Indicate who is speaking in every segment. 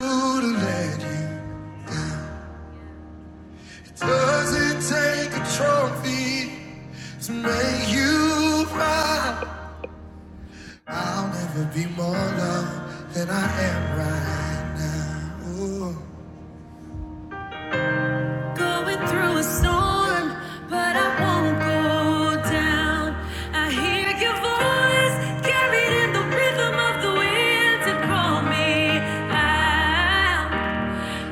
Speaker 1: to let you. Doesn't take a trophy to make you proud. I'll never be more loved than I am right now. Ooh. Going through a storm, but I won't go down. I hear your voice carried in the rhythm of the wind to call me out.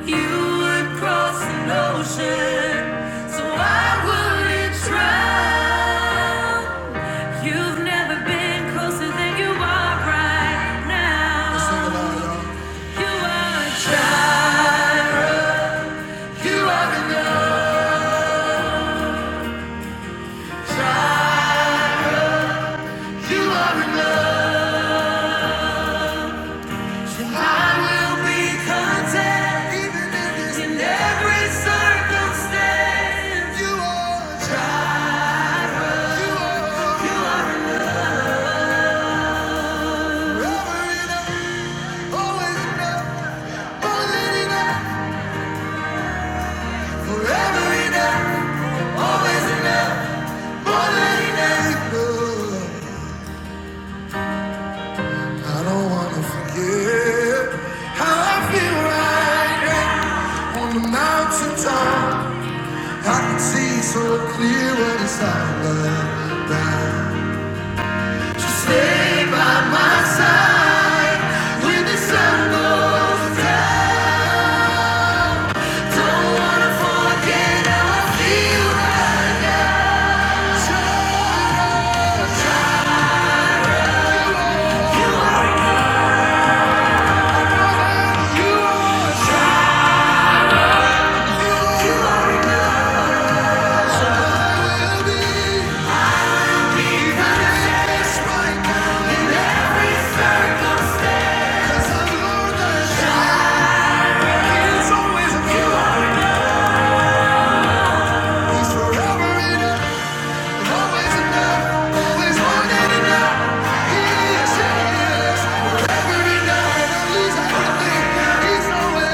Speaker 1: You would cross an ocean, so why would it drown? You've never been closer than you are right now. you are a You are enough. You are enough. I will be content, in every circumstance. You are a You are. You are I don't wanna forget how I feel right now on the mountaintop. I can see so clear what it's all about. Just stay by my side when the sun goes down.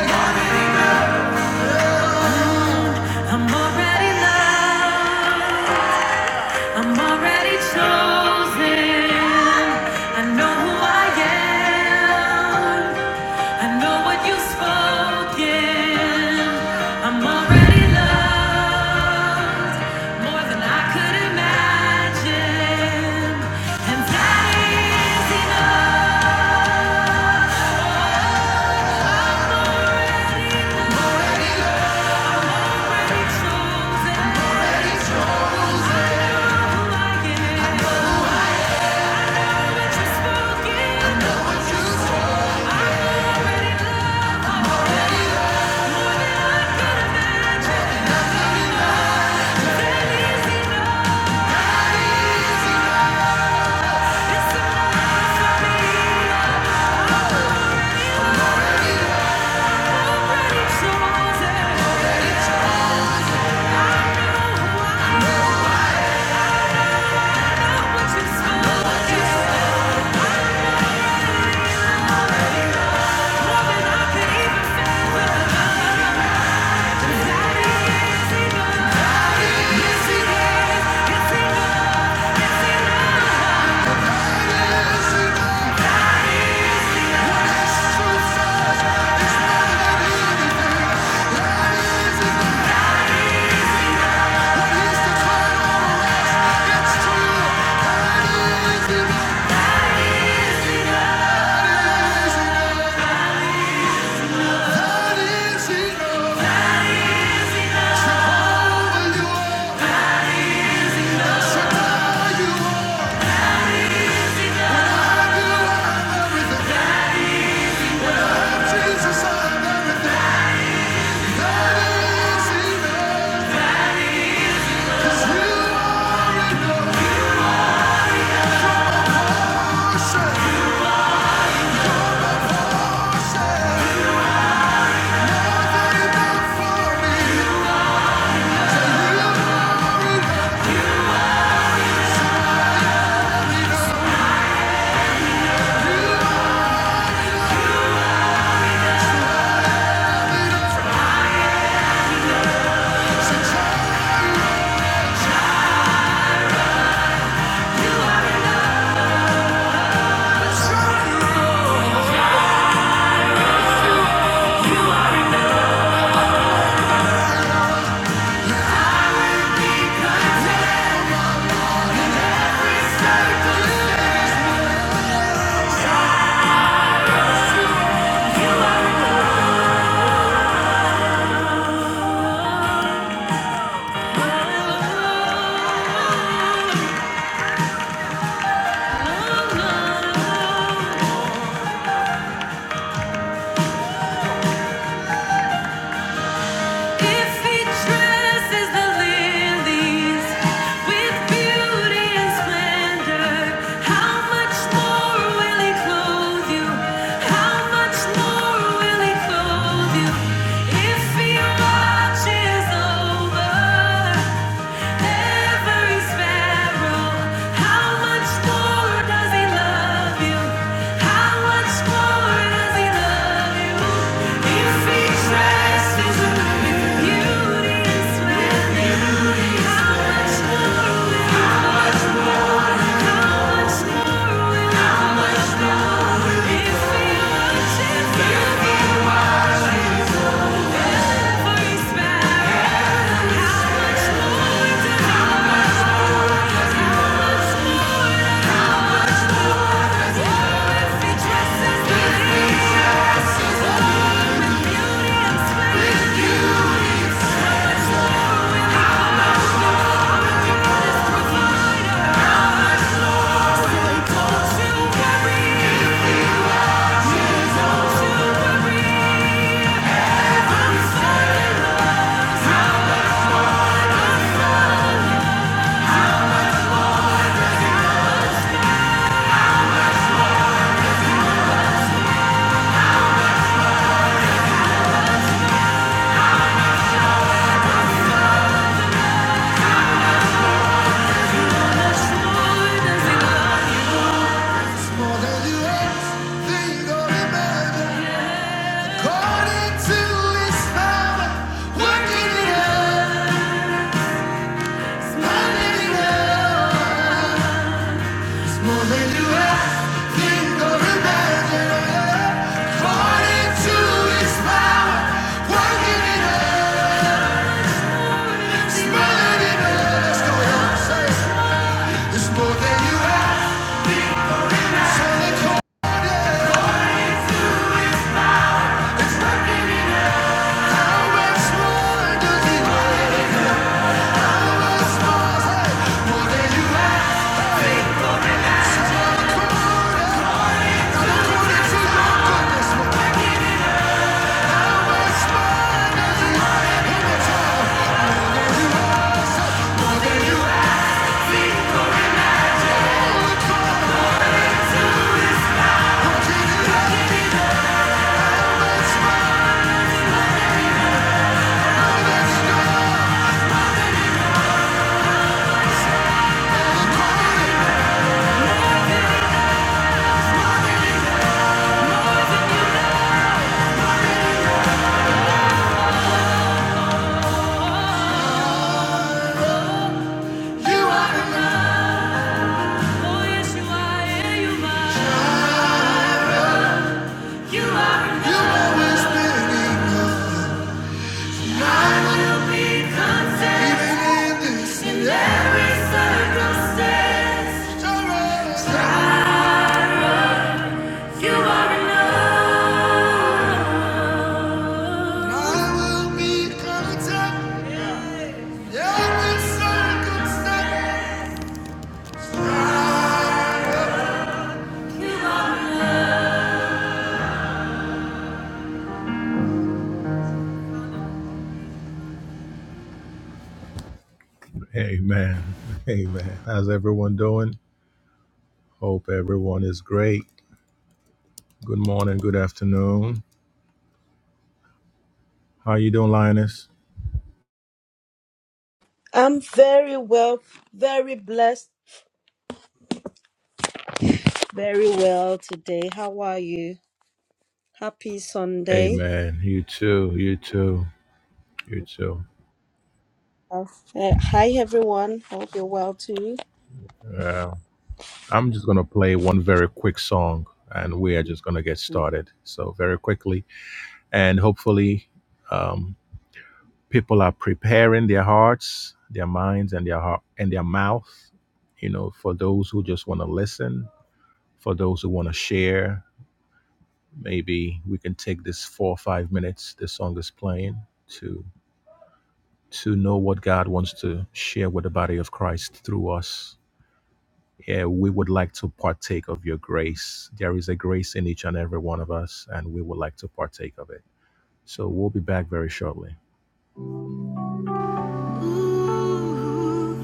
Speaker 1: Yeah. I'm already loved. I'm already chosen. I know who I am. I know what you've spoken. I'm already loved more than I could imagine, and that is enough. Already chosen. I know who I am. I know what you've spoken. It's true. That is it. That is it. Thank you If he dresses the lilies with beauty and splendor, how much more will he clothe you? How much more will he clothe you? If he watches over Every sparrow, how much more does he love you? How much more does he love you? If he trusts in beauty and splendor, how much more more than you think or imagine. According to His power, working in us, working in us. More than you ask, think, or imagine. According to His power, working in us, It's more than you ask. Let's go, y'all. Say it. It's more than you ask, it's only called it. It's working in us. How much more does He want? How much more? Say it. More than you ask, it's only called it. According to your goodness, You are enough. Amen. Amen. How's everyone doing? Hope everyone is great. Good morning, good afternoon. How you doing, Linus?
Speaker 2: I'm very well, very blessed, very well today. How are you? Happy Sunday.
Speaker 1: Amen. You too. You too. You too.
Speaker 2: Uh, uh, hi, everyone. Hope you're well too.
Speaker 1: Yeah. I'm just gonna play one very quick song, and we are just gonna get
Speaker 2: Mm.
Speaker 1: started. So very quickly, and hopefully, um, people are preparing their hearts, their minds, and their heart and their mouth. You know, for those who just want to listen, for those who want to share, maybe we can take this four or five minutes this song is playing to to know what God wants to share with the body of Christ through us. Yeah, we would like to partake of your grace. There is a grace in each and every one of us, and we would like to partake of it. So we'll be back very shortly. Ooh.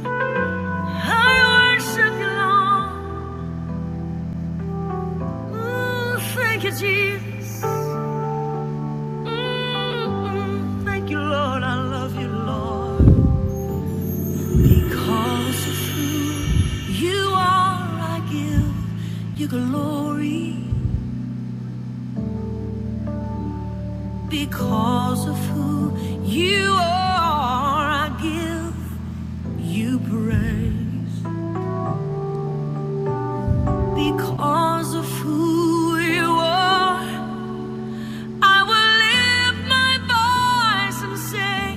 Speaker 1: I worship you, Lord. Ooh, thank you, Jesus. Mm, thank you, Lord. I love you, Lord. Because of who you are, I give you glory. Because of who you are, I give you praise. Because of who you are, I will lift my voice and say.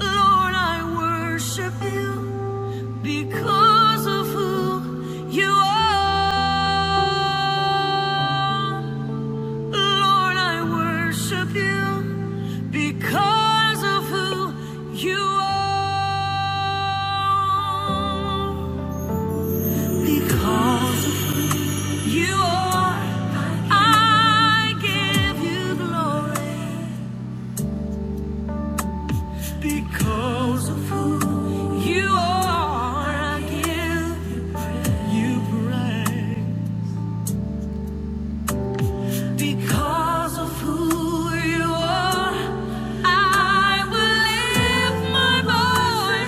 Speaker 1: Lord, I worship you because of who you are. Lord, I worship you because of who you are. Because of who you are, I give you glory. Because of who you are, I give you praise. Because of who you are, I will lift my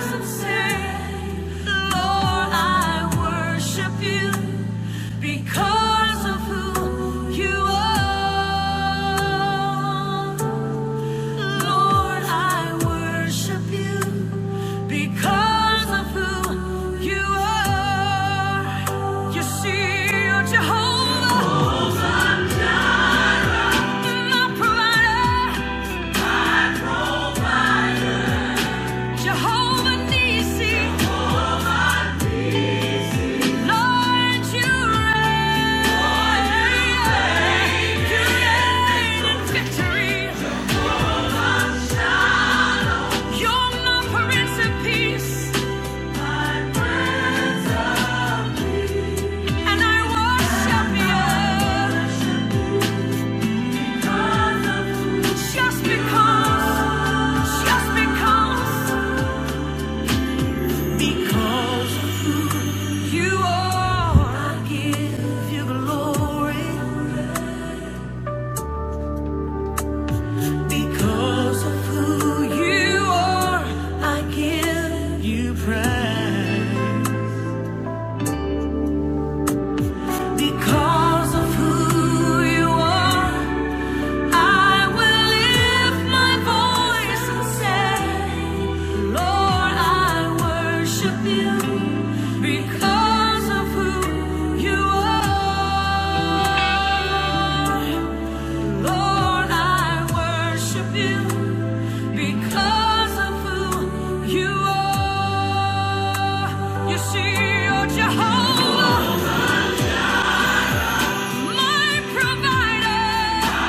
Speaker 1: voice and say, Lord, I worship you because of who you are. Lord, I worship you because of who you are. You see, you're Jehovah, my provider, Jehovah Nisi. Lord, you reign, you reign in victory. You're my Prince of Peace. And I worship you just because, just because, because you are. I give you glory because of who you are. I give you praise because of who you are. I will lift my voice and say, Lord, I worship you because of who you are. Lord, I worship you because of who you are. You see, you're Jehovah, my provider,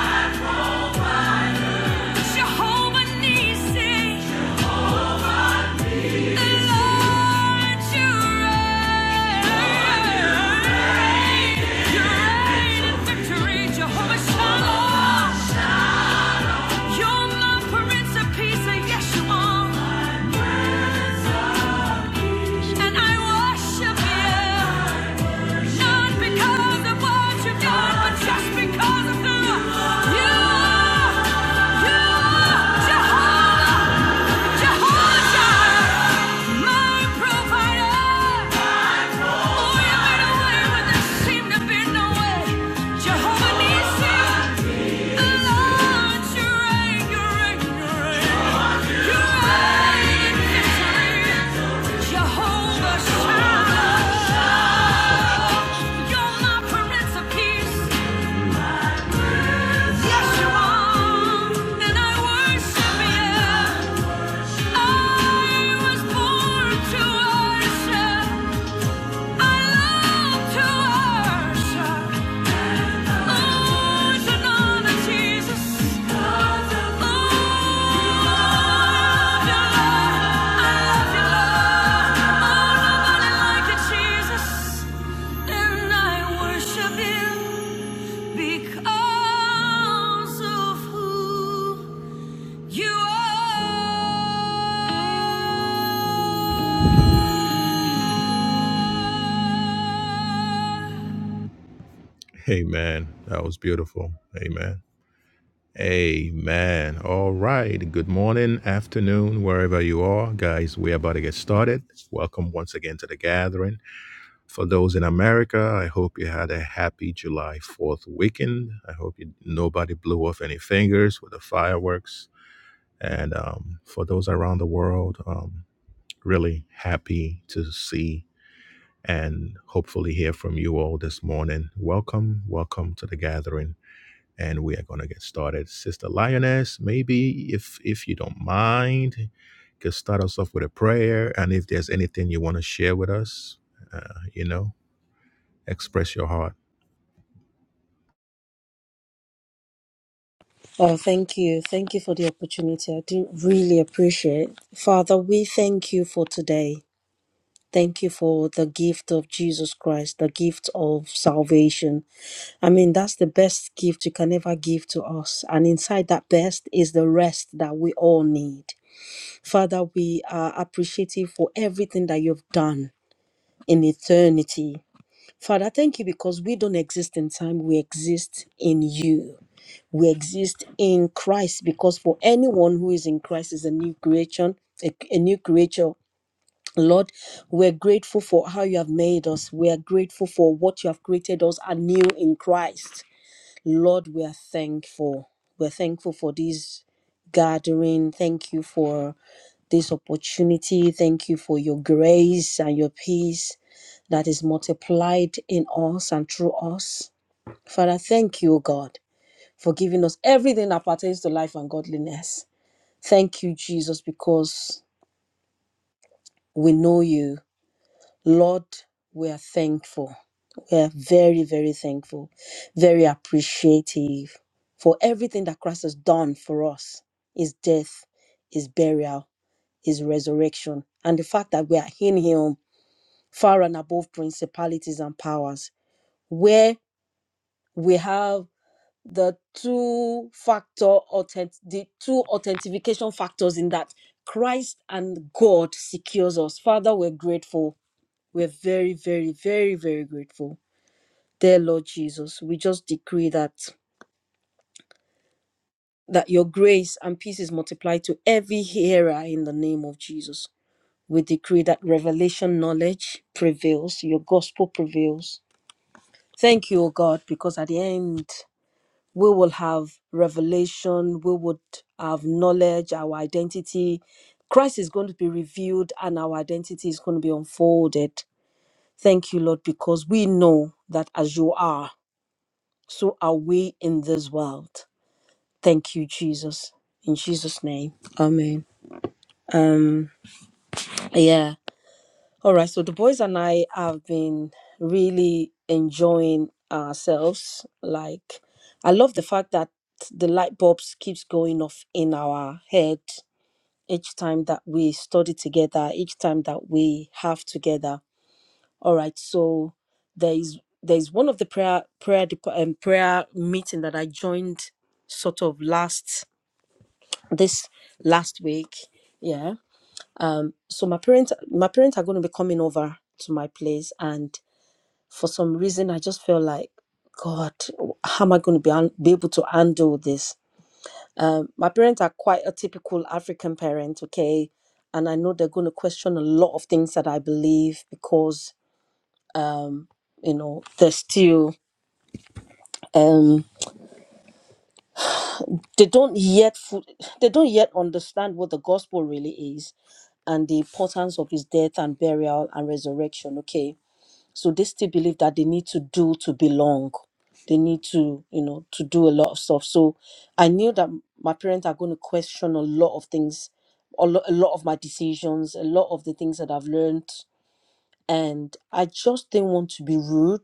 Speaker 1: Jehovah Nissi. And I worship you, not because of what you've done, but just because of who you are. You are Jehovah, Jehovah, my provider. Yeah. I was born to worship. And I worship you because of who you are. Amen. That was beautiful. Amen. Amen. All right. Good morning, afternoon, wherever you are. Guys, we're about to get started. Welcome once again to the gathering. For those in America, I hope you had a happy July 4th weekend. I hope you, nobody blew off any fingers with the fireworks. And um, for those around the world, um, really happy to see and hopefully hear from you all this morning. Welcome, welcome to the gathering. And we are going to get started. Sister Lioness, maybe if if you don't mind, you could start us off with a prayer. And if there's anything you want to share with us, uh, you know, express your heart.
Speaker 2: Oh, thank you. Thank you for the opportunity. I do really appreciate. Father, we thank you for today. Thank you for the gift of Jesus Christ, the gift of salvation. I mean, that's the best gift you can ever give to us. And inside that best is the rest that we all need. Father, we are appreciative for everything that you've done in eternity. Father, thank you because we don't exist in time, we exist in you. We exist in Christ because for anyone who is in Christ is a new creation, a, a new creature. Lord, we're grateful for how you have made us. We are grateful for what you have created us anew in Christ. Lord, we are thankful. We're thankful for this gathering. Thank you for this opportunity. Thank you for your grace and your peace that is multiplied in us and through us. Father, thank you, O God, for giving us everything that pertains to life and godliness. Thank you, Jesus, because we know you. Lord, we are thankful. We are very, very thankful, very appreciative for everything that Christ has done for us his death, his burial, his resurrection, and the fact that we are in him far and above principalities and powers, where we have the two factor authentic the two authentication factors in that Christ and God secures us. Father, we're grateful. We're very, very, very, very grateful. Dear Lord Jesus, we just decree that that your grace and peace is multiplied to every hearer in the name of Jesus. We decree that revelation knowledge prevails, your gospel prevails, Thank you, O God, because at the end we will have revelation, we would have knowledge, our identity. Christ is going to be revealed and our identity is going to be unfolded. Thank you, Lord, because we know that as you are, so are we in this world. Thank you, Jesus. In Jesus' name. Amen. Um, yeah. All right, so the boys and I have been really enjoying ourselves. Like, I love the fact that the light bulbs keeps going off in our head each time that we study together, each time that we have together. All right, so there is there is one of the prayer prayer dep- um, prayer meeting that I joined sort of last this last week. Yeah, so my parents my parents are going to be coming over to my place and for some reason I just felt like, God, how am I going to be, un- be able to handle this? Um, my parents are quite a typical African parent, okay? And I know they're going to question a lot of things that I believe because, you know, they're still, um, they don't yet, fu- they don't yet understand what the gospel really is and the importance of his death and burial and resurrection, okay? So they still believe that they need to do to belong. They need to, you know, to do a lot of stuff. So I knew that my parents are going to question a lot of things, a lot, a lot of my decisions, a lot of the things that I've learned. And I just didn't want to be rude.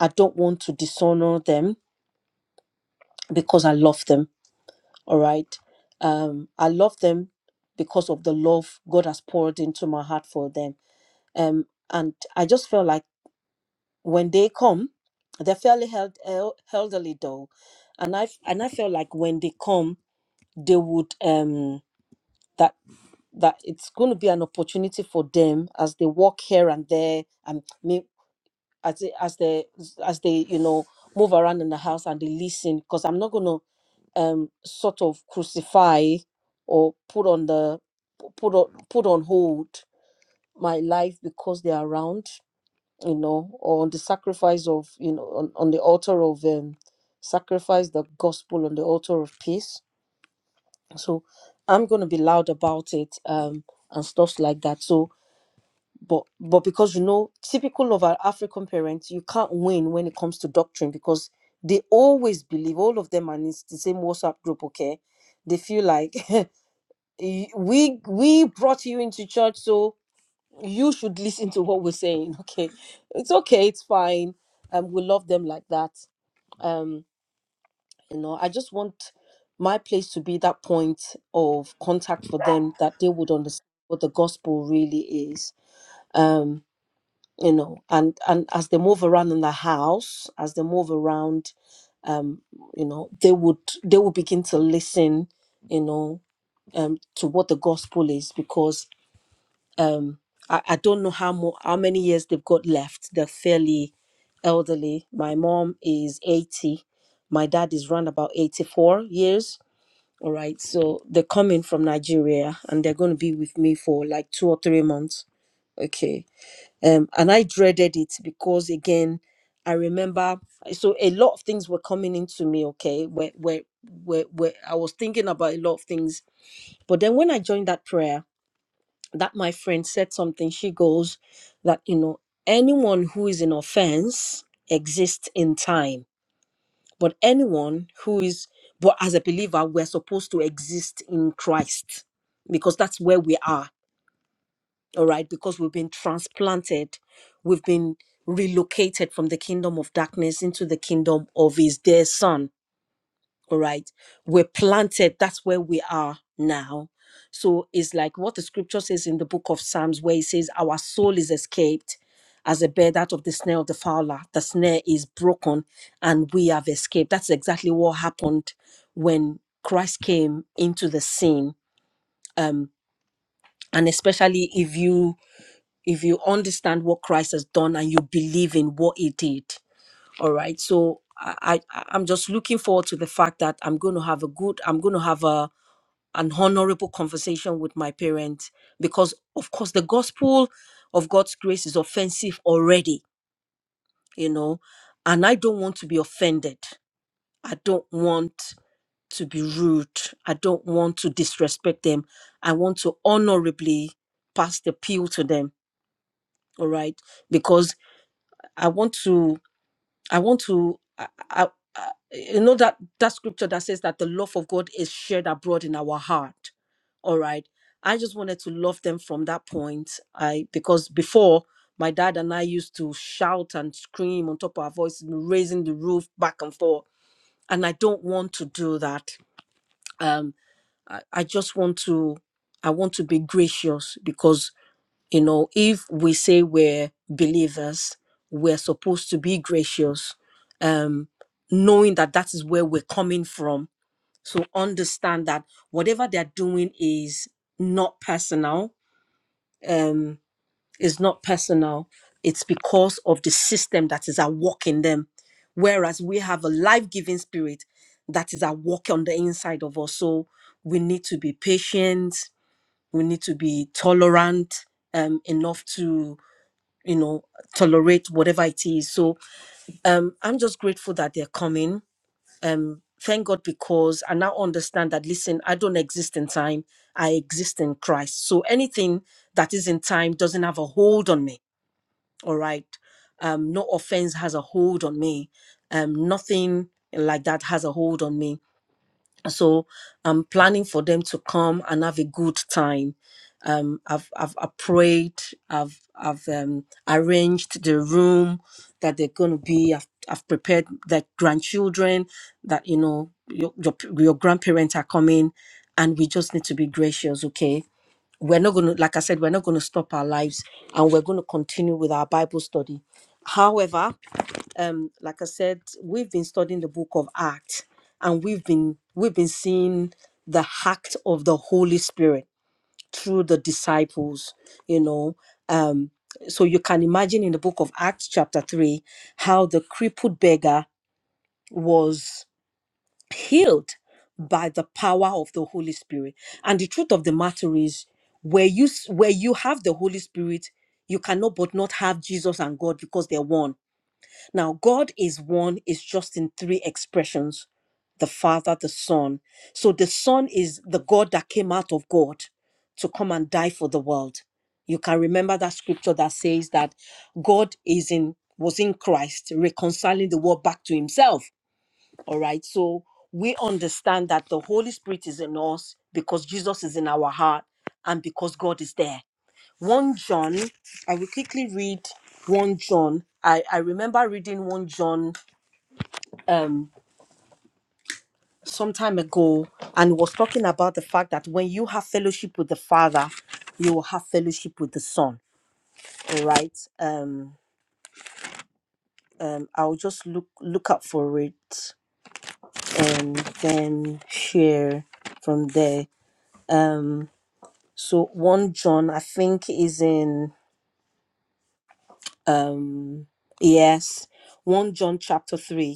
Speaker 2: I don't want to dishonor them because I love them. All right. Um, I love them because of the love God has poured into my heart for them. Um, and I just felt like when they come, they're fairly held, el- elderly though, and I f- and I feel like when they come, they would um that that it's going to be an opportunity for them as they walk here and there and may- as they, as they as they you know move around in the house and they listen because I'm not going to um sort of crucify or put on the put on put on hold my life because they're around you know, or on the sacrifice of, you know, on, on the altar of um, sacrifice the gospel on the altar of peace. So I'm going to be loud about it um, and stuff like that. So, but but because you know, typical of our African parents, you can't win when it comes to doctrine because they always believe all of them, and it's the same WhatsApp group. Okay, they feel like "Eh, we we brought you into church, so you should listen to what we're saying okay it's okay it's fine um we love them like that um you know i just want my place to be that point of contact for them that they would understand what the gospel really is um you know and and as they move around in the house as they move around um you know they would they would begin to listen you know um to what the gospel is because um I, I don't know how mo- how many years they've got left. They're fairly elderly. My mom is 80. My dad is round about 84 years. All right. So they're coming from Nigeria and they're going to be with me for like two or three months. Okay. Um, and I dreaded it because again, I remember so a lot of things were coming into me, okay, where where where, where I was thinking about a lot of things. But then when I joined that prayer, that my friend said something she goes that you know anyone who is in offense exists in time but anyone who is but as a believer we're supposed to exist in christ because that's where we are all right because we've been transplanted we've been relocated from the kingdom of darkness into the kingdom of his dear son all right we're planted that's where we are now so it's like what the scripture says in the book of psalms where it says our soul is escaped as a bird out of the snare of the fowler the snare is broken and we have escaped that's exactly what happened when christ came into the scene um and especially if you if you understand what christ has done and you believe in what he did all right so I, I i'm just looking forward to the fact that i'm going to have a good i'm going to have a an honorable conversation with my parents because of course the gospel of god's grace is offensive already you know and i don't want to be offended i don't want to be rude i don't want to disrespect them i want to honorably pass the pill to them all right because i want to I want to, I, I, I, you know, that, that scripture that says that the love of God is shared abroad in our heart. All right. I just wanted to love them from that point. I, because before my dad and I used to shout and scream on top of our voices, raising the roof back and forth. And I don't want to do that. Um, I, I just want to, I want to be gracious because you know, if we say we're believers, we're supposed to be gracious, um, knowing that that is where we're coming from. So understand that whatever they're doing is not personal. Um, is not personal. It's because of the system that is at work in them. Whereas we have a life-giving spirit that is at work on the inside of us. So we need to be patient. We need to be tolerant um, enough you know tolerate whatever it is so um i'm just grateful that they're coming um thank god because i now understand that listen i don't exist in time i exist in christ so anything that is in time doesn't have a hold on me all right um no offense has a hold on me um nothing like that has a hold on me so i'm planning for them to come and have a good time um, I've, I've I've prayed. I've I've um, arranged the room that they're going to be. I've I've prepared the grandchildren that you know your, your your grandparents are coming, and we just need to be gracious. Okay, we're not going to like I said, we're not going to stop our lives, and we're going to continue with our Bible study. However, um, like I said, we've been studying the book of Acts, and we've been we've been seeing the act of the Holy Spirit through the disciples you know um so you can imagine in the book of acts chapter 3 how the crippled beggar was healed by the power of the holy spirit and the truth of the matter is where you s- where you have the holy spirit you cannot but not have jesus and god because they're one now, God is one, is just in three expressions the Father, the Son. So the Son is the God that came out of God to come and die for the world. You can remember that scripture that says that God is in was in Christ reconciling the world back to himself. All right. So we understand that the Holy Spirit is in us because Jesus is in our heart and because God is there. 1 John, I will quickly read 1 John. I, I remember reading 1 John um, some time ago and it was talking about the fact that when you have fellowship with the Father, you will have fellowship with the Son. All right. Um, um, I'll just look look up for it and then share from there. So 1 John, I think, is in um yes, 1 John chapter 3.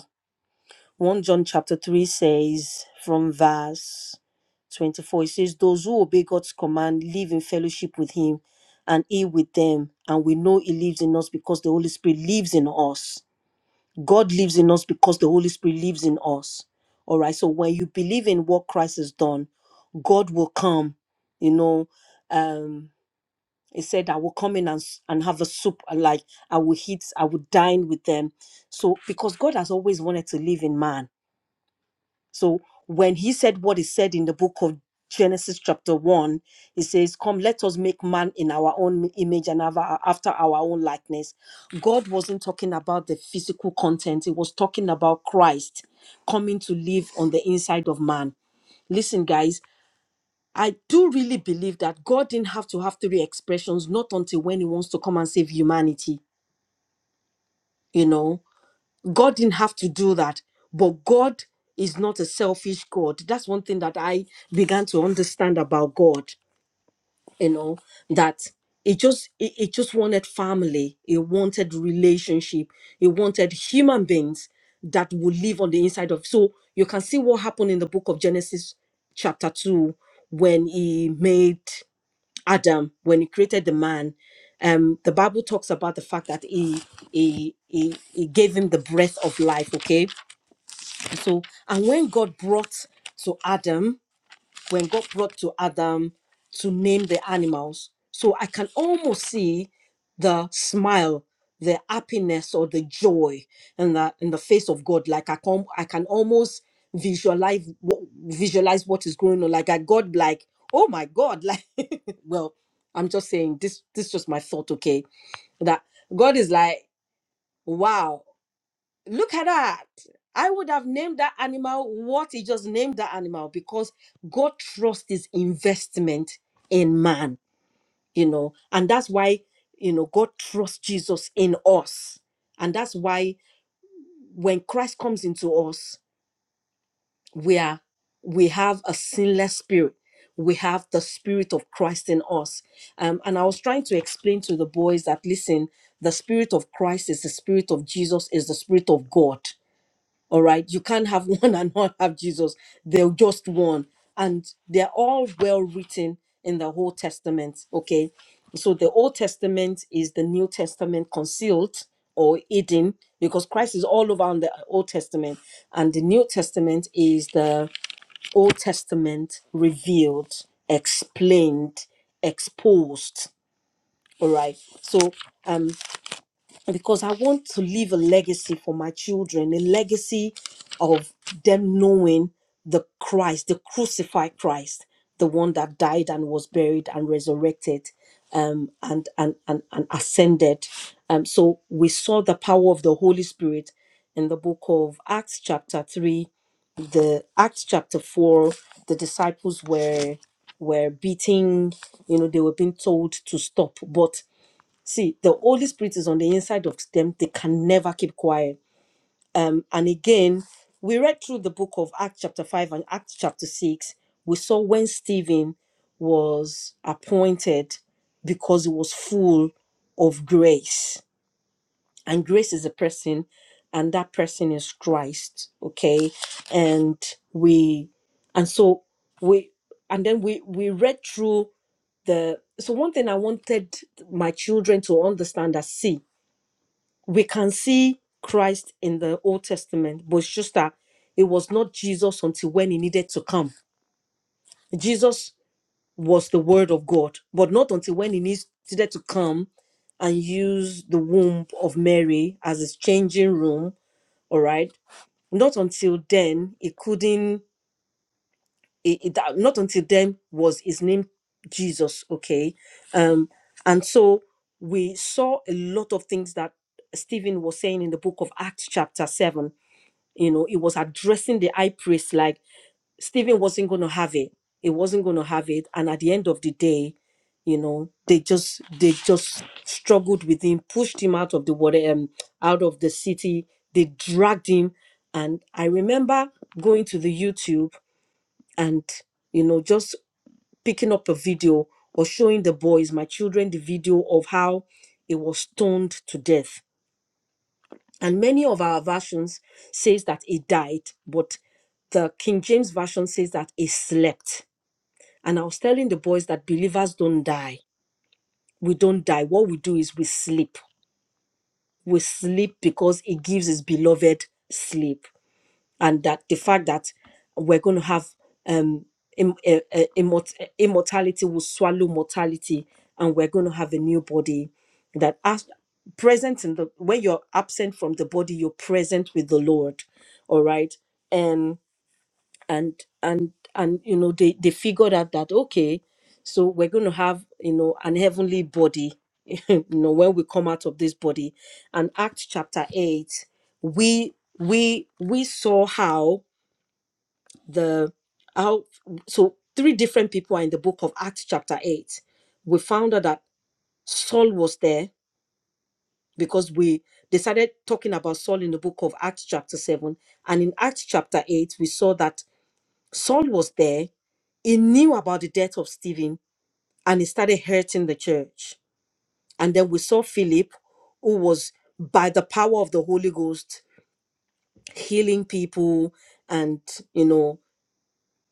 Speaker 2: 1 John chapter 3 says, from verse 24, it says, Those who obey God's command live in fellowship with Him and He with them. And we know He lives in us because the Holy Spirit lives in us. God lives in us because the Holy Spirit lives in us. All right. So when you believe in what Christ has done, God will come. You know, um, He said, I will come in and, s- and have a soup, like I will eat, I will dine with them. So because God has always wanted to live in man so when he said what he said in the book of Genesis chapter 1, he says, Come, let us make man in our own image and ava- after our own likeness. God wasn't talking about the physical content, he was talking about Christ coming to live on the inside of man. Listen, guys, I do really believe that God didn't have to have three expressions, not until when he wants to come and save humanity, you know God didn't have to do that, but God is not a selfish God. That's one thing that I began to understand about God, you know, that it just it, it just wanted family, it wanted relationship, it wanted human beings that would live on the inside of. So you can see what happened in the book of Genesis chapter 2 when he made Adam, when he created the man, um, the Bible talks about the fact that he, he he he gave him the breath of life. Okay, so and when God brought to Adam when God brought to Adam to name the animals. So I can almost see the smile, the happiness, or the joy in the in the face of God. Like I can I can almost visualize what visualize what is going on. Like I God like, oh my God, like well, I'm just saying this this is just my thought, okay? That God is like, wow, Look at that. I would have named that animal what he just named that animal because God trusts his investment in man, you know, and that's why, you know, God trusts Jesus in us. And that's why when Christ comes into us, we are we have a sinless spirit. We have the spirit of Christ in us. Um, and I was trying to explain to the boys that listen, the spirit of Christ is the spirit of Jesus, is the spirit of God all right. You can't have one and not have Jesus. They're just one. And they're all well written in the Old Testament. Okay. So the Old Testament is the New Testament concealed or hidden because Christ is all over in the Old Testament. And the New Testament is the Old Testament revealed, explained, exposed. All right. So um because I want to leave a legacy for my children, a legacy of them knowing the Christ, the crucified Christ, the one that died and was buried and resurrected um, and, and, and, and ascended. Um, so we saw the power of the Holy Spirit in the book of Acts, chapter 3, the Acts, chapter 4. The disciples were were beating, you know, they were being told to stop. But See, the Holy Spirit is on the inside of them. They can never keep quiet. Um, and again, we read through the book of Acts chapter 5 and Acts chapter 6. We saw when Stephen was appointed because he was full of grace. And grace is a person, and that person is Christ. Okay. And we and so we and then we we read through the so one thing I wanted my children to understand that see we can see Christ in the Old Testament, but it's just that it was not Jesus until when he needed to come. Jesus was the Word of God, but not until when he needs- needed to come and use the womb of Mary as his changing room. All right, not until then it couldn't. It, it, that- not until then was his name Jesus. Okay, um, and so we saw a lot of things that Stephen was saying in the book of Acts, chapter 7. you know it was addressing the high priest like stephen wasn't going to have it It wasn't going to have it and at the end of the day you know they just they just struggled with him pushed him out of the water um, out of the city they dragged him and i remember going to the youtube and you know just picking up a video or showing the boys my children the video of how he was stoned to death and many of our versions says that he died but the king james version says that he slept and i was telling the boys that believers don't die we don't die what we do is we sleep we sleep because he gives his beloved sleep and that the fact that we're going to have um im- eh, eh, immort- eh, immortality will swallow mortality and we're going to have a new body that as present in the when you're absent from the body you're present with the lord all right and and and and you know they they figured out that okay so we're going to have you know an heavenly body you know when we come out of this body and act chapter 8 we we we saw how the how so three different people are in the book of acts chapter 8 we found out that saul was there because we decided talking about saul in the book of acts chapter 7 and in acts chapter 8 we saw that saul was there he knew about the death of stephen and he started hurting the church and then we saw philip who was by the power of the holy ghost healing people and you know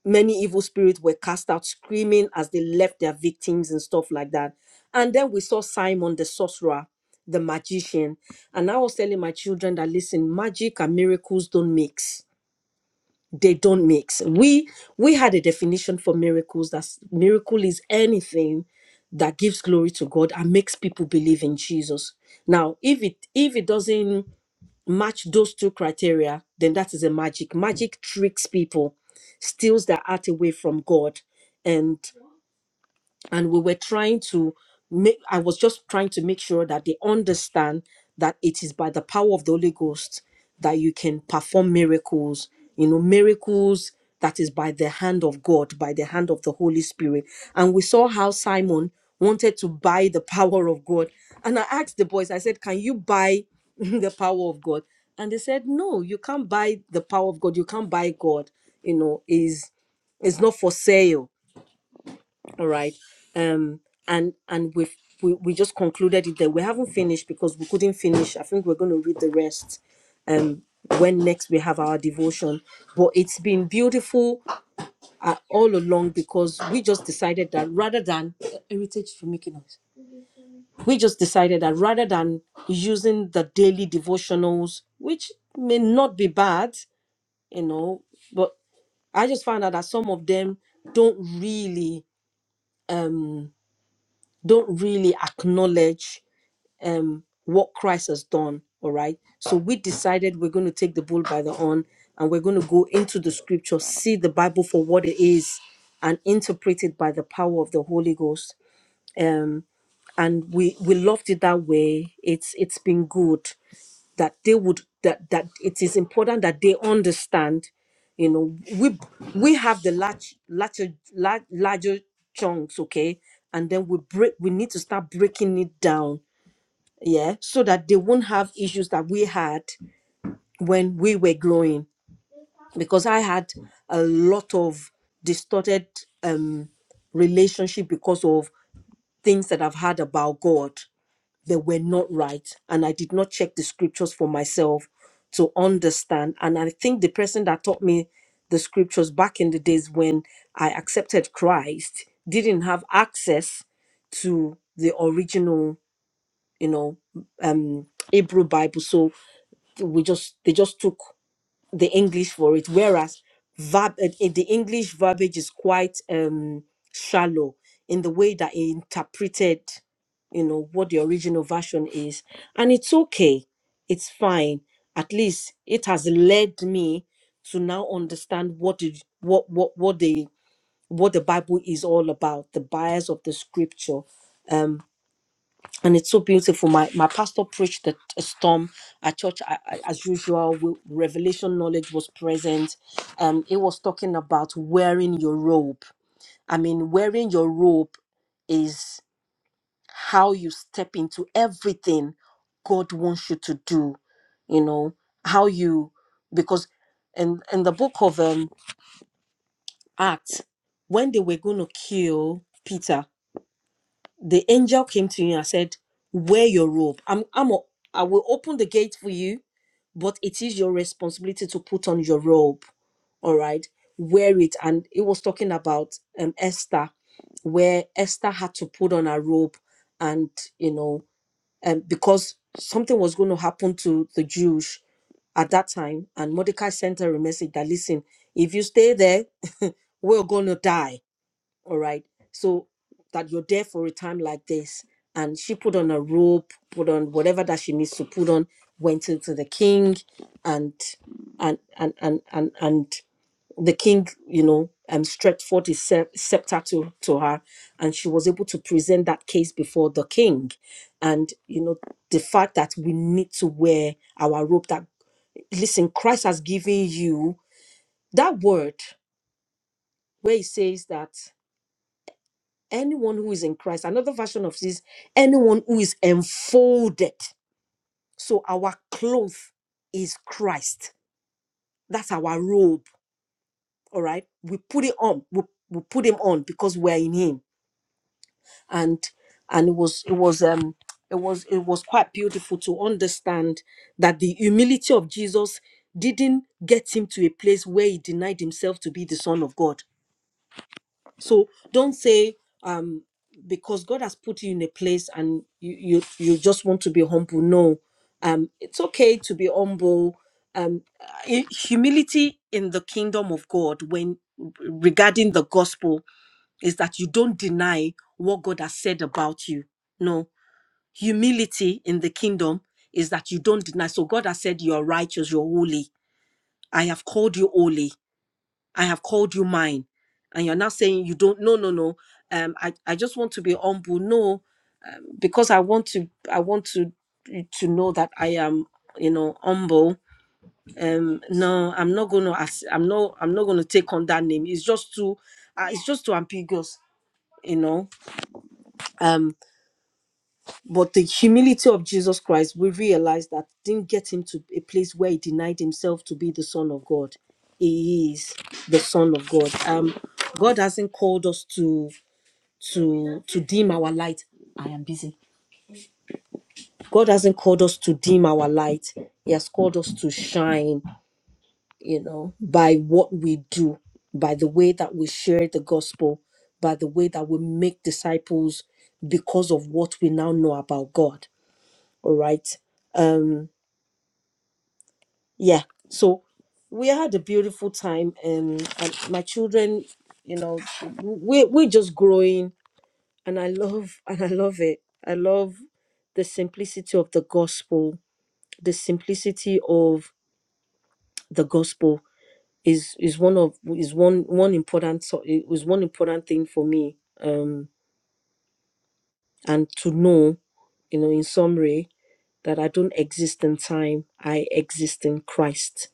Speaker 2: many evil spirits were cast out screaming as they left their victims and stuff like that and then we saw simon the sorcerer the magician and i was telling my children that listen magic and miracles don't mix they don't mix we we had a definition for miracles that miracle is anything that gives glory to god and makes people believe in jesus now if it if it doesn't match those two criteria, then that is a magic. Magic tricks people, steals their art away from God. and and we were trying to make i was just trying to make sure that they understand that it is by the power of the holy ghost that you can perform miracles you know miracles that is by the hand of god by the hand of the holy spirit and we saw how simon wanted to buy the power of god and i asked the boys i said can you buy the power of god and they said no you can't buy the power of god you can't buy god you know is is not for sale all right um and and we've we, we just concluded it there we haven't finished because we couldn't finish i think we're going to read the rest um when next we have our devotion but it's been beautiful uh, all along because we just decided that rather than uh, heritage for making noise we just decided that rather than using the daily devotionals which may not be bad you know but i just found out that some of them don't really don't really acknowledge um what Christ has done. All right. So we decided we're going to take the bull by the horn and we're going to go into the scripture, see the Bible for what it is, and interpret it by the power of the Holy Ghost. Um, and we we loved it that way. It's it's been good that they would that that it is important that they understand. You know, we we have the large larger large, larger chunks, okay, and then we break. We need to start breaking it down yeah, so that they won't have issues that we had when we were growing. Because I had a lot of distorted um, relationship because of things that I've heard about God that were not right, and I did not check the scriptures for myself to understand. And I think the person that taught me the scriptures back in the days when I accepted Christ didn't have access to the original, you know, um Hebrew Bible. So we just they just took the english for it whereas verb eh, eh, the english verbiage is quite um shallow in the way that it interpreted you know what the original version is and it's okay it's fine at least it has led me to now understand what the what what what the what the bible is all about the bias of the scripture Um, and it's so beautiful. My my pastor preached the a storm at church I, I- as usual. we- Revelation knowledge was present. Um, it was talking about wearing your robe. I mean, wearing your robe is how you step into everything God wants you to do. You know how you because in in the book of um, Acts when they were going to kill Peter the angel came to you and said, "Wear your robe. I'm, I'm, o- I will open the gate for you, but it is your responsibility to put on your robe. All right, wear it." And it was talking about um Esther, where Esther had to put on her robe, and you know, um, because something was going to happen to the Jews at that time, and Mordecai sent her a message that, "Listen, if you stay there, we're going to die." all right so that you're there for a time like this and she put on a robe put on whatever that she needs to put on went into the king and and and and and, and the king you know um stretched forth his sce- scepter to to her and she was able to present that case before the king and you know the fact that we need to wear our robe that listen christ has given you that word where he says that anyone who is in Christ. Another version of this, anyone who is enfolded. So our cloth is Christ. That's our robe. All right. We put it on. We, we put him on because we're in him. And and it was it was um it was it was quite beautiful to understand that the humility of Jesus didn't get him to a place where he denied himself to be the son of God so don't say um because god has put you in a place and you you, you just want to be humble no um it's okay to be humble um i- humility in the kingdom of god when regarding the gospel is that you don't deny what god has said about you no humility in the kingdom is that you don't deny so god has said you are righteous you're holy i have called you holy I have called you mine. And you're now saying you don't no no no. Um I, I just want to be humble. No, because I want to I want to to know that I am, you know, humble. Um no, I'm not gonna ass- I'm not I'm not gonna take on that name. It's just too uh, it's just too ambiguous, you know. Um but the humility of Jesus Christ, we realize that didn't get him to a place where he denied himself to be the son of God. He is the son of God. Um God hasn't called us to to to dim our light i am busy god hasn't called us to dim our light he has called us to shine you know by what we do by the way that we share the gospel by the way that we make disciples because of what we now know about god all right um yeah so we had a beautiful time um, and my children you know we we're just growing and I love and I love it. I love the simplicity of the gospel. The simplicity of the gospel is is one of is one one important so- it was one important thing for me. Um, and to know, you know, in summary, that I don't exist in time. I exist in Christ.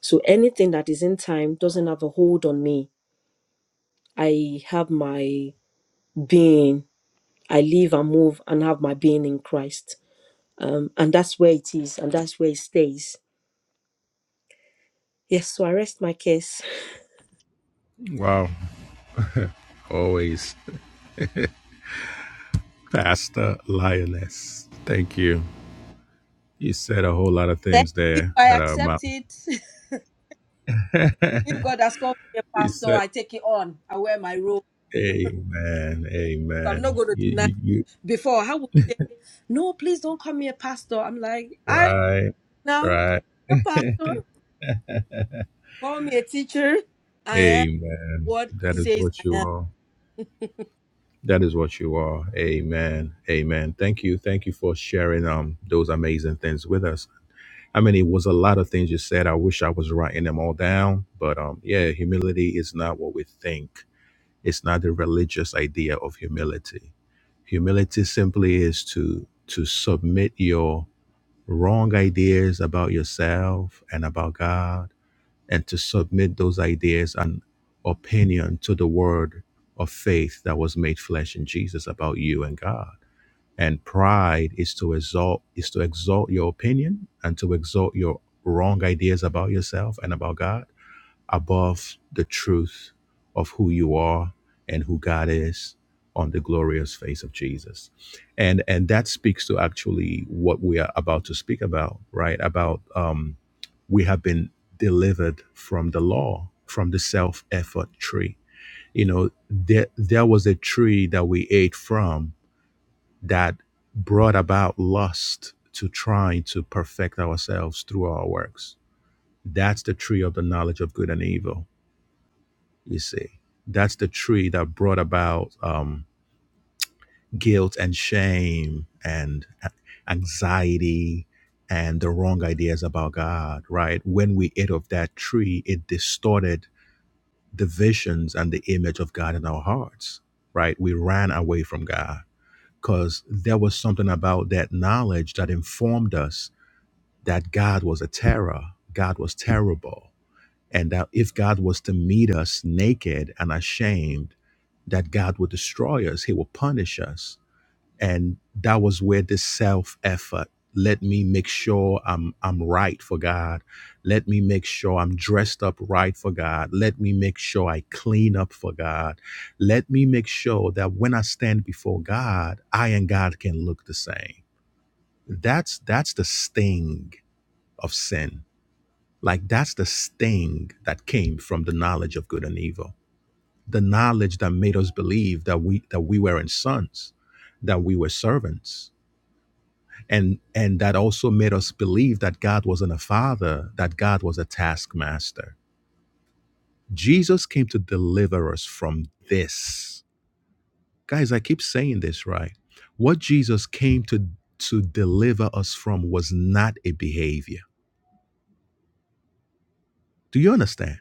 Speaker 2: So anything that is in time doesn't have a hold on me. I have my being. I live and move and have my being in Christ. Um, and that's where it is, and that's where it stays. Yes, so I rest my case.
Speaker 1: Wow, always. Pastor Lioness, thank you. You said a whole lot of
Speaker 2: Thank
Speaker 1: things
Speaker 2: you.
Speaker 1: there
Speaker 2: I
Speaker 1: that
Speaker 2: accept
Speaker 1: are
Speaker 2: it. If God has called me a
Speaker 1: he
Speaker 2: pastor,
Speaker 1: said,
Speaker 2: I take it on. I wear my robe.
Speaker 1: Amen,
Speaker 2: So I'm not
Speaker 1: amen.
Speaker 2: going to
Speaker 1: You,
Speaker 2: deny.
Speaker 1: you, you
Speaker 2: Before, I would say, no, please don't call me a pastor. I'm like, I don't
Speaker 1: right,
Speaker 2: know.
Speaker 1: right.
Speaker 2: Call me a pastor. Call me a teacher. I am
Speaker 1: amen.
Speaker 2: what he
Speaker 1: That is
Speaker 2: says
Speaker 1: what
Speaker 2: I
Speaker 1: you
Speaker 2: am.
Speaker 1: are. That is what you are. Amen, amen. Thank you, thank you for sharing um those amazing things with us. I mean, it was a lot of things you said. I wish I was writing them all down, but um, yeah, humility is not what we think. It's not a religious idea of humility. Humility simply is to to submit your wrong ideas about yourself and about God and to submit those ideas and opinion to the word of faith that was made flesh in Jesus about you and God. And pride is to exalt is to exalt your opinion and to exalt your wrong ideas about yourself and about God above the truth of who you are and who God is on the glorious face of Jesus. And and that speaks to actually what we are about to speak about, right? About um we have been delivered from the law, from the self-effort tree. You know, there there was a tree that we ate from that brought about lust to trying to perfect ourselves through our works. That's the tree of the knowledge of good and evil you see, that's the tree that brought about um, guilt and shame and a- anxiety and the wrong ideas about God, right? When we ate of that tree, it distorted the visions and the image of God in our hearts, right? We ran away from God because there was something about that knowledge that informed us that God was a terror, God was terrible, and that if God was to meet us naked and ashamed, that God will destroy us, He will punish us. And that was where this self effort let me make sure I'm I'm right for God. Let me make sure I'm dressed up right for God. Let me make sure I clean up for God. Let me make sure that when I stand before God, I and God can look the same. That's that's the sting of sin. Like that's the sting that came from the knowledge of good and evil the knowledge that made us believe that we that we weren't sons, that we were servants. And and that also made us believe that God wasn't a father, that God was a taskmaster. Jesus came to deliver us from this. Guys, I keep saying this, right? What Jesus came to to deliver us from was not a behavior. Do you understand?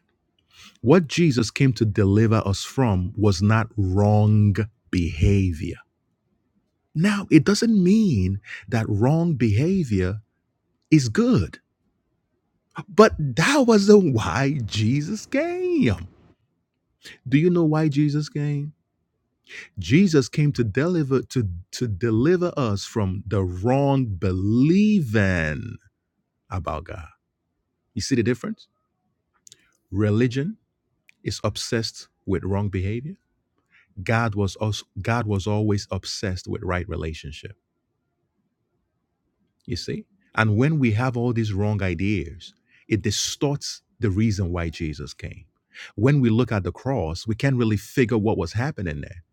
Speaker 1: What Jesus came to deliver us from was not wrong behavior Now, it doesn't mean that wrong behavior is good, but that wasn't why Jesus came. Do you know why Jesus came? Jesus came to deliver to, to deliver us from the wrong believing about God. You see the difference? Religion is obsessed with wrong behavior. God was also God was always obsessed with right relationship You see? And when we have all these wrong ideas, it distorts the reason why Jesus came. When we look at the cross, we can't really figure what was happening there,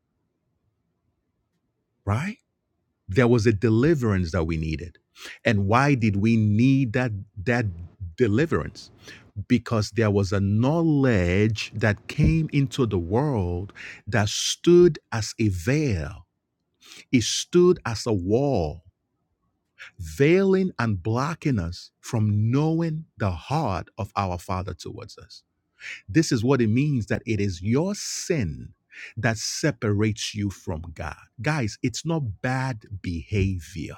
Speaker 1: right? There was a deliverance that we needed. And why did we need that that deliverance? Because there was a knowledge that came into the world that stood as a veil. It stood as a wall veiling and blocking us from knowing the heart of our Father towards us. This is what it means that it is your sin that separates you from God. Guys, it's not bad behavior.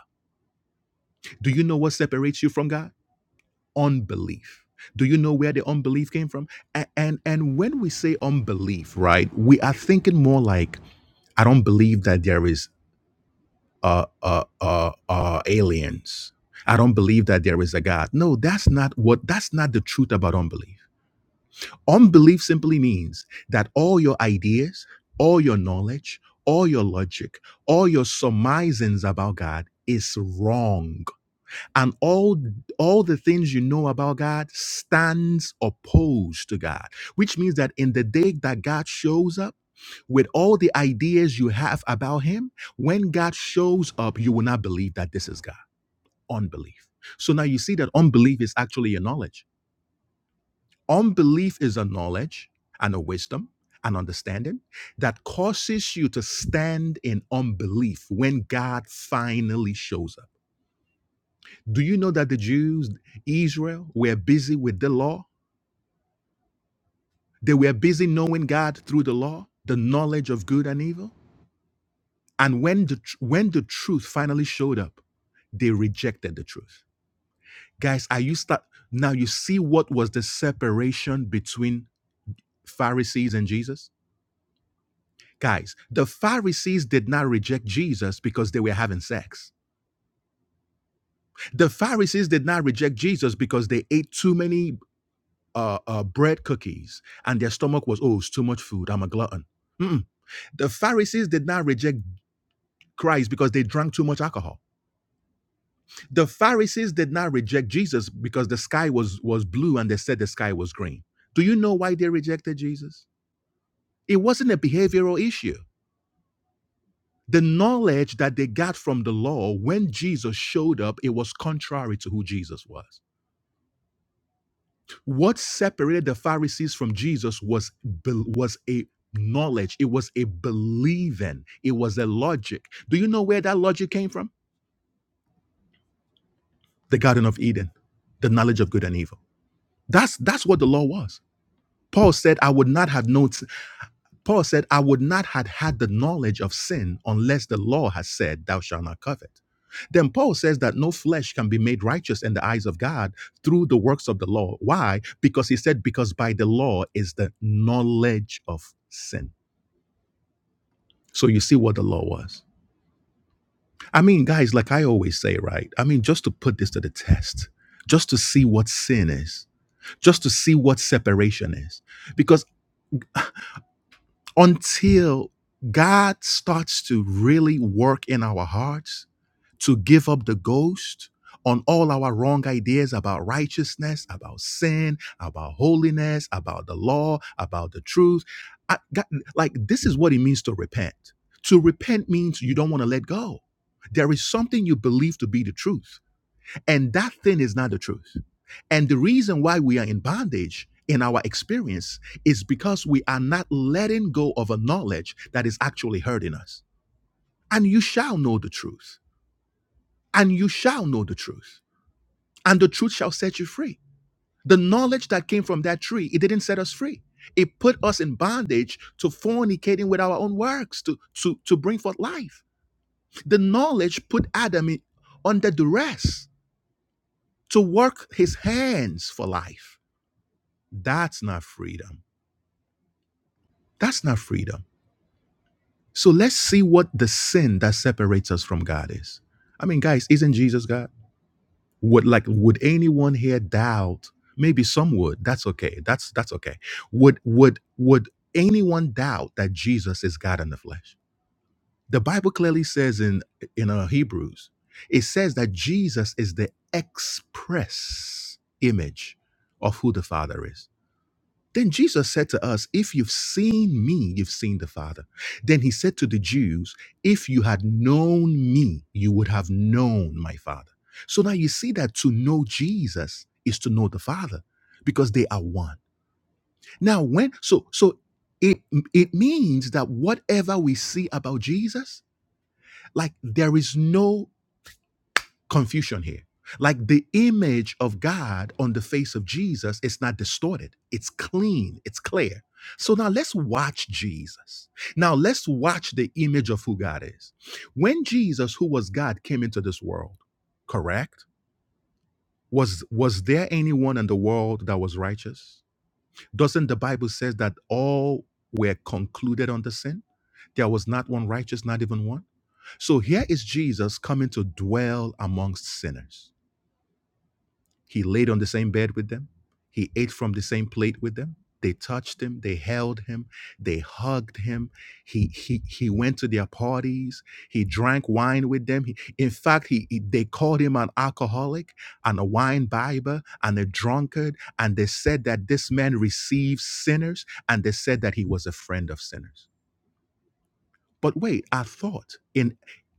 Speaker 1: Do you know what separates you from God? Unbelief. Do you know where the unbelief came from? A- And and when we say unbelief, right, we are thinking more like I don't believe that there is uh, uh, uh, uh, aliens. I don't believe that there is a God. No, that's not what, that's not the truth about unbelief. Unbelief simply means that all your ideas, all your knowledge, all your logic, all your surmisings about God is wrong and all all the things you know about god stands opposed to god which means that in the day that god shows up with all the ideas you have about him when god shows up you will not believe that this is god unbelief so now you see that unbelief is actually a knowledge unbelief is a knowledge and a wisdom and understanding that causes you to stand in unbelief when god finally shows up do you know that the Jews, Israel, were busy with the law? They were busy knowing God through the law, the knowledge of good and evil. And when the tr- when the truth finally showed up, they rejected the truth. Guys, are you start now? You see what was the separation between Pharisees and Jesus? Guys, the Pharisees did not reject Jesus because they were having sex. The Pharisees did not reject Jesus because they ate too many uh, uh, bread cookies, and their stomach was, oh, it's too much food. I'm a glutton. Mm-mm. The Pharisees did not reject Christ because they drank too much alcohol. The Pharisees did not reject Jesus because the sky was was blue and they said the sky was green. Do you know why they rejected Jesus? It wasn't a behavioral issue. The knowledge that they got from the law when Jesus showed up, it was contrary to who Jesus was. What separated the Pharisees from Jesus was be- was a knowledge. It was a believing. It was a logic. Do you know where that logic came from? The Garden of Eden, the knowledge of good and evil. That's that's what the law was. Paul said, "I would not have known. Paul said, I would not have had the knowledge of sin unless the law has said, Thou shalt not covet. Then Paul says that no flesh can be made righteous in the eyes of God through the works of the law. Why? Because he said, Because by the law is the knowledge of sin. So you see what the law was. I mean, guys, like I always say, right? I mean, just to put this to the test, just to see what sin is, just to see what separation is. because. until God starts to really work in our hearts to give up the ghost on all our wrong ideas about righteousness, about sin, about holiness, about the law, about the truth. I, God, like, this is what it means to repent. To repent means you don't want to let go. There is something you believe to be the truth and that thing is not the truth. And the reason why we are in bondage in our experience is because we are not letting go of a knowledge that is actually hurting us. And you shall know the truth. And you shall know the truth. And the truth shall set you free. The knowledge that came from that tree, it didn't set us free. It put us in bondage to fornicating with our own works to, to, to bring forth life. The knowledge put Adam in, under duress to work his hands for life. That's not freedom. That's not freedom. So let's see what the sin that separates us from God is. I mean, guys, isn't Jesus God? Would like would anyone here doubt? Maybe some would. That's okay. That's that's okay. Would would would anyone doubt that Jesus is God in the flesh? The Bible clearly says in in uh, Hebrews, it says that Jesus is the express image of who the Father is. Then Jesus said to us, If you've seen me, you've seen the Father. Then he said to the Jews, If you had known me, you would have known my Father. So now you see that to know Jesus is to know the Father because they are one. Now, when, so, so, it, it means that whatever we see about Jesus, like there is no confusion here. Like the image of God on the face of Jesus is not distorted, it's clean, it's clear. So now let's watch Jesus. Now let's watch the image of who God is. When Jesus, who was God, came into this world, correct? Was was there anyone in the world that was righteous? Doesn't the Bible says that all were concluded under sin? There was not one righteous, not even one. So here is Jesus coming to dwell amongst sinners. He laid on the same bed with them. He ate from the same plate with them. They touched him. They held him. They hugged him. He he he went to their parties. He drank wine with them. He, in fact, he, he- they called him an alcoholic and a wine bibber and a drunkard. And they said that this man received sinners. And they said that he was a friend of sinners. But wait, I thought in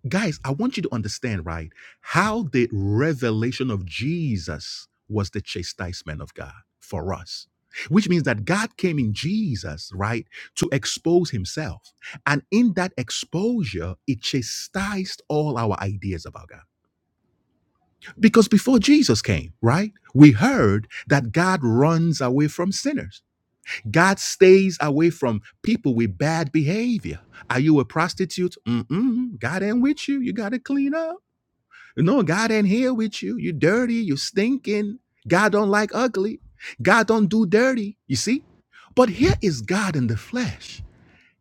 Speaker 1: guys, I want you to understand, right? How the revelation of Jesus was the chastisement of God for us. Which means that God came in Jesus, right, to expose himself. And in that exposure, it chastised all our ideas about God. Because before Jesus came, right, we heard that God runs away from sinners. God stays away from people with bad behavior. Are you a prostitute? Mm-mm. God ain't with you. You got to clean up. No, God ain't here with you. You dirty. You stinking. God don't like ugly. God don't do dirty. You see? But here is God in the flesh.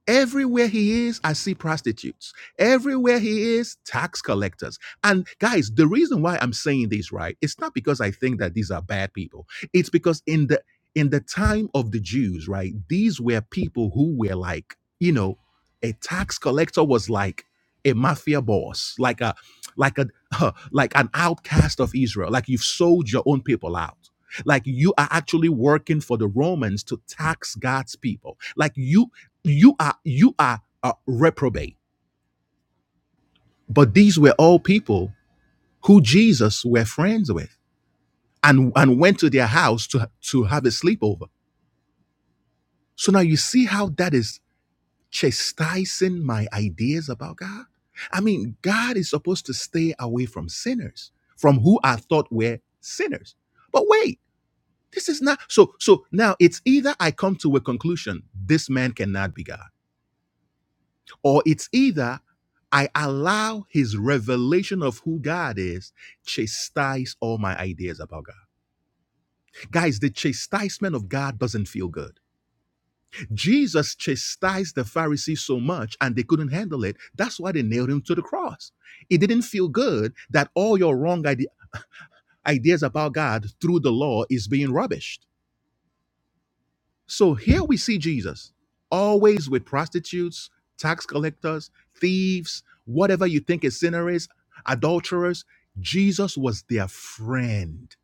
Speaker 1: Everywhere he is, I see prostitutes. Everywhere he is, tax collectors. And guys, the reason why I'm saying this, right, it's not because I think that these are bad people. It's because in the in the time of the Jews, right, these were people who were like, you know, a tax collector was like a mafia boss, like a like a like an outcast of Israel. Like you've sold your own people out. Like you are actually working for the Romans to tax God's people. Like you you are you are a reprobate but these were all people who jesus were friends with and and went to their house to to have a sleepover so now you see how that is chastising my ideas about god i mean god is supposed to stay away from sinners from who i thought were sinners but wait this is not so so now it's either i come to a conclusion this man cannot be god Or it's either I allow his revelation of who God is chastise all my ideas about God. Guys, the chastisement of God doesn't feel good. Jesus chastised the Pharisees so much and they couldn't handle it. That's why they nailed him to the cross. It didn't feel good that all your wrong ide- ideas about God through the law is being rubbished. So here we see Jesus always with prostitutes, tax collectors, thieves, whatever you think a sinner is, adulterers. Jesus was their friend.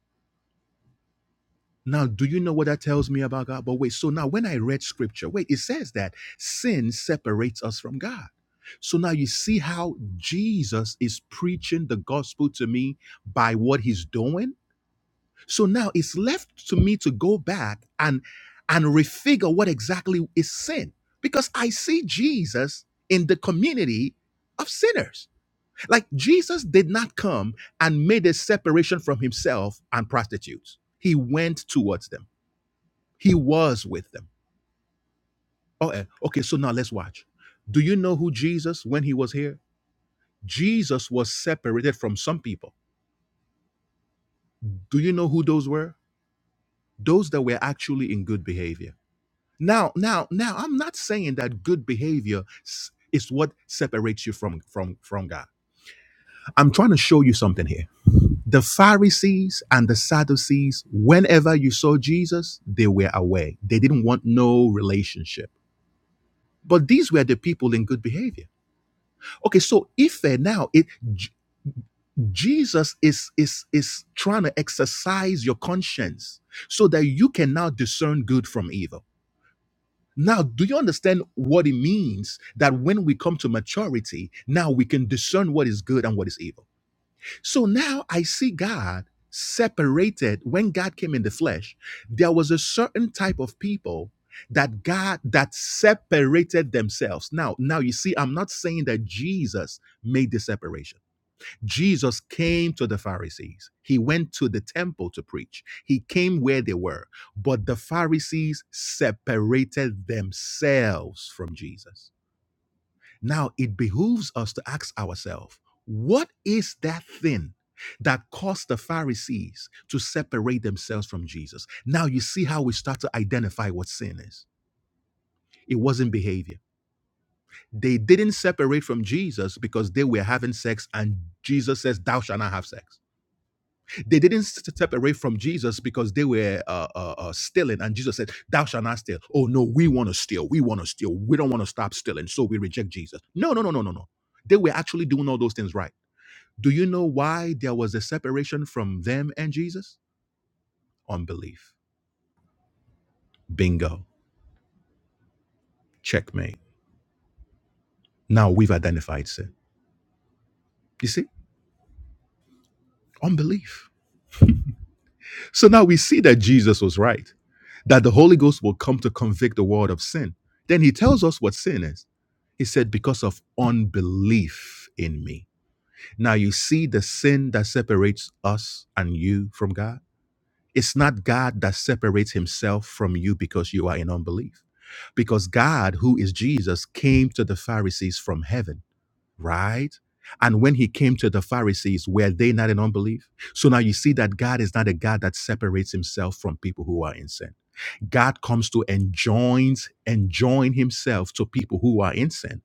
Speaker 1: Now, do you know what that tells me about God? But wait, so now when I read scripture, wait, it says that sin separates us from God. So now you see how Jesus is preaching the gospel to me by what he's doing? So now it's left to me to go back and and refigure what exactly is sin because I see Jesus in the community of sinners. Like Jesus did not come and made a separation from himself and prostitutes. He went towards them. He was with them. Oh, eh, okay, so now let's watch. Do you know who Jesus when he was here? Jesus was separated from some people. Do you know who those were? Those that were actually in good behavior Now, now, now, I'm not saying that good behavior s- is what separates you from from from God. I'm trying to show you something here. The Pharisees and the Sadducees, whenever you saw Jesus, they were away. They didn't want no relationship. But these were the people in good behavior. Okay, so if uh, now it J- Jesus is is is trying to exercise your conscience so that you can now discern good from evil. Now, do you understand what it means that when we come to maturity, now we can discern what is good and what is evil? So now I see God separated. When God came in the flesh, there was a certain type of people that God that separated themselves. Now, now you see, I'm not saying that Jesus made the separation. Jesus came to the Pharisees. He went to the temple to preach. He came where they were. But the Pharisees separated themselves from Jesus. Now it behooves us to ask ourselves what is that thing that caused the Pharisees to separate themselves from Jesus? Now you see how we start to identify what sin is. It wasn't behavior. They didn't separate from Jesus because they were having sex, and Jesus says, Thou shalt not have sex They didn't step away from Jesus because they were uh, uh, uh, stealing, and Jesus said, "Thou shalt not steal." Oh no, we want to steal. We want to steal. We don't want to stop stealing, so we reject Jesus. No, no, no, no, no, no. They were actually doing all those things right. Do you know why there was a separation from them and Jesus? Unbelief. Bingo. Checkmate. Now we've identified sin. You see, unbelief. So now we see that Jesus was right, that the Holy Ghost will come to convict the world of sin. Then he tells us what sin is. He said, because of unbelief in me. Now you see the sin that separates us and you from God. It's not God that separates himself from you because you are in unbelief. Because God, who is Jesus, came to the Pharisees from heaven right? And when he came to the Pharisees, were they not in unbelief? So now you see that God is not a God that separates himself from people who are in sin. God comes to enjoin, enjoin himself to people who are in sin.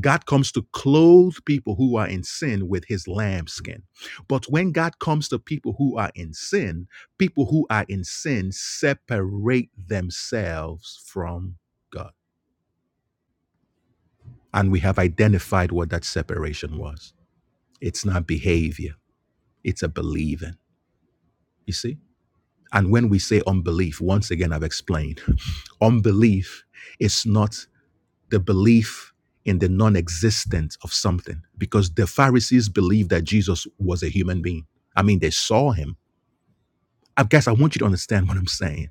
Speaker 1: God comes to clothe people who are in sin with his lambskin. But when God comes to people who are in sin, people who are in sin separate themselves from God. And we have identified what that separation was. It's not behavior It's a believing. You see? And when we say unbelief, once again, I've explained unbelief is not the belief in the non existence of something because the Pharisees believed that Jesus was a human being. I mean, they saw him. I guess I want you to understand what I'm saying.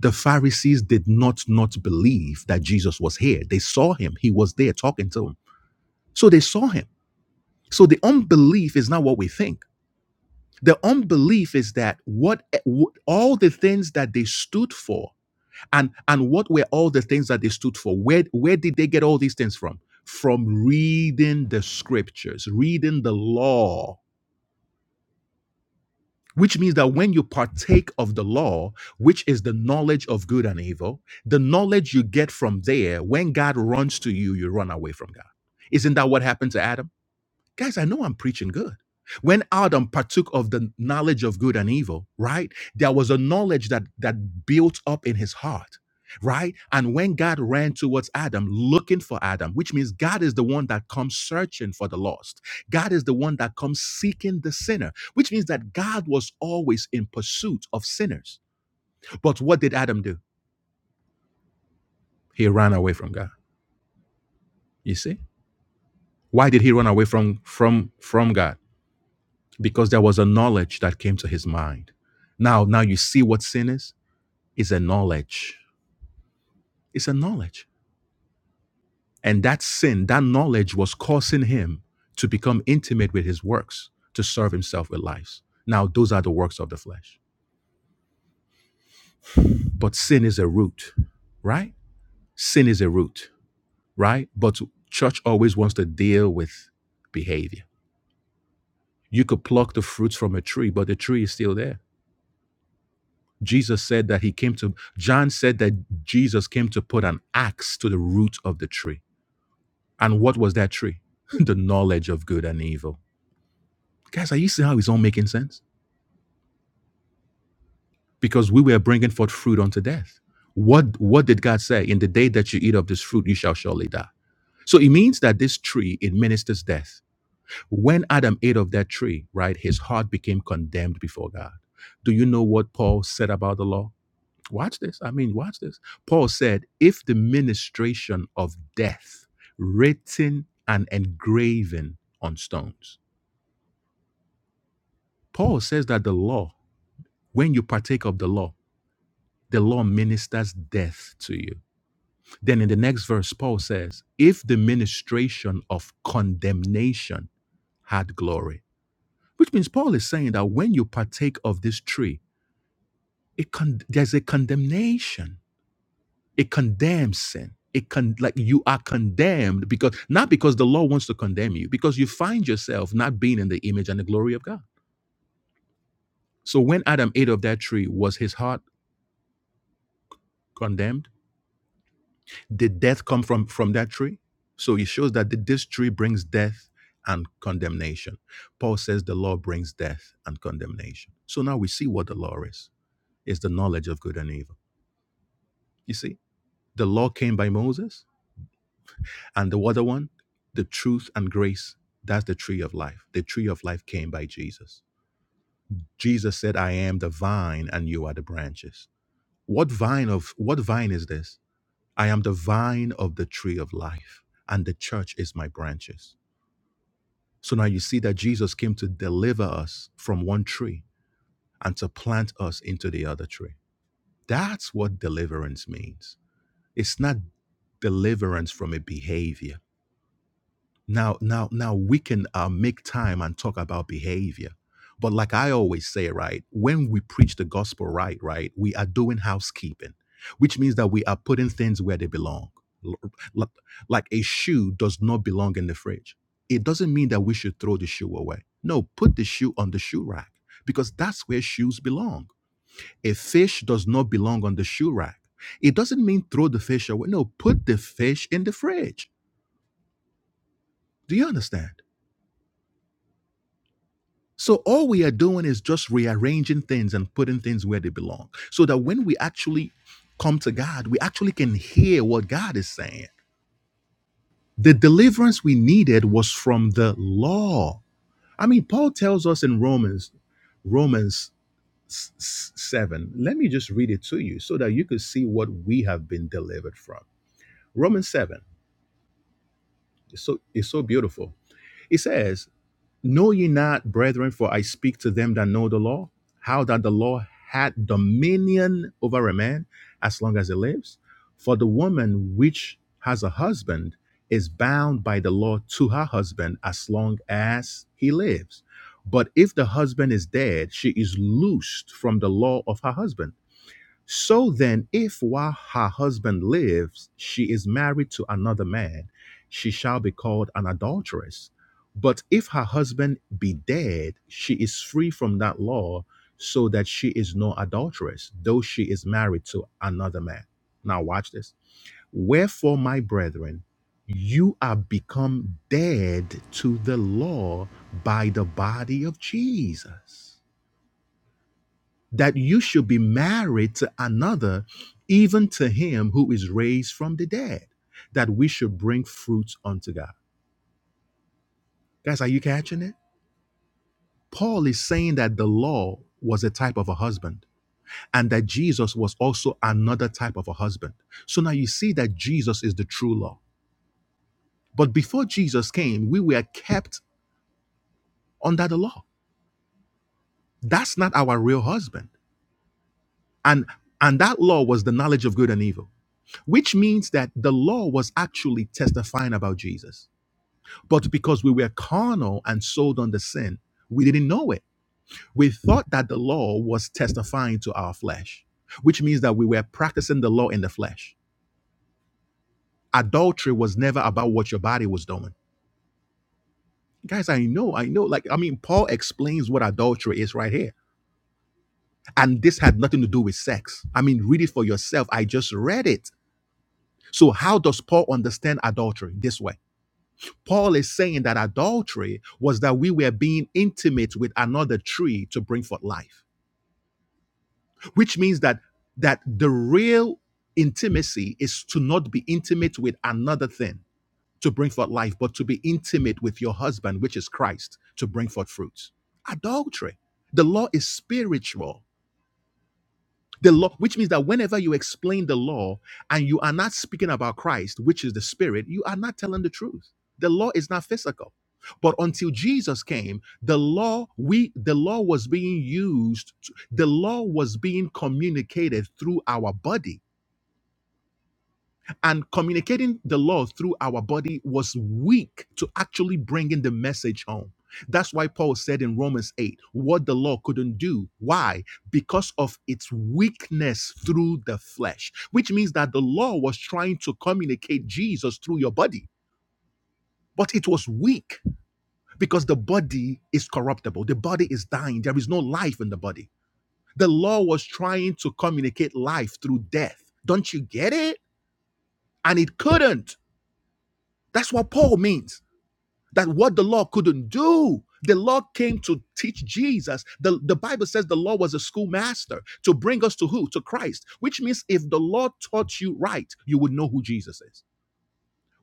Speaker 1: The Pharisees did not not believe that Jesus was here. They saw him. He was there talking to them. So they saw him. So the unbelief is not what we think. The unbelief is that what all the things that they stood for, and and what were all the things that they stood for? Where where did they get all these things from? From reading the scriptures, reading the law. Which means that when you partake of the law, which is the knowledge of good and evil, the knowledge you get from there, when God runs to you, you run away from God. Isn't that what happened to Adam? Guys, I know I'm preaching good. When Adam partook of the knowledge of good and evil, right? There was a knowledge that that built up in his heart, right? And when God ran towards Adam looking for Adam, which means God is the one that comes searching for the lost. God is the one that comes seeking the sinner, which means that God was always in pursuit of sinners. But what did Adam do? He ran away from God. You see? Why did he run away from from from God? because there was a knowledge that came to his mind. Now, now you see what sin is? It's a knowledge. It's a knowledge. And that sin, that knowledge was causing him to become intimate with his works, to serve himself with lives. Now, those are the works of the flesh. But sin is a root, right? Sin is a root, right? But church always wants to deal with behavior. You could pluck the fruits from a tree, but the tree is still there Jesus said that he came to, John said that Jesus came to put an axe to the root of the tree. And what was that tree? the knowledge of good and evil. Guys, are you seeing how it's all making sense? Because we were bringing forth fruit unto death. What, what did God say? In the day that you eat of this fruit, you shall surely die. So it means that this tree, it ministers death. When Adam ate of that tree, right, his heart became condemned before God. Do you know what Paul said about the law? Watch this. I mean, watch this. Paul said, if the ministration of death written and engraven on stones. Paul says that the law, when you partake of the law, the law ministers death to you. Then in the next verse, Paul says, if the ministration of condemnation had glory, which means Paul is saying that when you partake of this tree, it con- there's a condemnation It condemns sin. It con like you are condemned because not because the law wants to condemn you, because you find yourself not being in the image and the glory of God. So when Adam ate of that tree, was his heart condemned? Did death come from from that tree? So it shows that th- this tree brings death and condemnation. Paul says the law brings death and condemnation. So now we see what the law is. It's the knowledge of good and evil. You see, the law came by Moses. And the other one, the truth and grace, that's the tree of life. The tree of life came by Jesus. Jesus said, I am the vine and you are the branches. What vine of what vine is this? I am the vine of the tree of life, and the church is my branches. So now you see that Jesus came to deliver us from one tree and to plant us into the other tree. That's what deliverance means. It's not deliverance from a behavior Now, now, now we can uh, make time and talk about behavior. But like I always say, right, when we preach the gospel right, right, we are doing housekeeping, which means that we are putting things where they belong. L- l- Like a shoe does not belong in the fridge. It doesn't mean that we should throw the shoe away. No, put the shoe on the shoe rack because that's where shoes belong. A fish does not belong on the shoe rack. It doesn't mean throw the fish away. No, put the fish in the fridge. Do you understand? So all we are doing is just rearranging things and putting things where they belong so that when we actually come to God, we actually can hear what God is saying. The deliverance we needed was from the law. I mean, Paul tells us in Romans, Romans s- s- 7. Let me just read it to you so that you could see what we have been delivered from. Romans 7. It's so it's so beautiful. It says, Know ye not, brethren, for I speak to them that know the law, how that the law had dominion over a man as long as he lives? For the woman which has a husband is bound by the law to her husband as long as he lives. But if the husband is dead, she is loosed from the law of her husband. So then, if while her husband lives, she is married to another man, she shall be called an adulteress. But if her husband be dead, she is free from that law, so that she is no adulteress, though she is married to another man. Now, watch this. Wherefore, my brethren, you are become dead to the law by the body of Jesus that you should be married to another, even to him who is raised from the dead, that we should bring fruits unto God. Guys, are you catching it? Paul is saying that the law was a type of a husband and that Jesus was also another type of a husband. So now you see that Jesus is the true law. But before Jesus came, we were kept under the law. That's not our real husband. And and that law was the knowledge of good and evil. which means that the law was actually testifying about Jesus. But because we were carnal and sold under sin, we didn't know it. We thought that the law was testifying to our flesh, which means that we were practicing the law in the flesh. Adultery was never about what your body was doing. Guys, I know, I know. Like, I mean, Paul explains what adultery is right here. And this had nothing to do with sex. I mean, read it for yourself. I just read it. So, how does Paul understand adultery this way? Paul is saying that adultery was that we were being intimate with another tree to bring forth life, which means that that the real intimacy is to not be intimate with another thing to bring forth life, but to be intimate with your husband, which is Christ, to bring forth fruits. Adultery. The law is spiritual The law, which means that whenever you explain the law and you are not speaking about Christ, which is the Spirit, you are not telling the truth. The law is not physical. But until Jesus came, the law we the law was being used, the law was being communicated through our body and communicating the law through our body was weak to actually bringing the message home. That's why Paul said in Romans 8, what the law couldn't do. Why? Because of its weakness through the flesh, which means that the law was trying to communicate Jesus through your body, but it was weak because the body is corruptible. The body is dying. There is no life in the body. The law was trying to communicate life through death. Don't you get it? And it couldn't. That's what Paul means. that what the law couldn't do. The law came to teach Jesus. The, the Bible says the law was a schoolmaster to bring us to who? To Christ, which means if the law taught you right, you would know who Jesus is.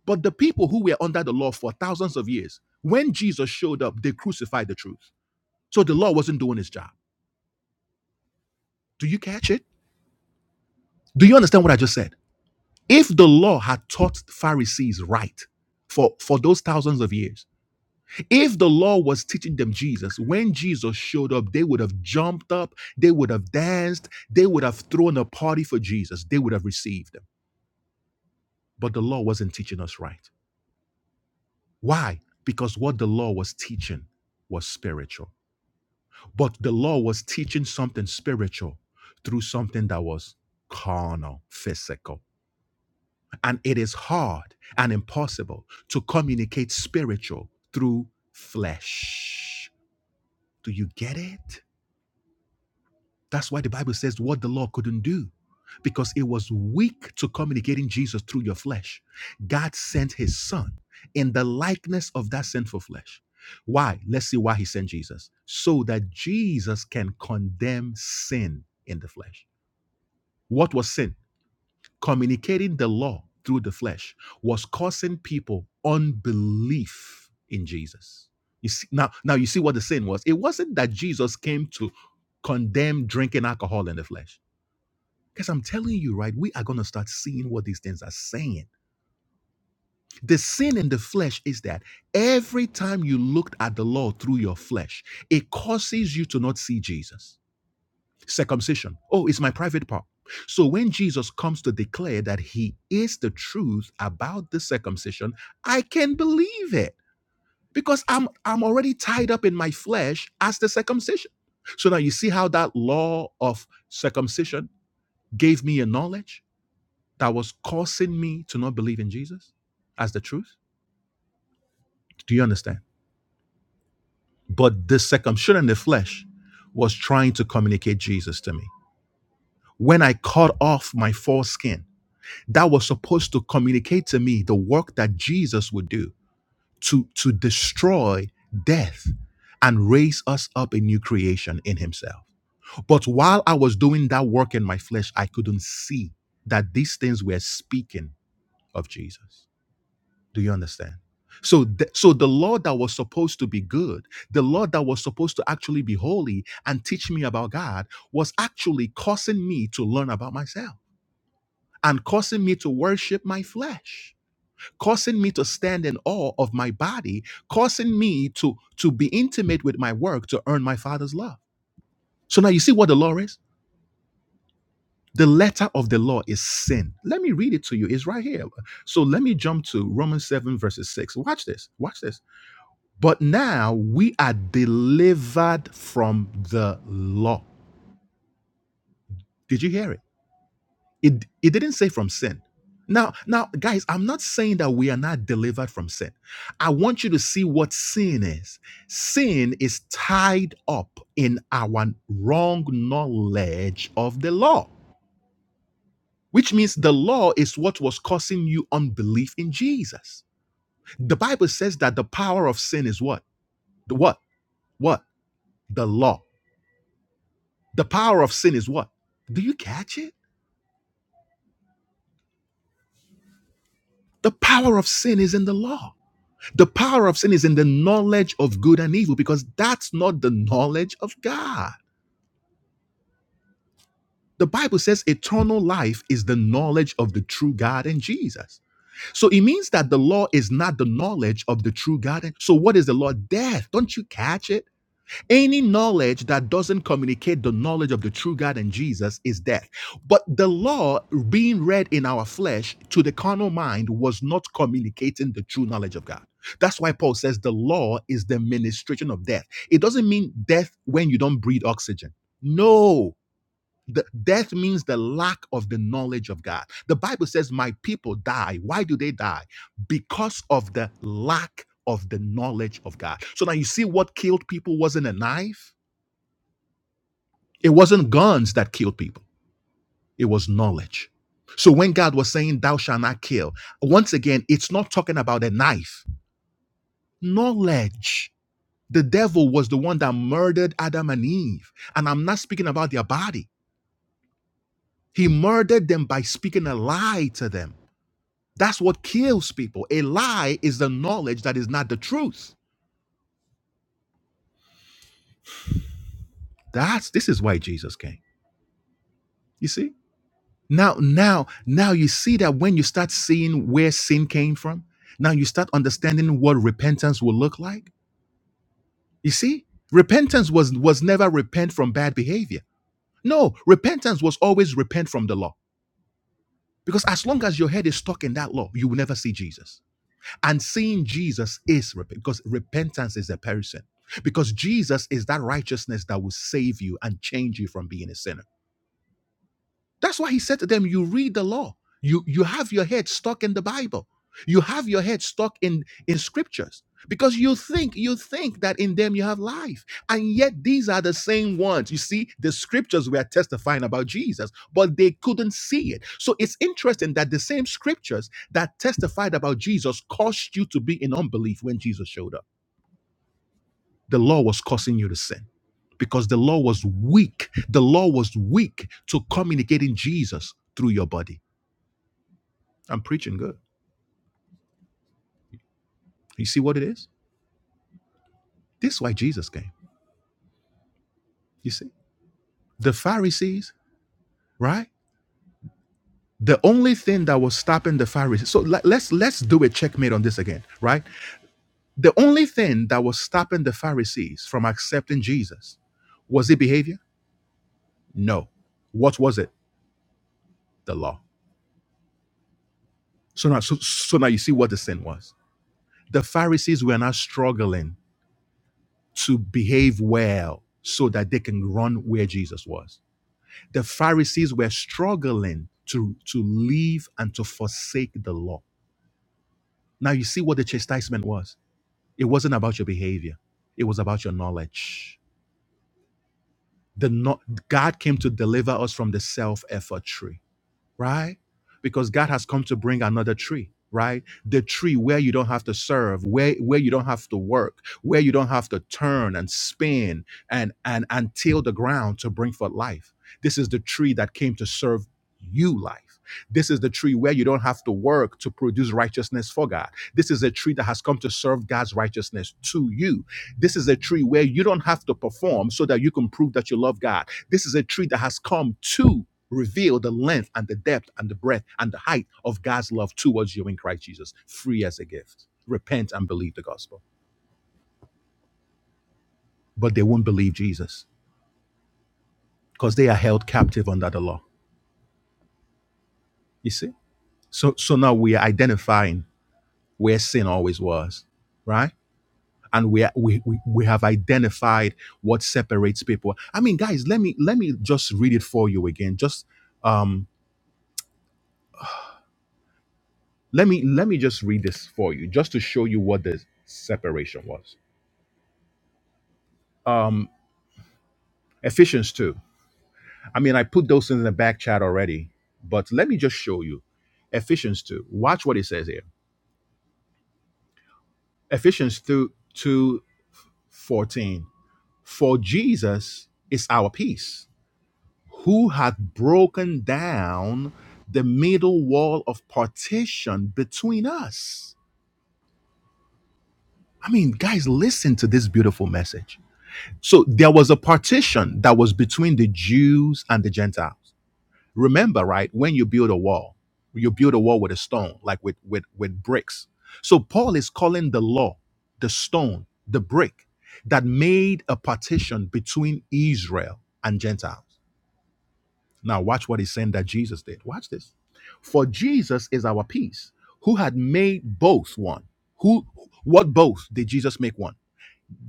Speaker 1: But the people who were under the law for thousands of years, when Jesus showed up, they crucified the truth. So the law wasn't doing its job. Do you catch it? Do you understand what I just said? If the law had taught Pharisees right for, for those thousands of years, If the law was teaching them Jesus, when Jesus showed up, they would have jumped up, they would have danced, they would have thrown a party for Jesus, they would have received him. But the law wasn't teaching us right. Why? Because what the law was teaching was spiritual. But the law was teaching something spiritual through something that was carnal, physical. And it is hard and impossible to communicate spiritual through flesh. Do you get it? That's why the Bible says what the law couldn't do, because it was weak to communicating Jesus through your flesh. God sent his son in the likeness of that sinful flesh. Why? Let's see why he sent Jesus. So that Jesus can condemn sin in the flesh. What was sin? Communicating the law through the flesh was causing people unbelief in Jesus. You see, now, now you see what the sin was. It wasn't that Jesus came to condemn drinking alcohol in the flesh. Because I'm telling you, right, we are going to start seeing what these things are saying. The sin in the flesh is that every time you looked at the law through your flesh, it causes you to not see Jesus. Circumcision. Oh, it's my private part. So when Jesus comes to declare that he is the truth about the circumcision, I can believe it because I'm I'm already tied up in my flesh as the circumcision. So now you see how that law of circumcision gave me a knowledge? that was causing me to not believe in Jesus as the truth? Do you understand? But the circumcision in the flesh was trying to communicate Jesus to me. When I cut off my foreskin, that was supposed to communicate to me the work that Jesus would do to, to destroy death and raise us up a new creation in Himself. But while I was doing that work in my flesh, I couldn't see that these things were speaking of Jesus. Do you understand? So, th- so the law that was supposed to be good, the law that was supposed to actually be holy and teach me about God, was actually causing me to learn about myself and causing me to worship my flesh, causing me to stand in awe of my body, causing me to to be intimate with my work to earn my Father's love. So now you see what the law is. The letter of the law is sin. Let me read it to you. It's right here. So let me jump to Romans 7, verses 6. Watch this. Watch this. But now we are delivered from the law. Did you hear it? It it didn't say from sin. Now, now guys, I'm not saying that we are not delivered from sin. I want you to see what sin is. Sin is tied up in our wrong knowledge of the law. Which means the law is what was causing you unbelief in Jesus. The Bible says that the power of sin is what? The what? What? The law. The power of sin is what? Do you catch it? The power of sin is in the law. The power of sin is in the knowledge of good and evil because that's not the knowledge of God. The Bible says eternal life is the knowledge of the true God and Jesus. So it means that the law is not the knowledge of the true God. And so what is the law? Death. Don't you catch it? Any knowledge that doesn't communicate the knowledge of the true God and Jesus is death. But the law being read in our flesh to the carnal mind was not communicating the true knowledge of God. That's why Paul says the law is the ministration of death. It doesn't mean death when you don't breathe oxygen. No, the death means the lack of the knowledge of God. The Bible says, My people die. Why do they die? Because of the lack of the knowledge of God. So now you see what killed people wasn't a knife, it wasn't guns that killed people, it was knowledge. So when God was saying, Thou shalt not kill, once again, it's not talking about a knife, knowledge. The devil was the one that murdered Adam and Eve. And I'm not speaking about their body. He murdered them by speaking a lie to them. That's what kills people. A lie is the knowledge that is not the truth. That's this is why Jesus came. You see? Now, now, now you see that when you start seeing where sin came from, now you start understanding what repentance will look like. You see? Repentance was was never repent from bad behavior. No, repentance was always repent from the law. Because as long as your head is stuck in that law, you will never see Jesus. And seeing Jesus is rep- because repentance is a person. Because Jesus is that righteousness that will save you and change you from being a sinner. That's why he said to them, You read the law. You you have your head stuck in the Bible. You have your head stuck in, in scriptures. Because you think, you think that in them you have life. And yet these are the same ones. You see, the scriptures were testifying about Jesus, but they couldn't see it. So it's interesting that the same scriptures that testified about Jesus caused you to be in unbelief when Jesus showed up the law was causing you to sin because the law was weak. The law was weak to communicating Jesus through your body. I'm preaching good. You see what it is? This is why Jesus came. You see? The Pharisees, right? The only thing that was stopping the Pharisees. So le- let's let's do a checkmate on this again, right? The only thing that was stopping the Pharisees from accepting Jesus was it behavior? No. What was it? The law. So now so, so now you see what the sin was The Pharisees were not struggling to behave well so that they can run where Jesus was. The Pharisees were struggling to, to leave and to forsake the law. Now you see what the chastisement was. It wasn't about your behavior, it was about your knowledge. The no- God came to deliver us from the self-effort tree. right? Because God has come to bring another tree, right? The tree where you don't have to serve, where where you don't have to work, where you don't have to turn and spin and and and till the ground to bring forth life. This is the tree that came to serve you life. This is the tree where you don't have to work to produce righteousness for God. This is a tree that has come to serve God's righteousness to you this is a tree where you don't have to perform so that you can prove that you love God. This is a tree that has come to reveal the length and the depth and the breadth and the height of God's love towards you in Christ Jesus, free as a gift. Repent and believe the gospel. But they won't believe Jesus because they are held captive under the law. You see? So so now we are identifying where sin always was, right? And we, are, we we we have identified what separates people. I mean, guys, let me let me just read it for you again. Just um Let me let me just read this for you, just to show you what the separation was. Um, Ephesians two. I mean, I put those in the back chat already, but let me just show you. Ephesians two. Watch what it says here. Ephesians two two fourteen. For Jesus is our peace, who hath broken down the middle wall of partition between us. I mean, guys, listen to this beautiful message. So there was a partition that was between the Jews and the Gentiles. Remember, right? When you build a wall, you build a wall with a stone, like with with with bricks. So Paul is calling the law, the stone, the brick that made a partition between Israel and Gentiles. Now watch what he's saying that Jesus did. Watch this. For Jesus is our peace, who had made both one. Who what both did Jesus make one?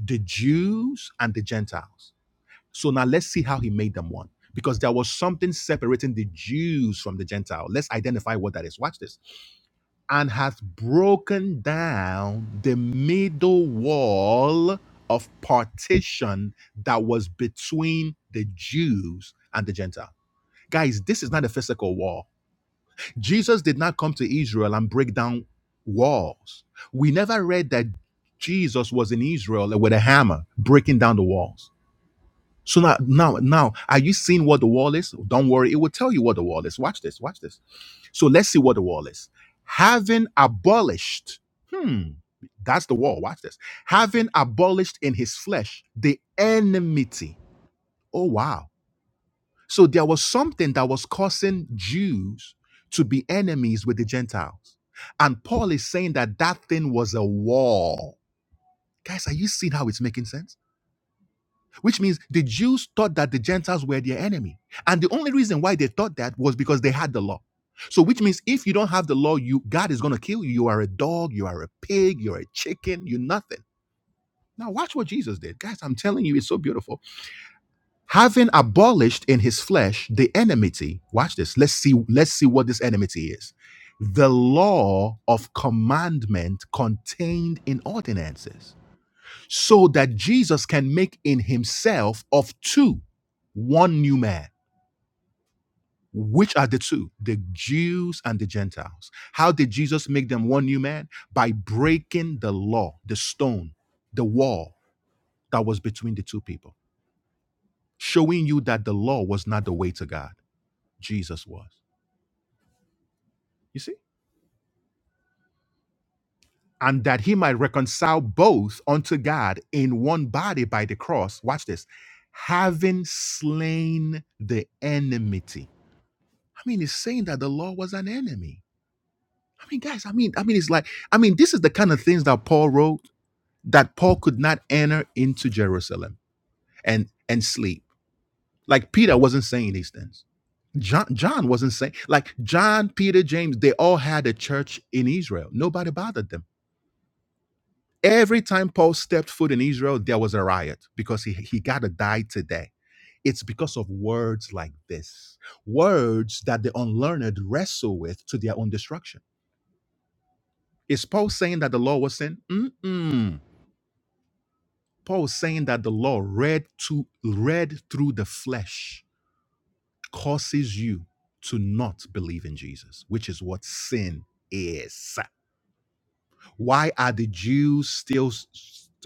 Speaker 1: The Jews and the Gentiles so now let's see how he made them one. Because there was something separating the Jews from the Gentile. Let's identify what that is. Watch this. And hath broken down the middle wall of partition that was between the Jews and the Gentile. Guys, this is not a physical wall. Jesus did not come to Israel and break down walls. We never read that Jesus was in Israel with a hammer breaking down the walls. So now, now, now, are you seeing what the wall is? Don't worry, it will tell you what the wall is. Watch this, watch this. So let's see what the wall is. Having abolished, hmm, that's the wall. Watch this. Having abolished in his flesh the enmity. Oh, wow. So there was something that was causing Jews to be enemies with the Gentiles. And Paul is saying that that thing was a wall. Guys, are you seeing how it's making sense? which means the Jews thought that the Gentiles were their enemy. And the only reason why they thought that was because they had the law. So which means if you don't have the law, you God is going to kill you. You are a dog, you are a pig, you're a chicken, you're nothing. Now watch what Jesus did. Guys, I'm telling you it's so beautiful. Having abolished in his flesh the enmity. Watch this. Let's see let's see what this enmity is. The law of commandment contained in ordinances so that Jesus can make in himself of two one new man. Which are the two? The Jews and the Gentiles. How did Jesus make them one new man? By breaking the law, the stone, the wall that was between the two people, showing you that the law was not the way to God. Jesus was. You see? And that he might reconcile both unto God in one body by the cross. Watch this. Having slain the enmity I mean, it's saying that the law was an enemy. I mean, guys, I mean, I mean, it's like, I mean, this is the kind of things that Paul wrote that Paul could not enter into Jerusalem and and sleep. Like Peter wasn't saying these things. John, John wasn't saying like John, Peter, James, they all had a church in Israel. Nobody bothered them. Every time Paul stepped foot in Israel, there was a riot because he, he gotta die today. It's because of words like this, words that the unlearned wrestle with to their own destruction Is Paul saying that the law was sin? Mm-mm. Paul is saying that the law read to read through the flesh causes you to not believe in Jesus, which is what sin is. Why are the Jews still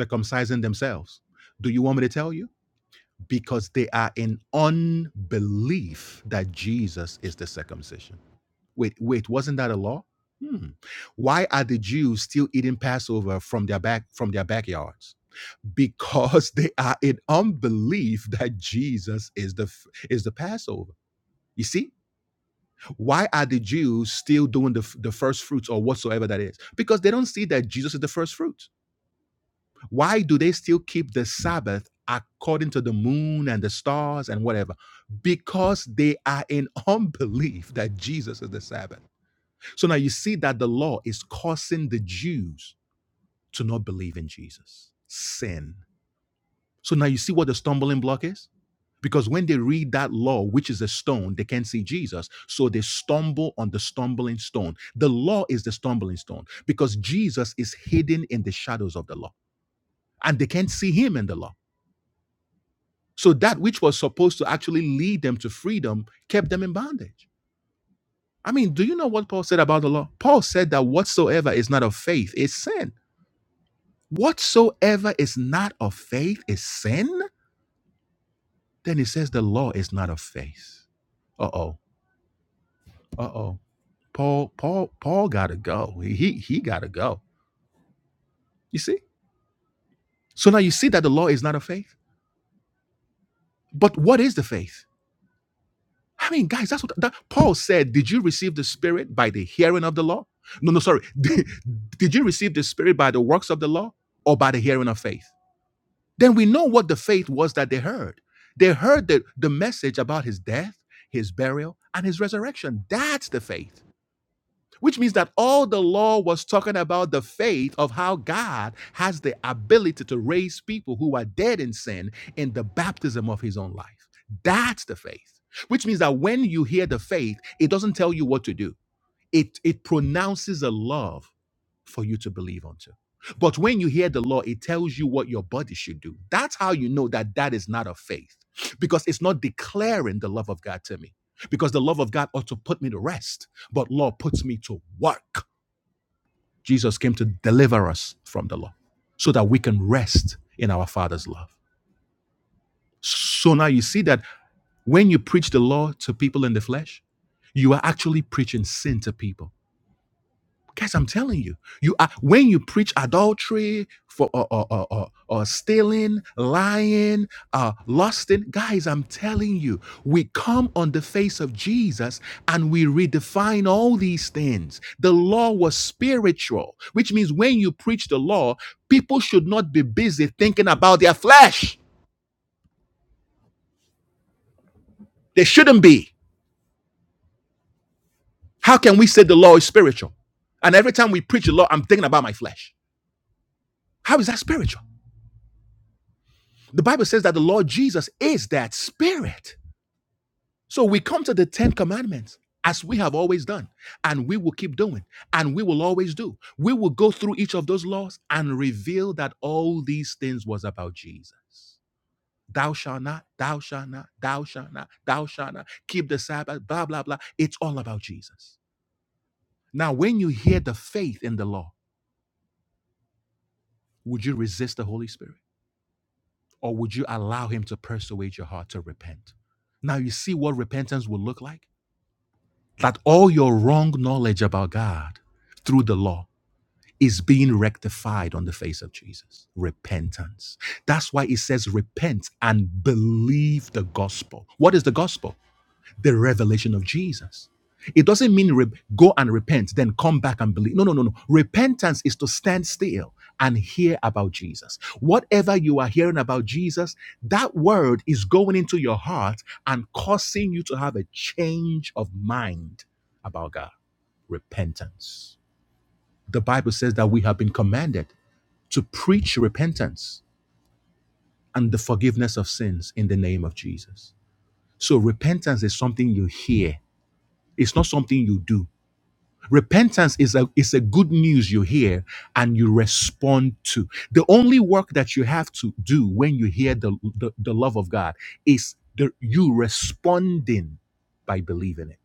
Speaker 1: circumcising themselves? Do you want me to tell you? Because they are in unbelief that Jesus is the circumcision. Wait, wait, wasn't that a law? Hmm. Why are the Jews still eating Passover from their back from their backyards? because they are in unbelief that Jesus is the is the Passover. You see, why are the Jews still doing the, the first fruits or whatsoever that is? Because they don't see that Jesus is the first fruit. Why do they still keep the Sabbath according to the moon and the stars and whatever? Because they are in unbelief that Jesus is the Sabbath. So now you see that the law is causing the Jews to not believe in Jesus. Sin So now you see what the stumbling block is? Because when they read that law, which is a stone, they can't see Jesus. So they stumble on the stumbling stone. The law is the stumbling stone because Jesus is hidden in the shadows of the law and they can't see him in the law. So that which was supposed to actually lead them to freedom kept them in bondage. I mean, do you know what Paul said about the law? Paul said that whatsoever is not of faith is sin. Whatsoever is not of faith is sin. Then he says the law is not of faith. Uh oh Uh oh. Paul, Paul, Paul gotta go. He he he gotta go. You see? So now you see that the law is not a faith. But what is the faith? I mean, guys, that's what that, Paul said. Did you receive the spirit by the hearing of the law? No, no, sorry. Did, did you receive the spirit by the works of the law or by the hearing of faith? Then we know what the faith was that they heard. They heard the, the message about his death, his burial, and his resurrection. That's the faith. Which means that all the law was talking about the faith of how God has the ability to raise people who are dead in sin in the baptism of his own life. That's the faith. Which means that when you hear the faith, it doesn't tell you what to do. It, it pronounces a love for you to believe unto. But when you hear the law, it tells you what your body should do. That's how you know that that is not of faith because it's not declaring the love of God to me. Because the love of God ought to put me to rest, but law puts me to work. Jesus came to deliver us from the law so that we can rest in our Father's love. So now you see that when you preach the law to people in the flesh, you are actually preaching sin to people Guys, I'm telling you, you are when you preach adultery for or or, or, or, or stealing, lying, uh, lusting. Guys, I'm telling you, we come on the face of Jesus and we redefine all these things. The law was spiritual, which means when you preach the law, people should not be busy thinking about their flesh. They shouldn't be. How can we say the law is spiritual? And every time we preach the law, I'm thinking about my flesh. How is that spiritual? The Bible says that the Lord Jesus is that spirit. So we come to the 10 commandments as we have always done, and we will keep doing, and we will always do. We will go through each of those laws and reveal that all these things was about Jesus. Thou shalt not, thou shalt not, thou shalt not, thou shalt not, keep the Sabbath, blah, blah, blah. It's all about Jesus. Now, when you hear the faith in the law, would you resist the Holy Spirit? Or would you allow him to persuade your heart to repent? Now, you see what repentance will look like? that all your wrong knowledge about God through the law is being rectified on the face of Jesus. Repentance. That's why it says repent and believe the gospel. What is the gospel? The revelation of Jesus. It doesn't mean re- go and repent, then come back and believe. No, no, no, no. Repentance is to stand still and hear about Jesus. Whatever you are hearing about Jesus, that word is going into your heart and causing you to have a change of mind about God. Repentance. The Bible says that we have been commanded to preach repentance and the forgiveness of sins in the name of Jesus. So repentance is something you hear. It's not something you do. Repentance is a is a good news you hear and you respond to. The only work that you have to do when you hear the the, the love of God is the you responding by believing it.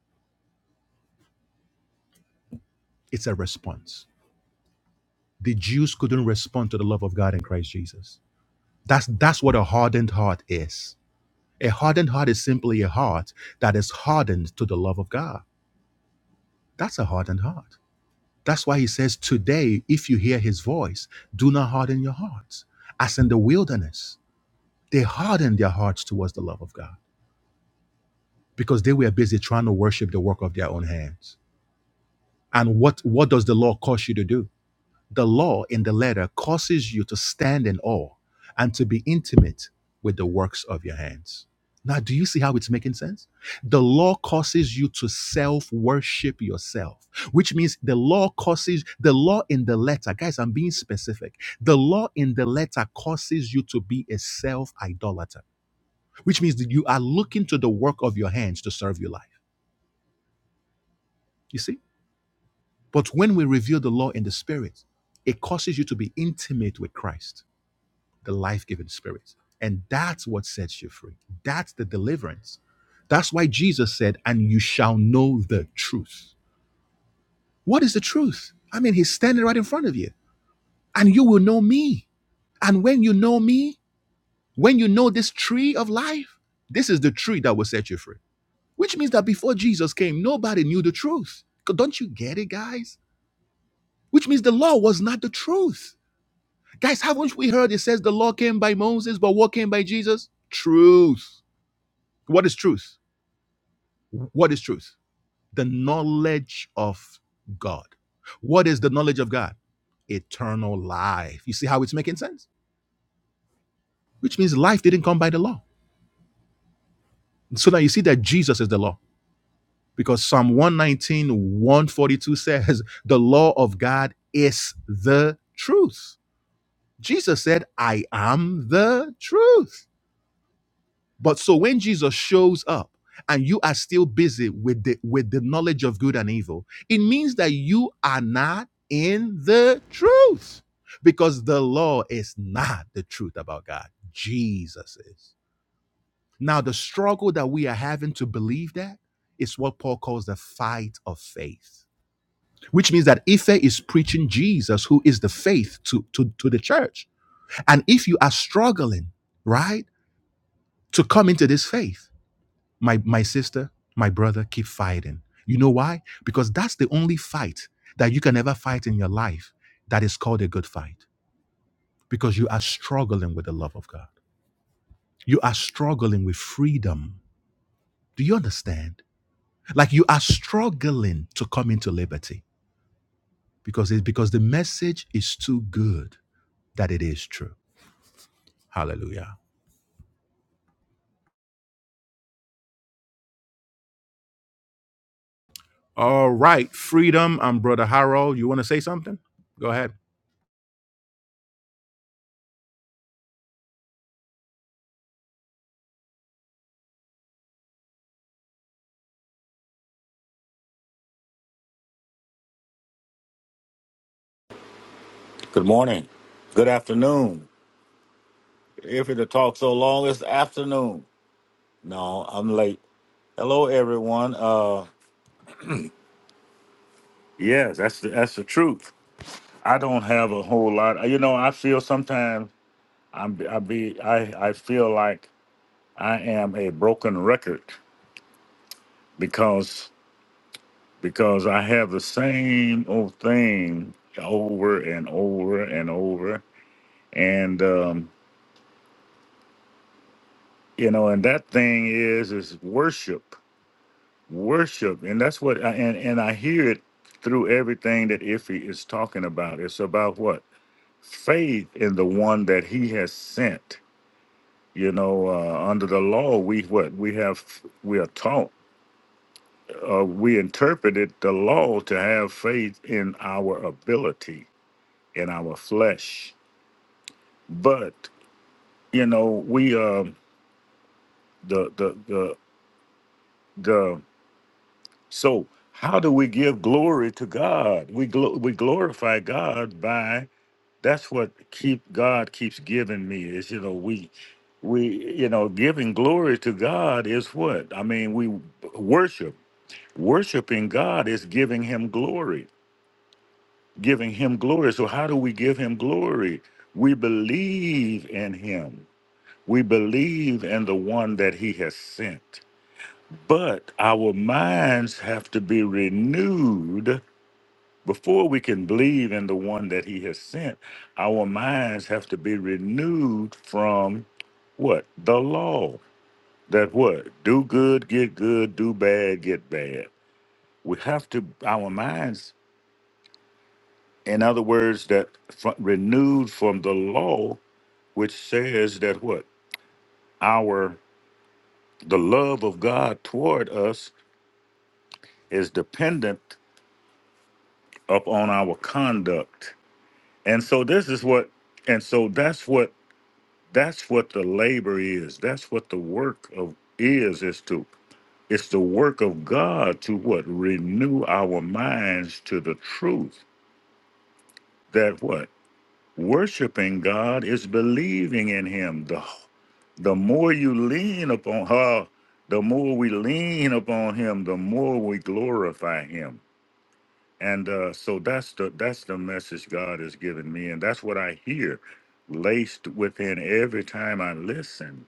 Speaker 1: It's a response. The Jews couldn't respond to the love of God in Christ Jesus. That's that's what a hardened heart is. A hardened heart is simply a heart that is hardened to the love of God. That's a hardened heart. That's why he says, Today, if you hear his voice, do not harden your hearts. As in the wilderness, they hardened their hearts towards the love of God because they were busy trying to worship the work of their own hands. And what, what does the law cause you to do? The law in the letter causes you to stand in awe and to be intimate with the works of your hands. Now, do you see how it's making sense? The law causes you to self worship yourself, which means the law causes the law in the letter. Guys, I'm being specific. The law in the letter causes you to be a self idolater, which means that you are looking to the work of your hands to serve your life. You see? But when we reveal the law in the spirit, it causes you to be intimate with Christ the life giving spirit. And that's what sets you free. That's the deliverance. That's why Jesus said, And you shall know the truth. What is the truth? I mean, he's standing right in front of you, and you will know me. And when you know me, when you know this tree of life, this is the tree that will set you free. Which means that before Jesus came, nobody knew the truth. Don't you get it, guys? Which means the law was not the truth. Guys, haven't we heard it says the law came by Moses, but what came by Jesus? Truth. What is truth? What is truth? The knowledge of God. What is the knowledge of God? Eternal life. You see how it's making sense? Which means life didn't come by the law. So now you see that Jesus is the law because Psalm one nineteen one forty two says, The law of God is the truth. Jesus said, I am the truth. But so when Jesus shows up and you are still busy with the with the knowledge of good and evil, it means that you are not in the truth. Because the law is not the truth about God. Jesus is. Now the struggle that we are having to believe that is what Paul calls the fight of faith. Which means that Ife is preaching Jesus, who is the faith to, to, to the church. And if you are struggling, right, to come into this faith, my my sister, my brother, keep fighting. You know why? Because that's the only fight that you can ever fight in your life that is called a good fight. Because you are struggling with the love of God. You are struggling with freedom. Do you understand? Like you are struggling to come into liberty because it's because the message is too good that it is true. Hallelujah. All right, freedom. I'm Brother Harold. You want to say something? Go ahead.
Speaker 3: Good morning. Good afternoon. If it talk so long, it's afternoon. No, I'm late. Hello, everyone. Uh, yes, that's the, that's the truth. I don't have a whole lot. You know, I feel sometimes I'm I be I I feel like I am a broken record because because I have the same old thing over and over and over, and um, you know, and that thing is is worship worship and that's what I, and and i hear it through everything that iffy is talking about it's about what faith in the one that he has sent you know uh, under the law we what we have we are taught uh, we interpreted the law to have faith in our ability in our flesh but you know we um the the the the so how do we give glory to god we glo- we glorify god by that's what keep God keeps giving me is you know we we you know giving glory to God is what I mean we worship worshiping God is giving him glory giving him glory so how do we give him glory we believe in him we believe in the one that he has sent but our minds have to be renewed before we can believe in the one that he has sent, our minds have to be renewed from what? The law. That what? Do good, get good, do bad, get bad. We have to, our minds, in other words, that fr- renewed from the law, which says that what? Our, the love of God toward us is dependent upon our conduct. And so this is what, and so that's what That's what the labor is. That's what the work of is is to it's the work of God to what renew our minds to the truth that what worshiping God is believing in him. The the more you lean upon her, the more we lean upon him, the more we glorify him. And uh, so that's the that's the message God has given me and that's what I hear laced within every time I listen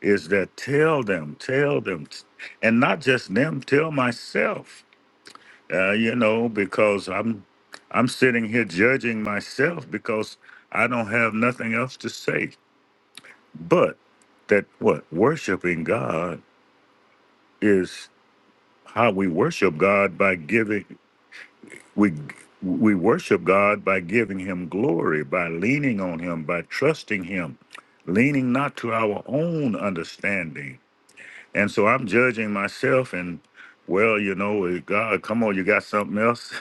Speaker 3: is that tell them, tell them, t- and not just them, tell myself, uh, you know, because I'm I'm sitting here judging myself because I don't have nothing else to say. But that what worshiping God is how we worship God by giving we we worship God by giving him glory, by leaning on him, by trusting him, leaning not to our own understanding And so I'm judging myself and well, you know, eh, God, come on, you got something else.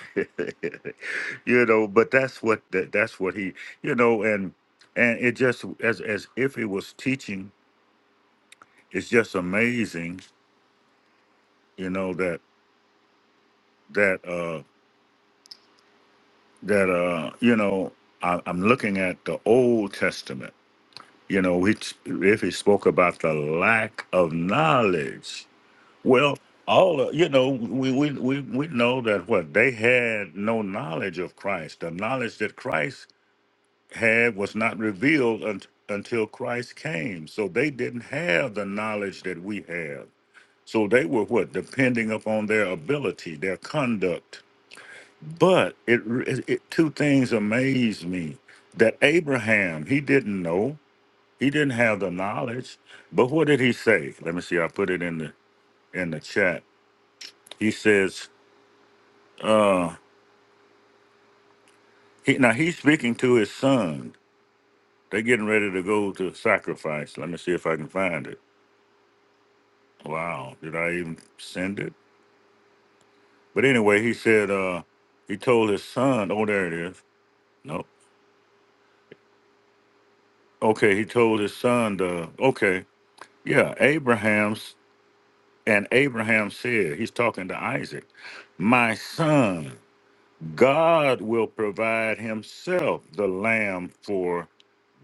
Speaker 3: you know, but that's what that, that's what he, you know, and and it just as as if it was teaching, it's just amazing, you know, that that uh that uh you know, I, I'm looking at the Old Testament. You know, which if he spoke about the lack of knowledge, Well, all of, you know, we, we we we know that what they had no knowledge of Christ. The knowledge that Christ had was not revealed un- until Christ came. So they didn't have the knowledge that we have. So they were what depending upon their ability, their conduct. But it, it, it two things amazed me. That Abraham, he didn't know. He didn't have the knowledge. But what did he say? Let me see. I put it in the in the chat. He says Uh, he, now he's speaking to his son. They're getting ready to go to sacrifice. Let me see if I can find it. Wow, did I even send it? But anyway, he said uh, he told his son. Oh, there it is. Nope. Okay, he told his son. To, okay, yeah, Abraham's and Abraham said he's talking to Isaac. My son, God will provide Himself the lamb for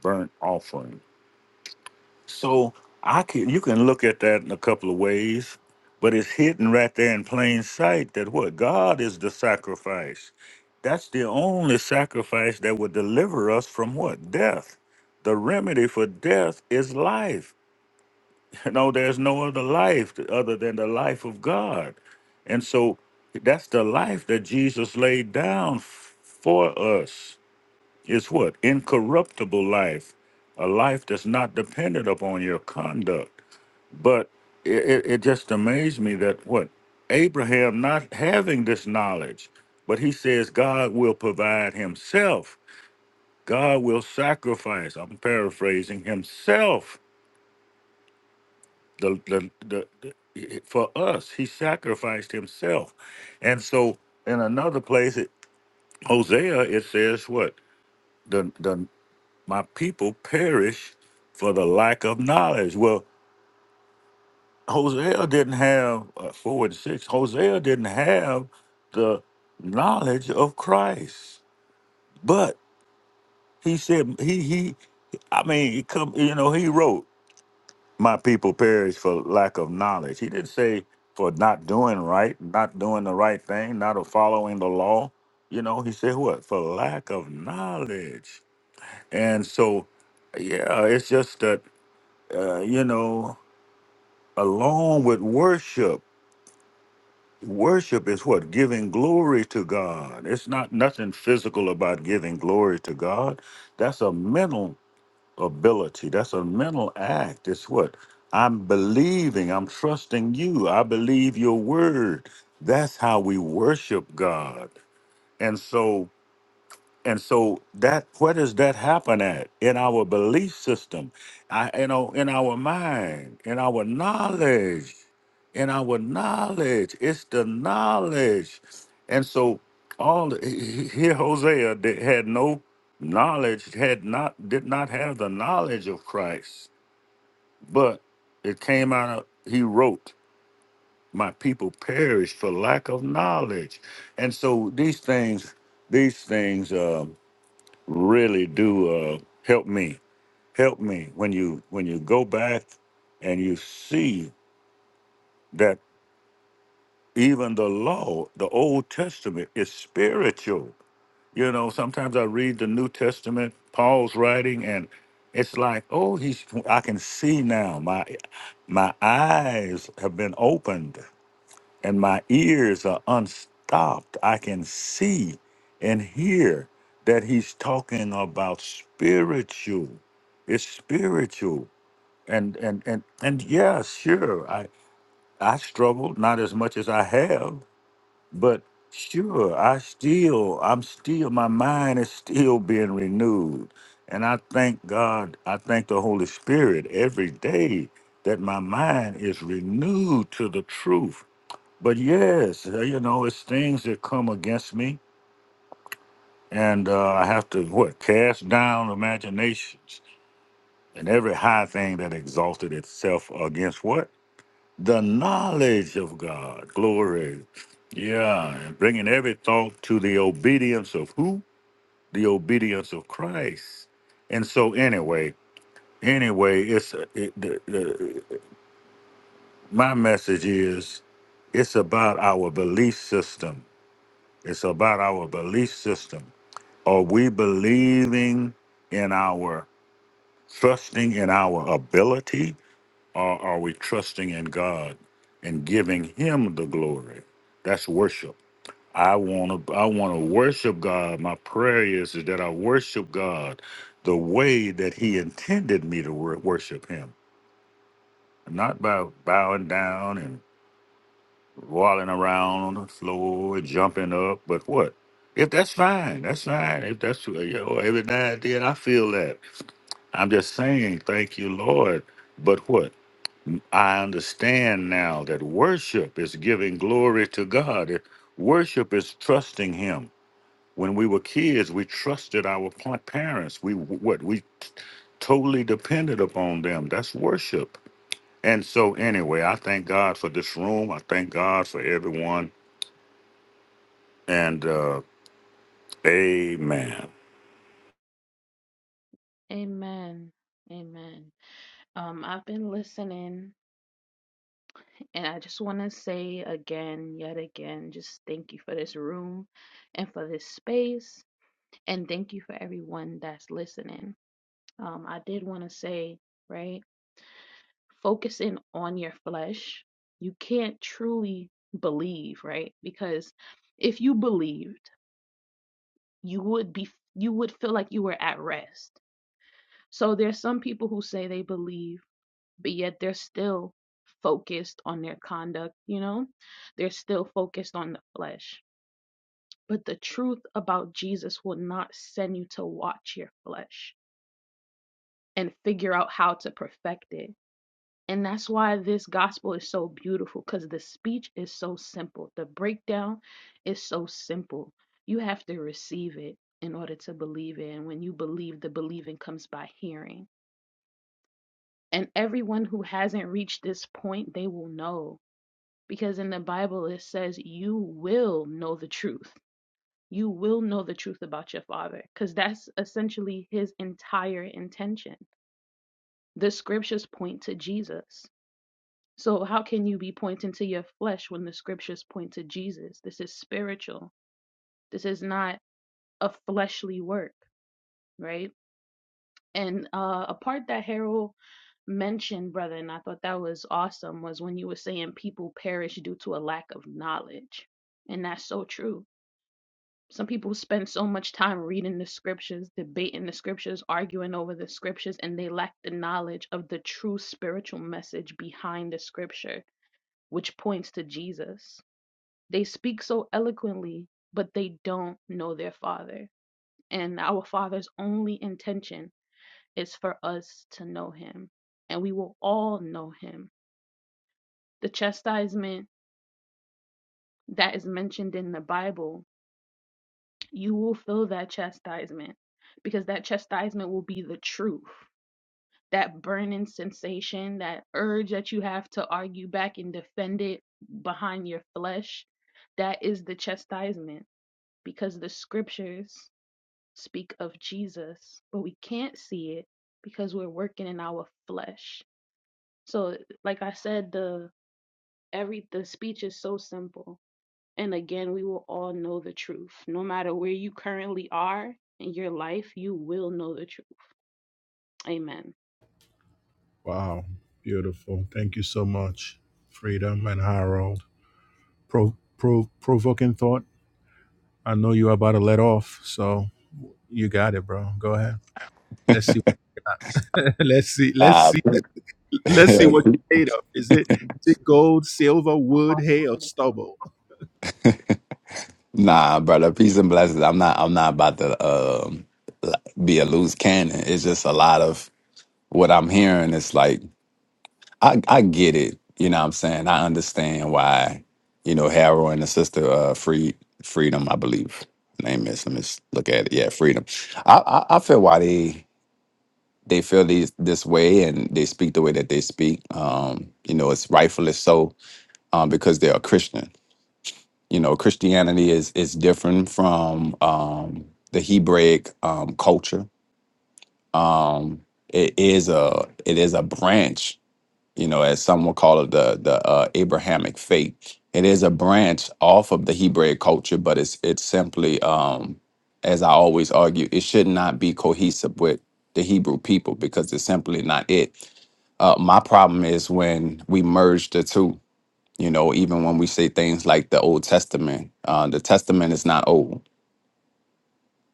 Speaker 3: burnt offering. So I can you can look at that in a couple of ways, but it's hidden right there in plain sight that what God is the sacrifice. That's the only sacrifice that would deliver us from what? Death. The remedy for death is life. You know, there's no other life other than the life of God. And so that's the life that Jesus laid down f- for us. It's what? Incorruptible life, a life that's not dependent upon your conduct. But it, it, it just amazed me that what Abraham not having this knowledge, but he says God will provide himself. God will sacrifice. I'm paraphrasing himself. The, the, the, the- for us, he sacrificed himself. And so in another place, it, Hosea, it says what? The, the, my people perish for the lack of knowledge. Well, Hosea didn't have uh, four and six. Hosea didn't have the knowledge of Christ, but he said he he. I mean, he come. You know, he wrote, "My people perish for lack of knowledge." He didn't say for not doing right, not doing the right thing, not following the law. You know, he said what for lack of knowledge. And so, yeah, it's just that uh, you know, along with worship. Worship is what? Giving glory to God. It's not nothing physical about giving glory to God. That's a mental ability. That's a mental act. It's what? I'm believing. I'm trusting you. I believe your word. That's how we worship God. And so and so that where does that happen at in our belief system, I, you know, in our mind, in our knowledge, in our knowledge. It's the knowledge, and so all the- he- he- here Hosea did, had no knowledge, had not did not have the knowledge of Christ, but it came out. Of, he wrote, "My people perish for lack of knowledge," and so these things, these things. um, really do uh, help me. Help me when you when you go back and you see that even the law, the Old Testament, is spiritual. You know, sometimes I read the New Testament, Paul's writing, and it's like, oh, he's I can see now. My my eyes have been opened. and my ears are unstopped. I can see and hear that he's talking about spiritual. It's spiritual. And and and and yeah, sure. I I struggled not as much as I have, but sure, I still I'm still my mind is still being renewed. And I thank God, I thank the Holy Spirit every day that my mind is renewed to the truth but yes, uh, you know, it's things that come against me, and uh, I have to what cast down imaginations and every high thing that exalted itself against what the knowledge of God. Glory, yeah, and bringing every thought to the obedience of who? The obedience of Christ. And so, anyway, anyway, it's uh, it, the, the, my message is it's about our belief system. It's about our belief system. Are we believing in our trusting in our ability, or are we trusting in God and giving Him the glory? That's worship. I want to. I want to worship God. My prayer is, is that I worship God the way that He intended me to wor- worship Him, not by bowing down and rolling around on the floor and jumping up, but what? If that's fine, that's fine. If that's you know, every now and then I feel that. I'm just saying, thank you, Lord. But what? I understand now that worship is giving glory to God. Worship is trusting Him. When we were kids, we trusted our pa- parents. We what we t- totally depended upon them. That's worship. And so, anyway, I thank God for this room. I thank God for everyone. And uh, Amen.
Speaker 4: Amen. Amen. Um, I've been listening, and I just want to say again, yet again, just thank you for this room and for this space, and thank you for everyone that's listening. Um, I did want to say, right, focusing on your flesh, you can't truly believe, right? Because if you believed, you would be, you would feel like you were at rest. So there's some people who say they believe but yet they're still focused on their conduct, you know? They're still focused on the flesh. But the truth about Jesus will not send you to watch your flesh and figure out how to perfect it. And that's why this gospel is so beautiful because the speech is so simple. The breakdown is so simple. You have to receive it in order to believe it. And when you believe, the believing comes by hearing. And everyone who hasn't reached this point, they will know because in the Bible it says you will know the truth. You will know the truth about your father because that's essentially his entire intention. The scriptures point to Jesus. So, how can you be pointing to your flesh when the scriptures point to Jesus? This is spiritual. This is not a fleshly work, right? And uh, a part that Harold mentioned, brother, and I thought that was awesome, was when you were saying people perish due to a lack of knowledge. And that's so true Some people spend so much time reading the scriptures, debating the scriptures, arguing over the scriptures, and they lack the knowledge of the true spiritual message behind the scripture, which points to Jesus. They speak so eloquently, but they don't know their Father. And our Father's only intention is for us to know Him, and we will all know Him. The chastisement that is mentioned in the Bible you will feel that chastisement because that chastisement will be the truth. That burning sensation, that urge that you have to argue back and defend it behind your flesh, that is the chastisement because the scriptures speak of Jesus, but we can't see it because we're working in our flesh. So, like I said, the every the speech is so simple and again, we will all know the truth. No matter where you currently are in your life, you will know the truth. Amen.
Speaker 1: Wow, beautiful. Thank you so much, Freedom and Harold. Pro, pro, provoking thought. I know you're about to let off, so you got it, bro. Go ahead. Let's see. let's see. Let's
Speaker 5: Uh,
Speaker 1: see. Let's see what you're made of. Is it is it gold, silver, wood, hay, or stubble?
Speaker 5: nah, brother. Peace and blessings. I'm not. I'm not about to um, like, be a loose cannon. It's just a lot of what I'm hearing. It's like I, I get it. You know what I'm saying? I understand why. You know, Harold and the sister uh, free freedom. I believe her name is. Let me s- look at it. Yeah, freedom. I, I I feel why they they feel these this way and they speak the way that they speak. Um, you know, it's rightfully so um, because they're a Christian. you know christianity is is different from um the hebraic um culture um it is a it is a branch you know as some will call it the the uh, abrahamic faith it is a branch off of the hebraic culture but it's it's simply um as i always argue it should not be cohesive with the hebrew people because it's simply not it uh, my problem is when we merge the two you know, even when we say things like the Old Testament, uh, the Testament is not old.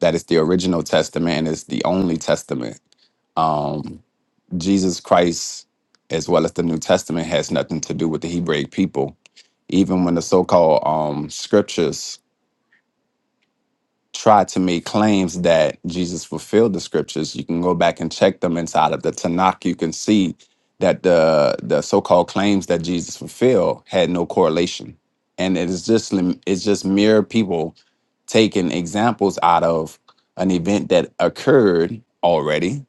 Speaker 5: That is the original Testament and it's the only Testament. Um, Jesus Christ, as well as the New Testament, has nothing to do with the Hebraic people. Even when the so called um, scriptures try to make claims that Jesus fulfilled the scriptures, you can go back and check them inside of the Tanakh. You can see that the the so-called claims that Jesus fulfilled had no correlation, and it is just lim- it's just mere people taking examples out of an event that occurred already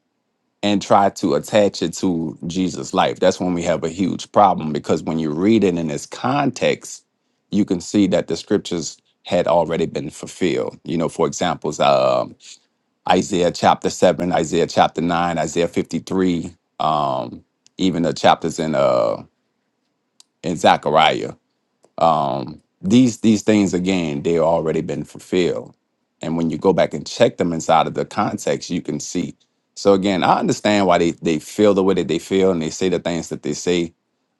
Speaker 5: and try to attach it to Jesus' life. That's when we have a huge problem because when you read it in its context, you can see that the scriptures had already been fulfilled. You know, for examples, um Isaiah chapter 7, Isaiah chapter 9, Isaiah 53, um, even the chapters in uh in Zechariah um, these these things again they already been fulfilled and when you go back and check them inside of the context you can see so again i understand why they, they feel the way that they feel and they say the things that they say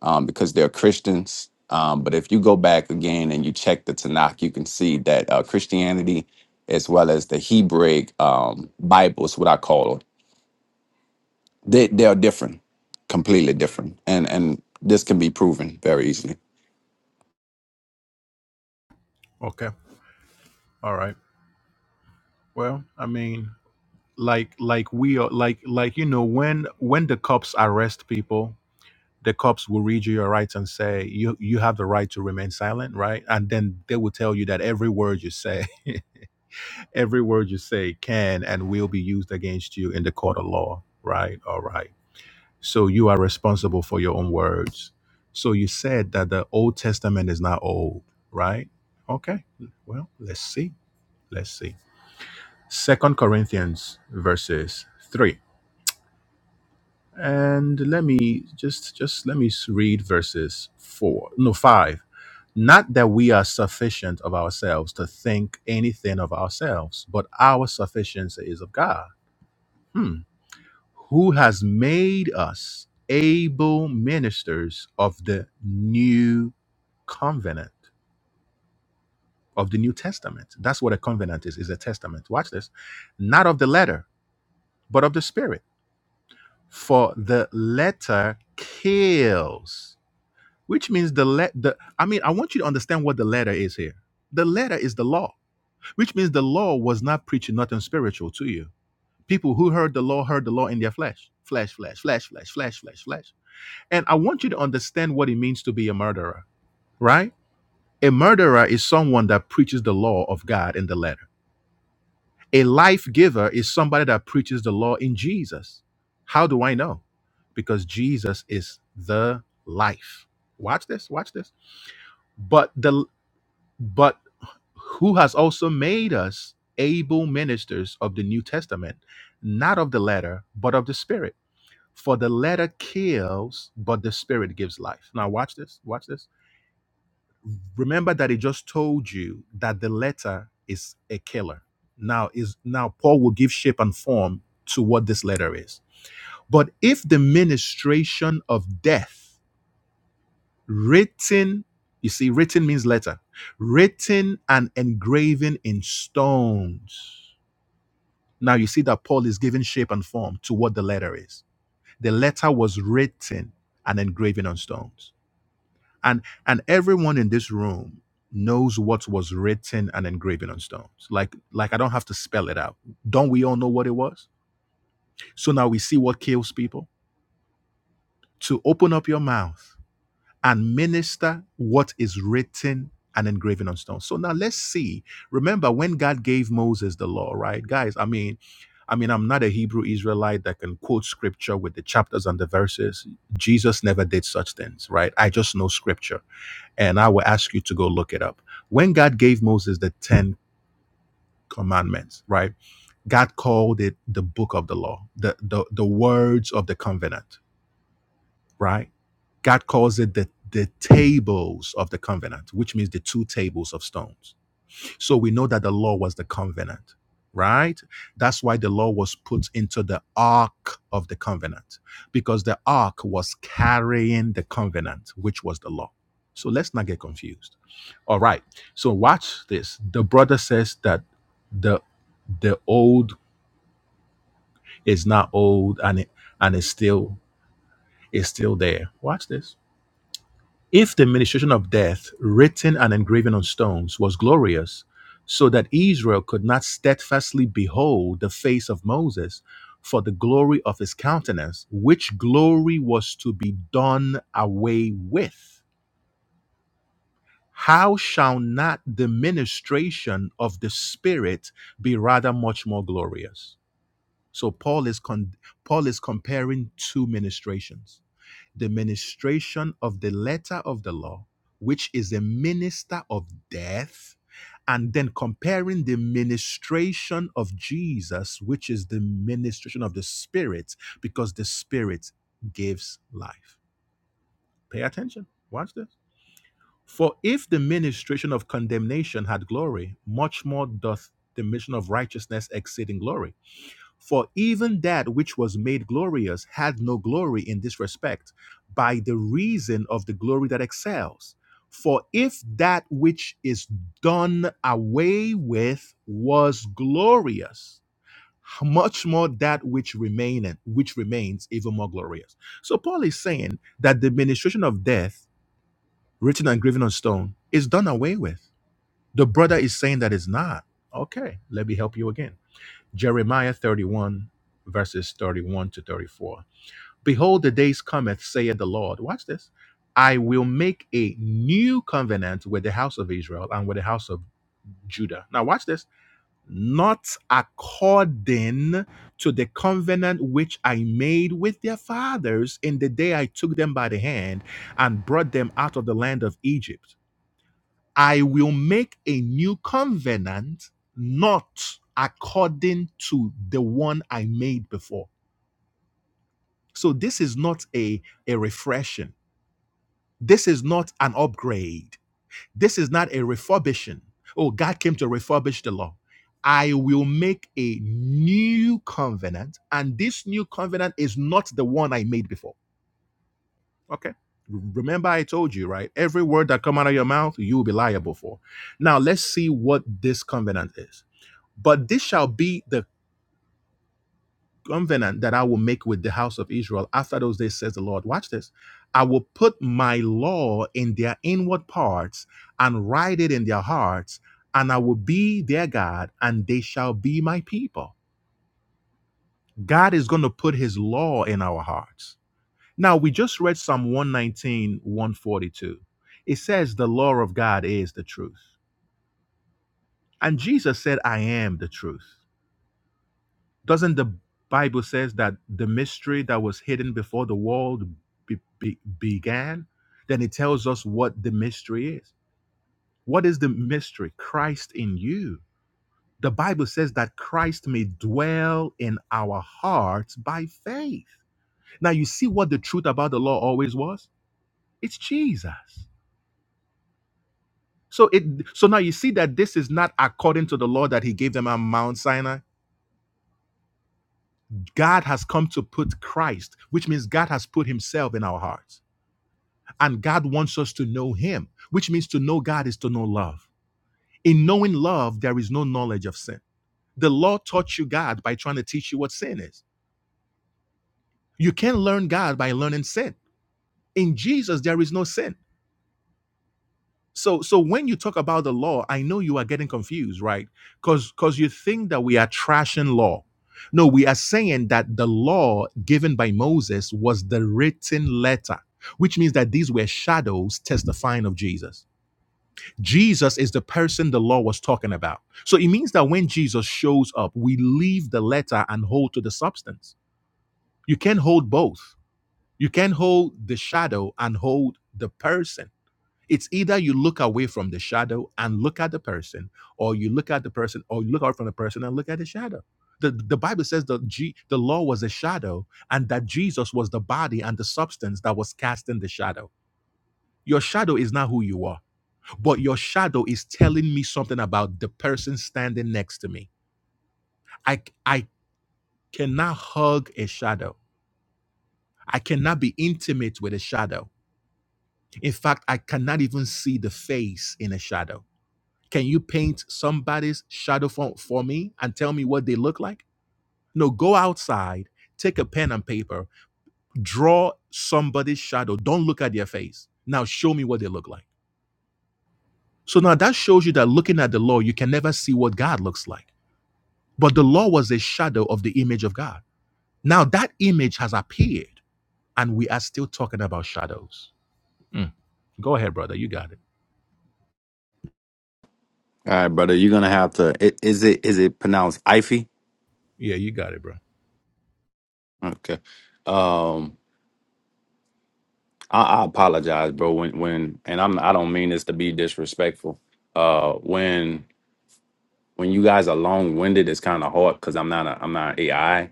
Speaker 5: um, because they're christians um, but if you go back again and you check the tanakh you can see that uh, christianity as well as the hebraic um, bibles what i call them they, they are different completely different and and this can be proven very easily
Speaker 1: Okay. All right. Well, I mean, like like we are like like you know when when the cops arrest people the cops will read you your rights and say you you have the right to remain silent right and then they will tell you that every word you say every word you say can and will be used against you in the court of law right all right so you are responsible for your own words so you said that the old testament is not old right okay well let's see let's see second corinthians verses 3 and let me just just let me s- read verses four no five not that we are sufficient of ourselves to think anything of ourselves but our sufficiency is of god hmm. who has made us able ministers of the new covenant of the new testament that's what a covenant is is a testament watch this not of the letter but of the spirit for the letter kills which means the let the i mean i want you to understand what the letter is here the letter is the law which means the law was not preaching nothing spiritual to you people who heard the law heard the law in their flesh flesh flesh flesh flesh flesh flesh flesh and i want you to understand what it means to be a murderer right a murderer is someone that preaches the law of god in the letter a life giver is somebody that preaches the law in jesus how do i know because jesus is the life watch this watch this but the but who has also made us able ministers of the New Testament, not of the letter, but of the Spirit. For the letter kills, but the Spirit gives life. Now, watch this. Watch this. Remember that he just told you that the letter is a killer. Now is now Paul will give shape and form to what this letter is. But if the ministration of death written you see written means letter written and engraving in stones now you see that paul is giving shape and form to what the letter is the letter was written and engraving on stones and and everyone in this room knows what was written and engraving on stones like like i don't have to spell it out don't we all know what it was so now we see what kills people to open up your mouth and minister what is written and engraven on stone. So now let's see. Remember when God gave Moses the law, right? Guys, I mean, I mean, I'm not a Hebrew Israelite that can quote scripture with the chapters and the verses. Jesus never did such things, right? I just know scripture and I will ask you to go look it up. When God gave Moses the 10 commandments, right? God called it the book of the law, the, the, the words of the covenant right? God calls it the, the tables of the covenant, which means the two tables of stones. So we know that the law was the covenant, right? That's why the law was put into the ark of the covenant, because the ark was carrying the covenant, which was the law. So let's not get confused. All right. So watch this. The brother says that the the old is not old and it and it's still is still there. Watch this If the ministration of death, written and engraven on stones, was glorious, so that Israel could not steadfastly behold the face of Moses for the glory of his countenance, which glory was to be done away with, how shall not the ministration of the Spirit be rather much more glorious? So Paul is con- Paul is comparing two ministrations the ministration of the letter of the law, which is a minister of death, and then comparing the ministration of Jesus, which is the ministration of the Spirit, because the Spirit gives life. Pay attention. Watch this. For if the ministration of condemnation had glory, much more doth the ministration of righteousness exceeding glory. For even that which was made glorious had no glory in this respect, by the reason of the glory that excels. For if that which is done away with was glorious, much more that which remaineth, which remains even more glorious. So Paul is saying that the ministration of death, written and graven on stone, is done away with. The brother is saying that it's not. Okay, let me help you again. Jeremiah 31, verses 31 to 34. Behold, the days cometh, saith the Lord. Watch this. I will make a new covenant with the house of Israel and with the house of Judah. Now, watch this. Not according to the covenant which I made with their fathers in the day I took them by the hand and brought them out of the land of Egypt. I will make a new covenant, not according to the one I made before. So this is not a, a refreshing. This is not an upgrade. This is not a refurbishing. Oh, God came to refurbish the law. I will make a new covenant, and this new covenant is not the one I made before. Okay. Remember, I told you, right? Every word that come out of your mouth, you will be liable for. Now, let's see what this covenant is. But this shall be the covenant that I will make with the house of Israel after those days, says the Lord. Watch this. I will put my law in their inward parts and write it in their hearts, and I will be their God, and they shall be my people. God is going to put his law in our hearts. Now, we just read Psalm one nineteen one forty two. It says, The law of God is the truth. And Jesus said, I am the truth. Doesn't the Bible says that the mystery that was hidden before the world be, be- began? Then it tells us what the mystery is. What is the mystery? Christ in you. The Bible says that Christ may dwell in our hearts by faith. Now you see what the truth about the law always was? It's Jesus. So it so now you see that this is not according to the law that he gave them on Mount Sinai. God has come to put Christ, which means God has put himself in our hearts. And God wants us to know Him, which means to know God is to know love. In knowing love, there is no knowledge of sin. The law taught you God by trying to teach you what sin is. You can't learn God by learning sin. In Jesus, there is no sin. So, so when you talk about the law, I know you are getting confused, right? Because because you think that we are trashing law. No, we are saying that the law given by Moses was the written letter, which means that these were shadows testifying of Jesus. Jesus is the person the law was talking about. So it means that when Jesus shows up, we leave the letter and hold to the substance. You can hold both. You can hold the shadow and hold the person. It's either you look away from the shadow and look at the person, or you look at the person, or you look out from the person and look at the shadow. The, the Bible says that G, the law was a shadow and that Jesus was the body and the substance that was casting the shadow. Your shadow is not who you are but your shadow is telling me something about the person standing next to me. I I cannot hug a shadow. I cannot be intimate with a shadow. In fact, I cannot even see the face in a shadow. Can you paint somebody's shadow for, for me and tell me what they look like? No, go outside, take a pen and paper, draw somebody's shadow. Don't look at their face. Now show me what they look like. So now that shows you that looking at the law, you can never see what God looks like But the law was a shadow of the image of God. Now that image has appeared, and we are still talking about shadows. Mm. Go ahead, brother. You got it.
Speaker 5: All right, brother, you're gonna have to. i- Is it is it pronounced Ify?
Speaker 1: Yeah, you got it, bro.
Speaker 5: Okay. Um, I, I apologize, bro. When when and I'm I don't mean this to be disrespectful. Uh, when when you guys are long winded, it's kind of hard because I'm not a I'm not AI. You know,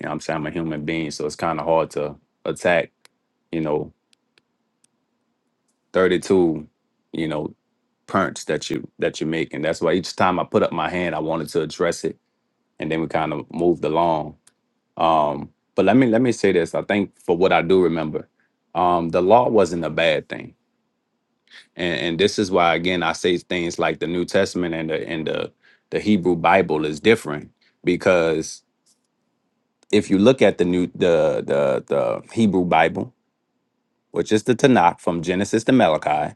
Speaker 5: what I'm saying I'm a human being, so it's kind of hard to attack. You know, 32. You know, punts that you that you're making. That's why each time I put up my hand, I wanted to address it, and then we kind of moved along Um, but let me let me say this. I think for what I do remember, um, the law wasn't a bad thing, and, and this is why again I say things like the New Testament and the and the the Hebrew Bible is different because if you look at the new the the the Hebrew Bible, which is the Tanakh from Genesis to Malachi,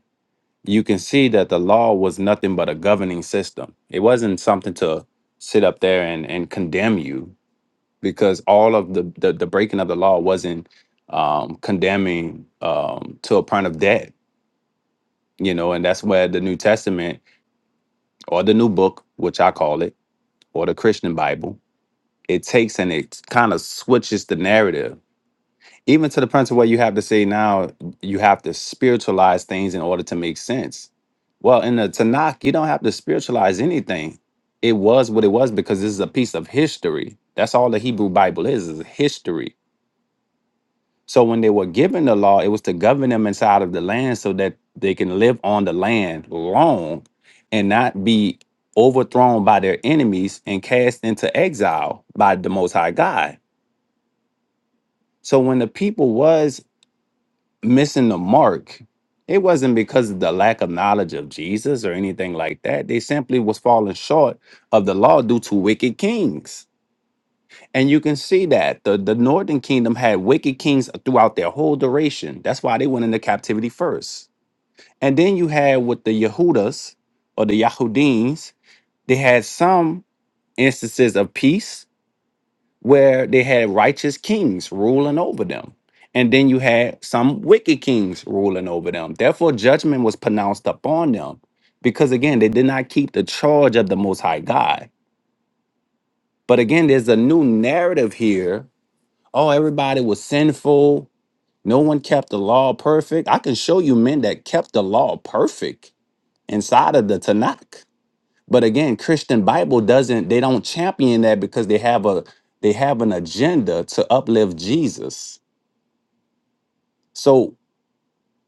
Speaker 5: you can see that the law was nothing but a governing system. It wasn't something to sit up there and and condemn you because all of the the, the breaking of the law wasn't um, condemning um, to a point of death, you know, and that's where the New Testament or the New Book, which I call it, or the Christian Bible, it takes and it kind of switches the narrative, even to the point to where you have to say now you have to spiritualize things in order to make sense. Well, in the Tanakh, you don't have to spiritualize anything. It was what it was because this is a piece of history. That's all the Hebrew Bible is, is history So when they were given the law, it was to govern them inside of the land so that they can live on the land long and not be overthrown by their enemies and cast into exile by the most high God. So when the people was missing the mark, it wasn't because of the lack of knowledge of Jesus or anything like that. They simply was falling short of the law due to wicked kings And you can see that the, the northern kingdom had wicked kings throughout their whole duration. That's why they went into captivity first. And then you had with the Yehudas or the Yahudims, they had some instances of peace where they had righteous kings ruling over them. And then you had some wicked kings ruling over them. Therefore, judgment was pronounced upon them because, again, they did not keep the charge of the Most High God. But again, there's a new narrative here Oh, everybody was sinful. No one kept the law perfect. I can show you men that kept the law perfect inside of the Tanakh. But again, Christian Bible doesn't they don't champion that because they have a they have an agenda to uplift Jesus. So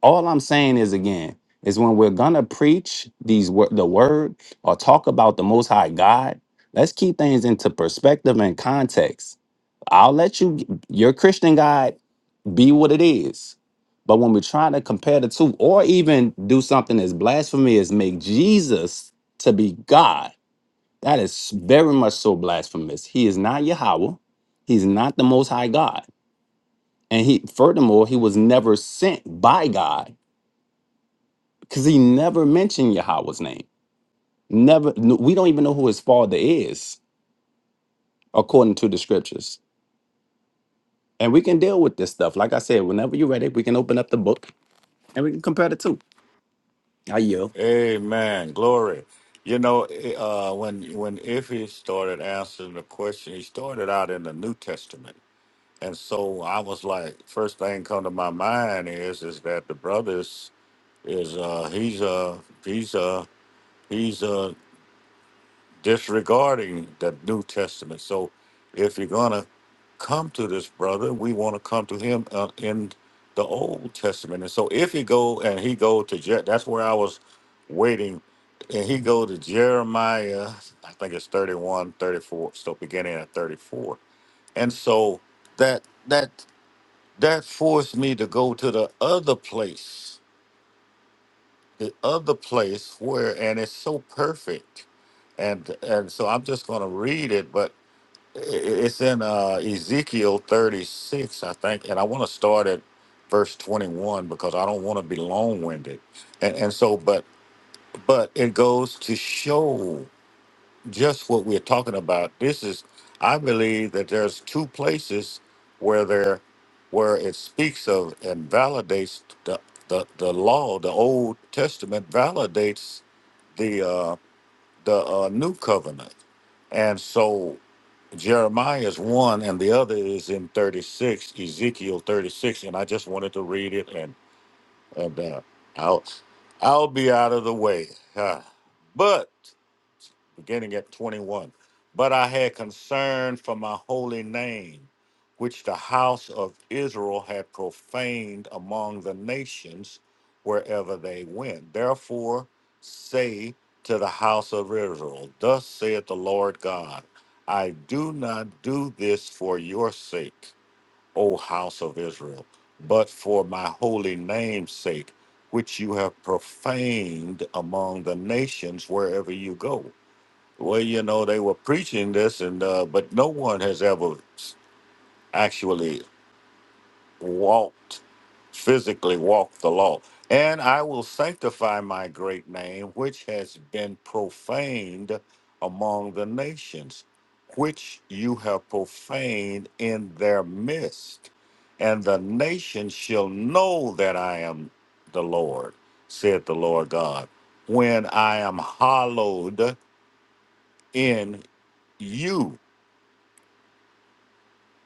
Speaker 5: all I'm saying is again, is when we're gonna preach these wor- the word or talk about the most high God, let's keep things into perspective and context. I'll let you your Christian God be what it is. But when we're trying to compare the two, or even do something as blasphemy as make Jesus to be God, that is very much so blasphemous. He is not Yahweh. He's not the Most High God, and he, furthermore, he was never sent by God because he never mentioned Yahweh's name. Never. no- We don't even know who his father is according to the scriptures. And we can deal with this stuff. Like I said, whenever you're ready, we can open up the book and we can compare the two. I yield.
Speaker 3: Amen. Glory. You know, uh, when when if he started answering the question, he started out in the New Testament, and so I was like, first thing come to my mind is is that the brothers is uh, he's uh he's uh he's uh disregarding the New Testament. So if you're gonna come to this brother. We want to come to him uh, in the Old Testament. And so if he go and he go to Je- that's where I was waiting, and he go to Jeremiah, I think it's thirty-one, thirty-four. 34, so beginning at 34. And so that that that forced me to go to the other place, the other place where, and it's so perfect. And and so I'm just going to read it, but it's in uh, Ezekiel 36, I think, and I want to start at verse 21 because I don't want to be long-winded. And, and so, but but it goes to show just what we're talking about. This is, I believe, that there's two places where there where it speaks of and validates the the, the law. The Old Testament validates the uh, the uh, New Covenant, and so. Jeremiah is one, and the other is in 36, Ezekiel 36. And I just wanted to read it, and, and uh, I'll, I'll be out of the way. Ah. But beginning at 21. But I had concern for my holy name, which the house of Israel had profaned among the nations wherever they went. Therefore, say to the house of Israel, Thus saith the Lord God, I do not do this for your sake, O house of Israel, but for my holy name's sake, which you have profaned among the nations wherever you go. Well, you know, they were preaching this, and uh, but no one has ever s- actually walked physically walked the law. And I will sanctify my great name, which has been profaned among the nations, which you have profaned in their midst. And the nations shall know that I am the Lord, said the Lord God, when I am hallowed in you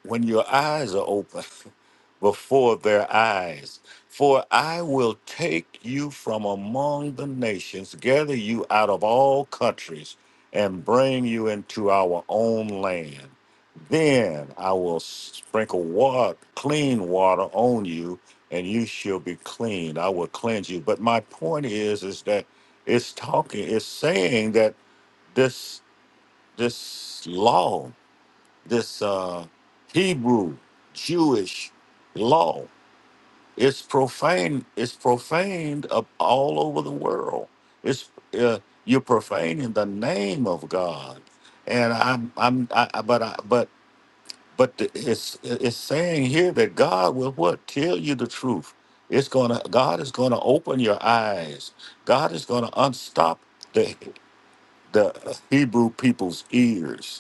Speaker 3: when your eyes are open before their eyes. For I will take you from among the nations, gather you out of all countries, and bring you into our own land. Then I will sprinkle water, clean water on you, and you shall be clean. I will cleanse you. But my point is, is that it's talking, it's saying that this this law this uh, Hebrew Jewish law. It's profane. It's profaned up all over the world. It's uh, you're profaning the name of God, and I'm I'm I, I- but I, but but the- it's it's saying here that God will what tell you the truth. It's gonna God is gonna open your eyes. God is gonna unstop the the Hebrew people's ears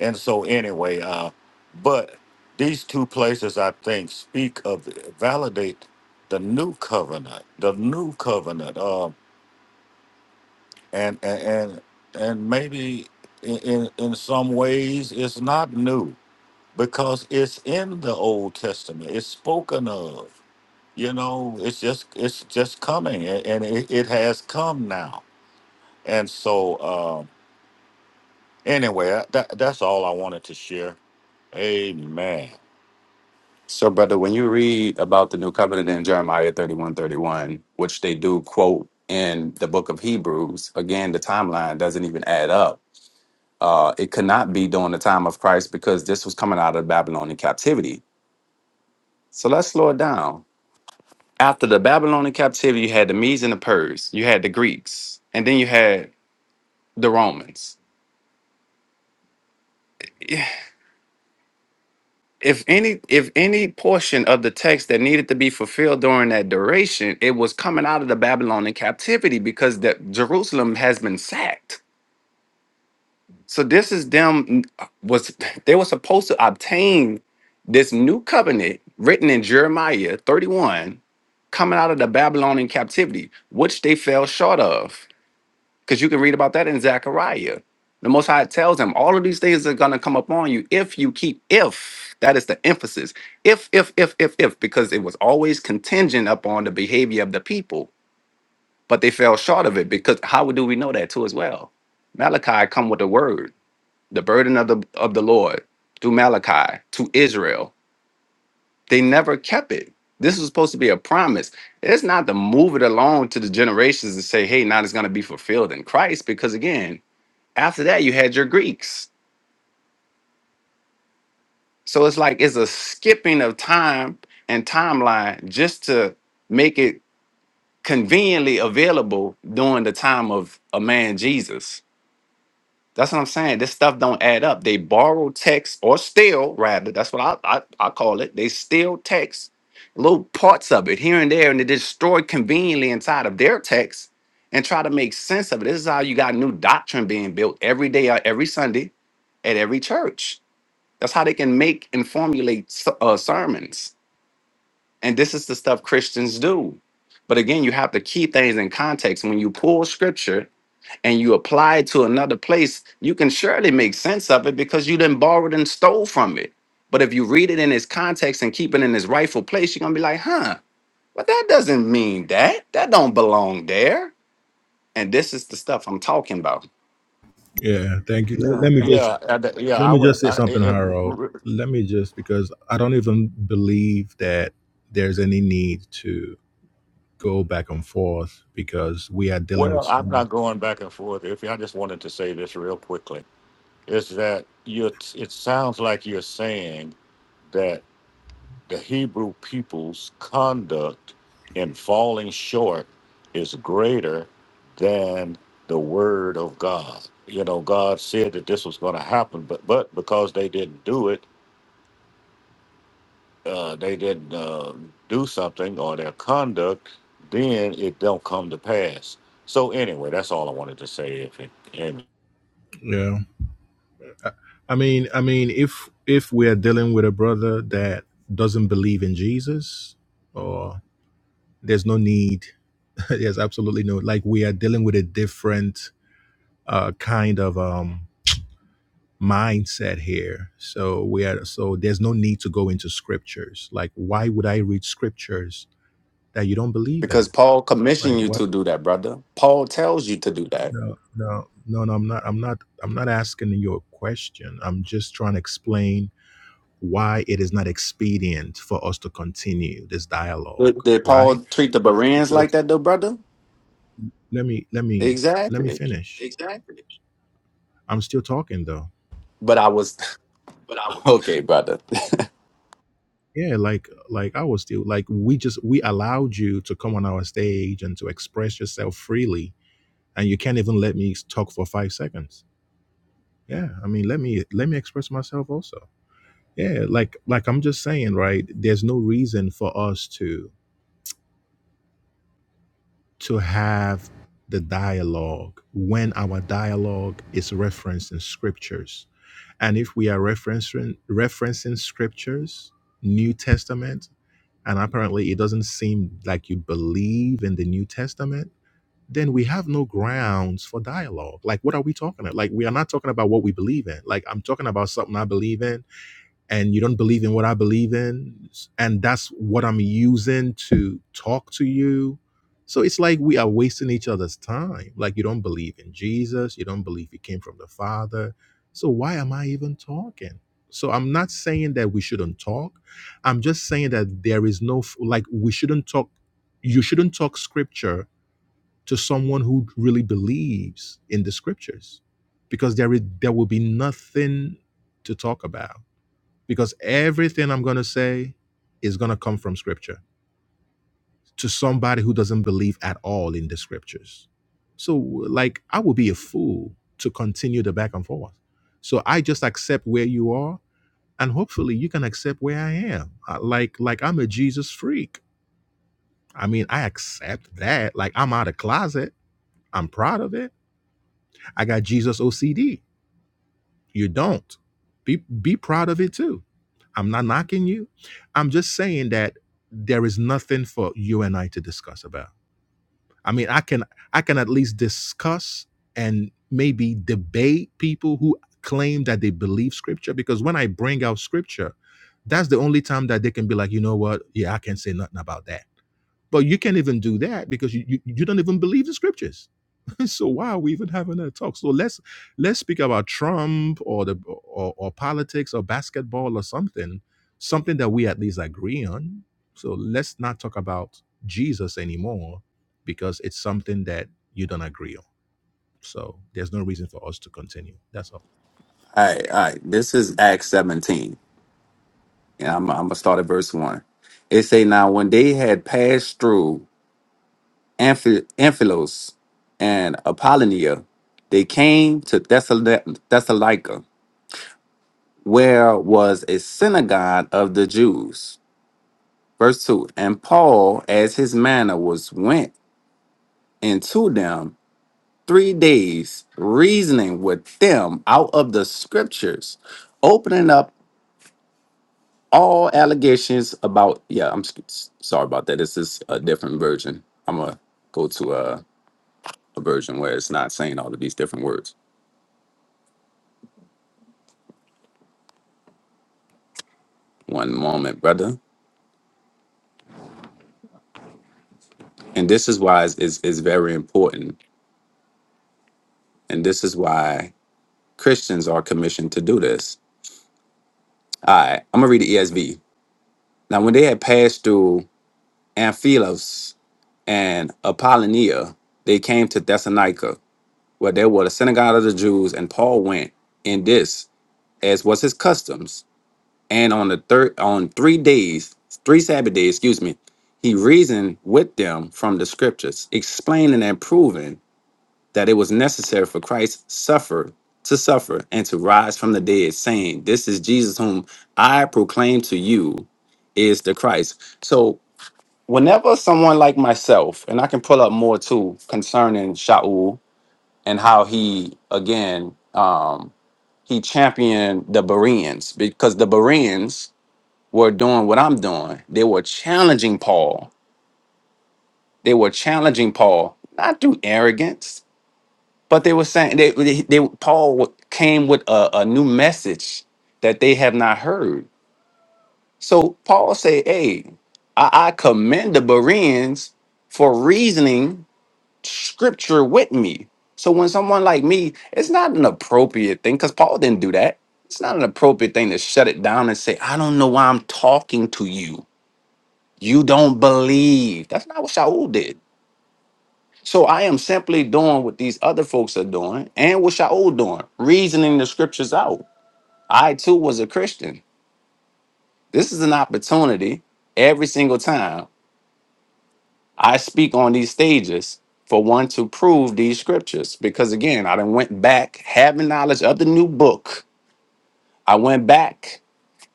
Speaker 3: and so, anyway, uh, but these two places I think speak of validate the new covenant, the new covenant, uh, and and and and maybe in in in some ways it's not new because it's in the Old Testament. It's spoken of. You know, it's just it's just coming, a- and it, it has come now. And so, um, anyway, that that's all I wanted to share. Amen.
Speaker 5: So, brother, when you read about the new covenant in Jeremiah 31, 31, which they do quote in the book of Hebrews, again, the timeline doesn't even add up. Uh, it could not be during the time of Christ because this was coming out of Babylonian captivity. So let's slow it down. After the Babylonian captivity, you had the Medes and the Persians, you had the Greeks, and then you had the Romans. if any if any portion of the text that needed to be fulfilled during that duration it was coming out of the babylonian captivity because that jerusalem has been sacked so this is them was they were supposed to obtain this new covenant written in jeremiah 31 coming out of the babylonian captivity which they fell short of because you can read about that in Zechariah. The Most High tells him all of these things are going to come upon you if you keep, if that is the emphasis, if, if, if, if, if, because it was always contingent upon the behavior of the people, but they fell short of it because how do we know that too as well? Malachi come with the word, the burden of the of the Lord through Malachi to Israel. They never kept it. This was supposed to be a promise. It's not to move it along to the generations and say, hey, now it's going to be fulfilled in Christ, because again, after that, you had your Greeks. So it's like it's a skipping of time and timeline just to make it conveniently available during the time of a man Jesus. That's what I'm saying. This stuff don't add up. They borrow text or steal, rather. That's what I, I, I call it. They steal text, little parts of it here and there, and they destroy conveniently inside of their text and try to make sense of it. This is how you got new doctrine being built every day, or every Sunday at every church That's how they can make and formulate s- uh, sermons. And this is the stuff Christians do. But again, you have to keep things in context. When you pull scripture and you apply it to another place, you can surely make sense of it because you didn't borrow it and stole from it. But if you read it in its context and keep it in its rightful place, you're gonna be like, huh, but that doesn't mean that. That don't belong there. And this is the stuff I'm talking about.
Speaker 1: Yeah, thank you. Let, Yeah. let me just
Speaker 3: Yeah, I, yeah,
Speaker 1: let
Speaker 3: I
Speaker 1: me
Speaker 3: would.
Speaker 1: just say
Speaker 3: I,
Speaker 1: something,
Speaker 3: it,
Speaker 1: Harold.
Speaker 3: it-
Speaker 1: Let me just because I don't even believe that there's any need to go back and forth because we are dealing with
Speaker 3: well, I'm
Speaker 1: someone.
Speaker 3: not going back and forth. If I just wanted to say this real quickly, is that you? It sounds like you're saying that the Hebrew people's conduct in falling short is greater than the word of God. You know, God said that this was going to happen, but but because they didn't do it uh, they didn't uh, do something or their conduct, then it don't come to pass. So anyway, that's all I wanted to say. If it, and
Speaker 1: Yeah. I mean, I mean, if if we're dealing with a brother that doesn't believe in Jesus, or there's no need, there's absolutely no like we are dealing with a different uh, kind of um, mindset here. So we are so there's no need to go into scriptures. Like, why would I read scriptures that you don't believe
Speaker 5: Because
Speaker 1: in?
Speaker 5: Paul
Speaker 1: Like,
Speaker 5: commissioned you
Speaker 1: what?
Speaker 5: to do that, brother. Paul tells you to do that.
Speaker 1: No, no, no, no. I'm not. I'm not. I'm not asking you a question. I'm just trying to explain why it is not expedient for us to continue this dialogue
Speaker 5: But did
Speaker 1: right
Speaker 5: Paul treat the Bereans like that though, brother?
Speaker 1: let me let me let me
Speaker 5: Exactly.
Speaker 1: finish i'm still talking though
Speaker 5: But I was okay, brother. all
Speaker 1: yeah like like i was still like we just we allowed you to come on our stage and to express yourself freely and you can't even let me talk for five seconds yeah i mean let me let me express myself also yeah like like i'm just saying right there's no reason for us to to have the dialogue when our dialogue is referenced in scriptures. And if we are referencing referencing scriptures, New Testament, and apparently it doesn't seem like you believe in the New Testament, then we have no grounds for dialogue. Like what are we talking about? Like we are not talking about what we believe in. Like I'm talking about something I believe in and you don't believe in what I believe in, and that's what I'm using to talk to you. So it's like we are wasting each other's time. Like you don't believe in Jesus, you don't believe he came from the Father. So why am I even talking? So I'm not saying that we shouldn't talk. I'm just saying that there is no like we shouldn't talk you shouldn't talk scripture to someone who really believes in the scriptures because there is there will be nothing to talk about because everything I'm going to say is going to come from scripture to somebody who doesn't believe at all in the scriptures. So, like, I would be a fool to continue the back and forth. So, I just accept where you are, and hopefully, you can accept where I am. I- Like, like I'm a Jesus freak. I mean, I accept that. Like, I'm out of closet. I'm proud of it. I got Jesus OCD You don't. Be be proud of it too. I'm not knocking you. I'm just saying that there is nothing for you and I to discuss about. I mean, I can I can at least discuss and maybe debate people who claim that they believe scripture because when I bring out scripture, that's the only time that they can be like, you know what? Yeah, I can't say nothing about that. But you can't even do that because you you, you don't even believe the scriptures So why are we even having that talk? So let's let's speak about Trump or the or, or politics or basketball or something, something that we at least agree on. So let's not talk about Jesus anymore because it's something that you don't agree on. So there's no reason for us to continue. That's all.
Speaker 5: right, all right. This is Acts 17. And I'm, I'm gonna start at verse one. It say now when they had passed through Amphi- Amphilos and Apollonia, they came to Thessala- Thessalonica, where was a synagogue of the Jews. Verse two. And Paul, as his manner was, went into them three days reasoning with them out of the scriptures, opening up all allegations about. Yeah, I'm s- s- sorry about that. This is a different version. I'm going to go to a, a version where it's not saying all of these different words. One moment, brother. And this is why it's, it's, it's very important. And this is why Christians are commissioned to do this. All right, I'm going to read the ESV. Now, when they had passed through Amphilos and Apollonia, they came to Thessalonica where there were the synagogue of the Jews, and Paul went in this, as was his customs. And on the third, on three days, three Sabbath days, excuse me, he reasoned with them from the scriptures, explaining and proving that it was necessary for Christ suffer to suffer and to rise from the dead, saying, "This is Jesus whom I proclaim to you, is the Christ." So. Whenever someone like myself, and I can pull up more too concerning Shaul, and how he again um he championed the Bereans because the Bereans were doing what I'm doing. They were challenging Paul. They were challenging Paul not through arrogance, but they were saying they, they, they- Paul came with a, a new message that they have not heard. So Paul said, "Hey, I, I commend the Bereans for reasoning." scripture with me. So when someone like me, it's not an appropriate thing because Paul didn't do that. It's not an appropriate thing to shut it down and say, I don't know why I'm talking to you. You don't believe. That's not what Shaul did. So I am simply doing what these other folks are doing and what Shaul doing, reasoning the scriptures out. I too was a Christian. This is an opportunity every single time. I speak on these stages for one to prove these scriptures because again, I done went back having knowledge of the new book. I went back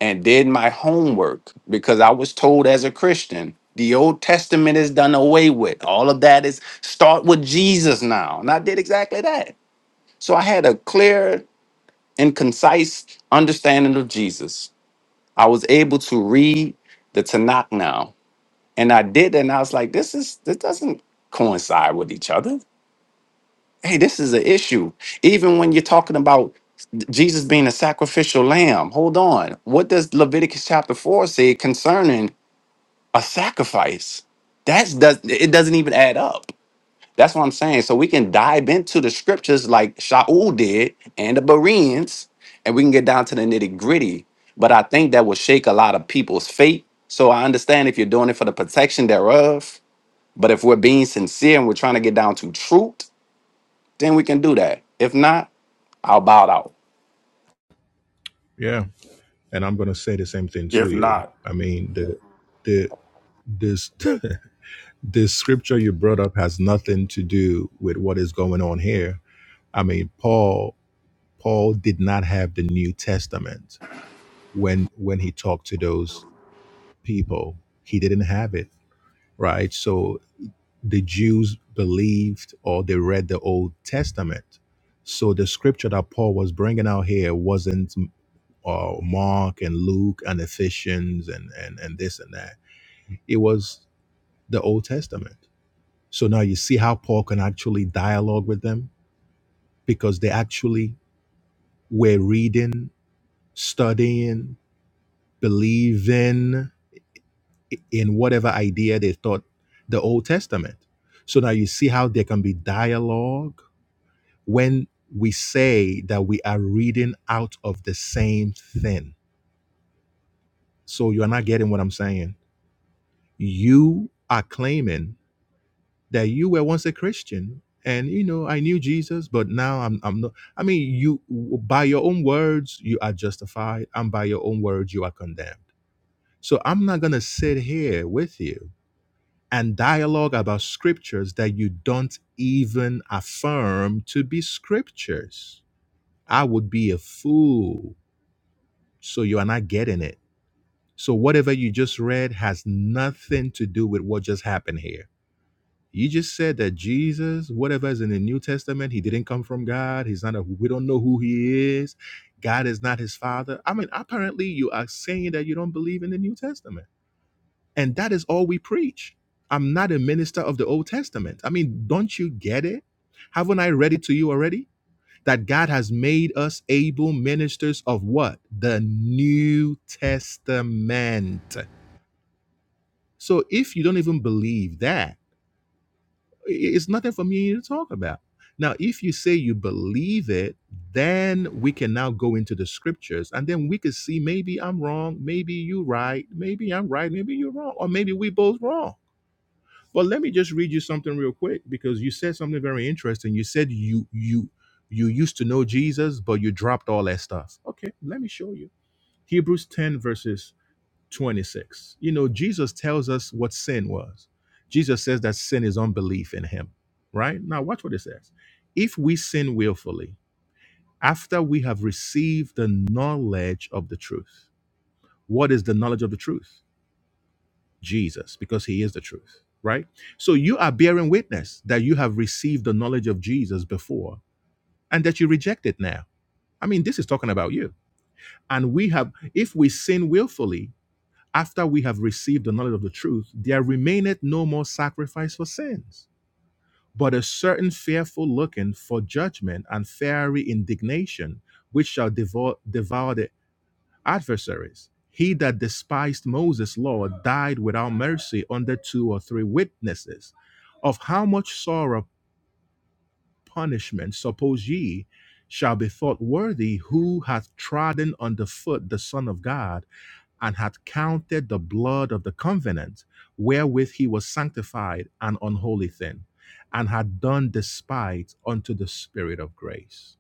Speaker 5: and did my homework because I was told as a Christian the Old Testament is done away with. All of that is start with Jesus now. And I did exactly that. So I had a clear and concise understanding of Jesus. I was able to read the Tanakh now. And I did, and I was like, this is this doesn't coincide with each other. hey, this is an issue. Even when you're talking about Jesus being a sacrificial lamb, hold on. What does Leviticus chapter 4 say concerning a sacrifice? That's does it doesn't even add up. That's what I'm saying. So we can dive into the scriptures like Shaul did and the Bereans, and we can get down to the nitty gritty. But I think that will shake a lot of people's faith. So I understand if you're doing it for the protection thereof. But if we're being sincere and we're trying to get down to truth, then we can do that. If not, I'll bow out.
Speaker 1: Yeah. And I'm gonna say the same thing to
Speaker 3: If
Speaker 1: you.
Speaker 3: not,
Speaker 1: I mean the the this the scripture you brought up has nothing to do with what is going on here I mean, Paul Paul did not have the New Testament when when he talked to those people. He didn't have it, right? So the Jews believed or they read the Old Testament. So the scripture that Paul was bringing out here wasn't uh, Mark and Luke and Ephesians and, and and this and that. It was the Old Testament. So now you see how Paul can actually dialogue with them because they actually were reading studying believe in in whatever idea they thought the Old Testament. So now you see how there can be dialogue when we say that we are reading out of the same thing. So you are not getting what I'm saying. You are claiming that you were once a Christian and you know I knew Jesus but now I'm I'm not I mean you by your own words you are justified and by your own words you are condemned. So I'm not going to sit here with you and dialogue about scriptures that you don't even affirm to be scriptures. I would be a fool. So you are not getting it. So whatever you just read has nothing to do with what just happened here. You just said that Jesus, whatever is in the New Testament, he didn't come from God. He's not a, we don't know who he is. God is not his father. I mean, apparently you are saying that you don't believe in the New Testament. And that is all we preach. I'm not a minister of the Old Testament. I mean, don't you get it? Haven't I read it to you already? That God has made us able ministers of what? The New Testament. So if you don't even believe that, i- it's nothing for me to talk about. Now, if you say you believe it, then we can now go into the scriptures and then we could see maybe I'm wrong, maybe you right, maybe I'm right, maybe you're wrong, or maybe we both wrong But let me just read you something real quick because you said something very interesting. You said you you you used to know Jesus, but you dropped all that stuff. Okay, let me show you. Hebrews 10 verses 26. You know, Jesus tells us what sin was. Jesus says that sin is unbelief in him, right? Now watch what it says. If we sin willfully, after we have received the knowledge of the truth. What is the knowledge of the truth? Jesus because he is the truth, right? So you are bearing witness that you have received the knowledge of Jesus before and that you reject it now. I mean, this is talking about you. And we have, if we sin willfully after we have received the knowledge of the truth, there remaineth no more sacrifice for sins, but a certain fearful looking for judgment and fiery indignation, which shall devour, devour the adversaries. He that despised Moses' law died without mercy under two or three witnesses. Of how much sorrow punishment, suppose ye, shall be thought worthy who hath trodden under foot the Son of God, and hath counted the blood of the covenant wherewith he was sanctified an unholy thing, and hath done despite unto the Spirit of grace.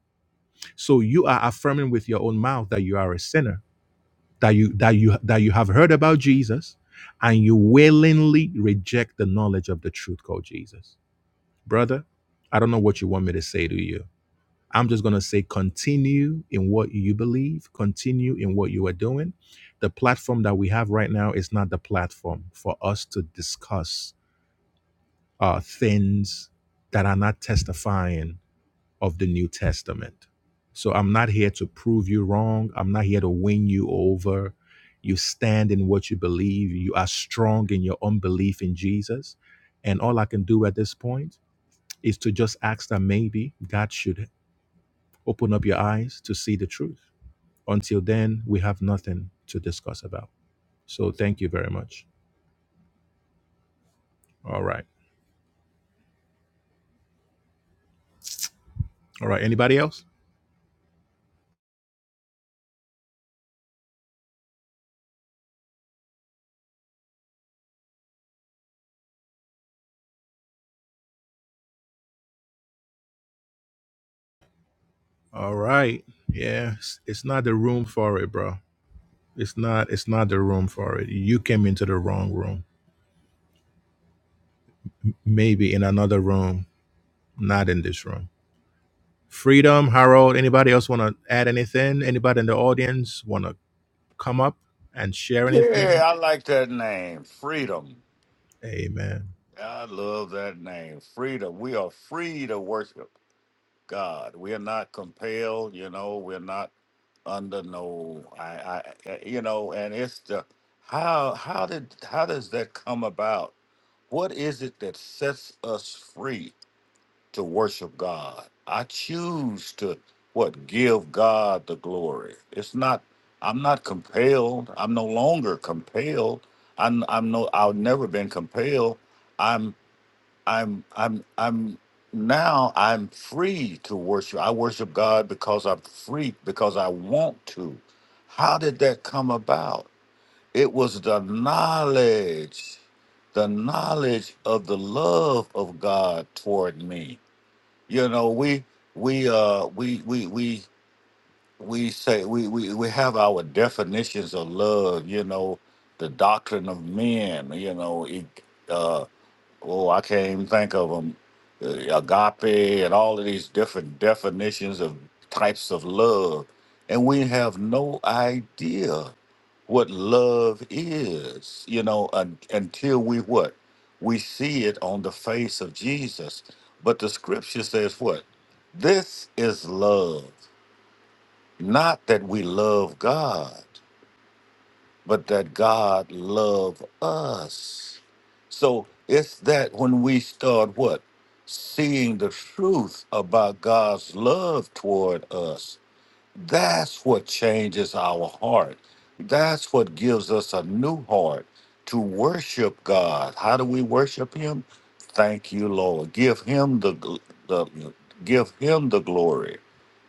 Speaker 1: So you are affirming with your own mouth that you are a sinner that you that you that you have heard about Jesus and you willingly reject the knowledge of the truth called Jesus. Brother, I don't know what you want me to say to you. I'm just going to say continue in what you believe, continue in what you are doing. The platform that we have right now is not the platform for us to discuss uh, things that are not testifying of the New Testament. So I'm not here to prove you wrong. I'm not here to win you over. You stand in what you believe. You are strong in your unbelief in Jesus. And all I can do at this point is to just ask that maybe God should open up your eyes to see the truth. Until then, we have nothing to discuss about. So thank you very much. All right. All right. Anybody else? All right. Yeah. It's it's not the room for it, bro. It's not it's not the room for it. You came into the wrong room. Maybe in another room, not in this room. Freedom, Harold, anybody else want to add anything? Anybody in the audience want to come up and share
Speaker 3: yeah,
Speaker 1: anything?
Speaker 3: I like that name, freedom.
Speaker 1: Amen.
Speaker 3: I love that name, freedom. We are free to worship God. We are not compelled. You know, we're not under no. I, I, I- you know, and it's the how how did how does that come about? What is it that sets us free? to worship God. I choose to what give God the glory. It's not I'm not compelled. I'm no longer compelled. I'm I'm no I've never been compelled. I'm I'm I'm I'm now I'm free to worship. I worship God because I'm free because I want to. How did that come about? It was the knowledge the knowledge of the love of God toward me you know we we uh we we we we say we we, we have our definitions of love you know the doctrine of men you know it, uh oh i can't even think of them agape and all of these different definitions of types of love and we have no idea what love is, you know, un- until we what? We see it on the face of Jesus. But the scripture says what? This is love. Not that we love God, but that God love us. So it's that when we start what? Seeing the truth about God's love toward us that's what changes our heart. That's what gives us a new heart to worship God. How do we worship Him? Thank you, Lord. Give Him the, gl- the give Him the glory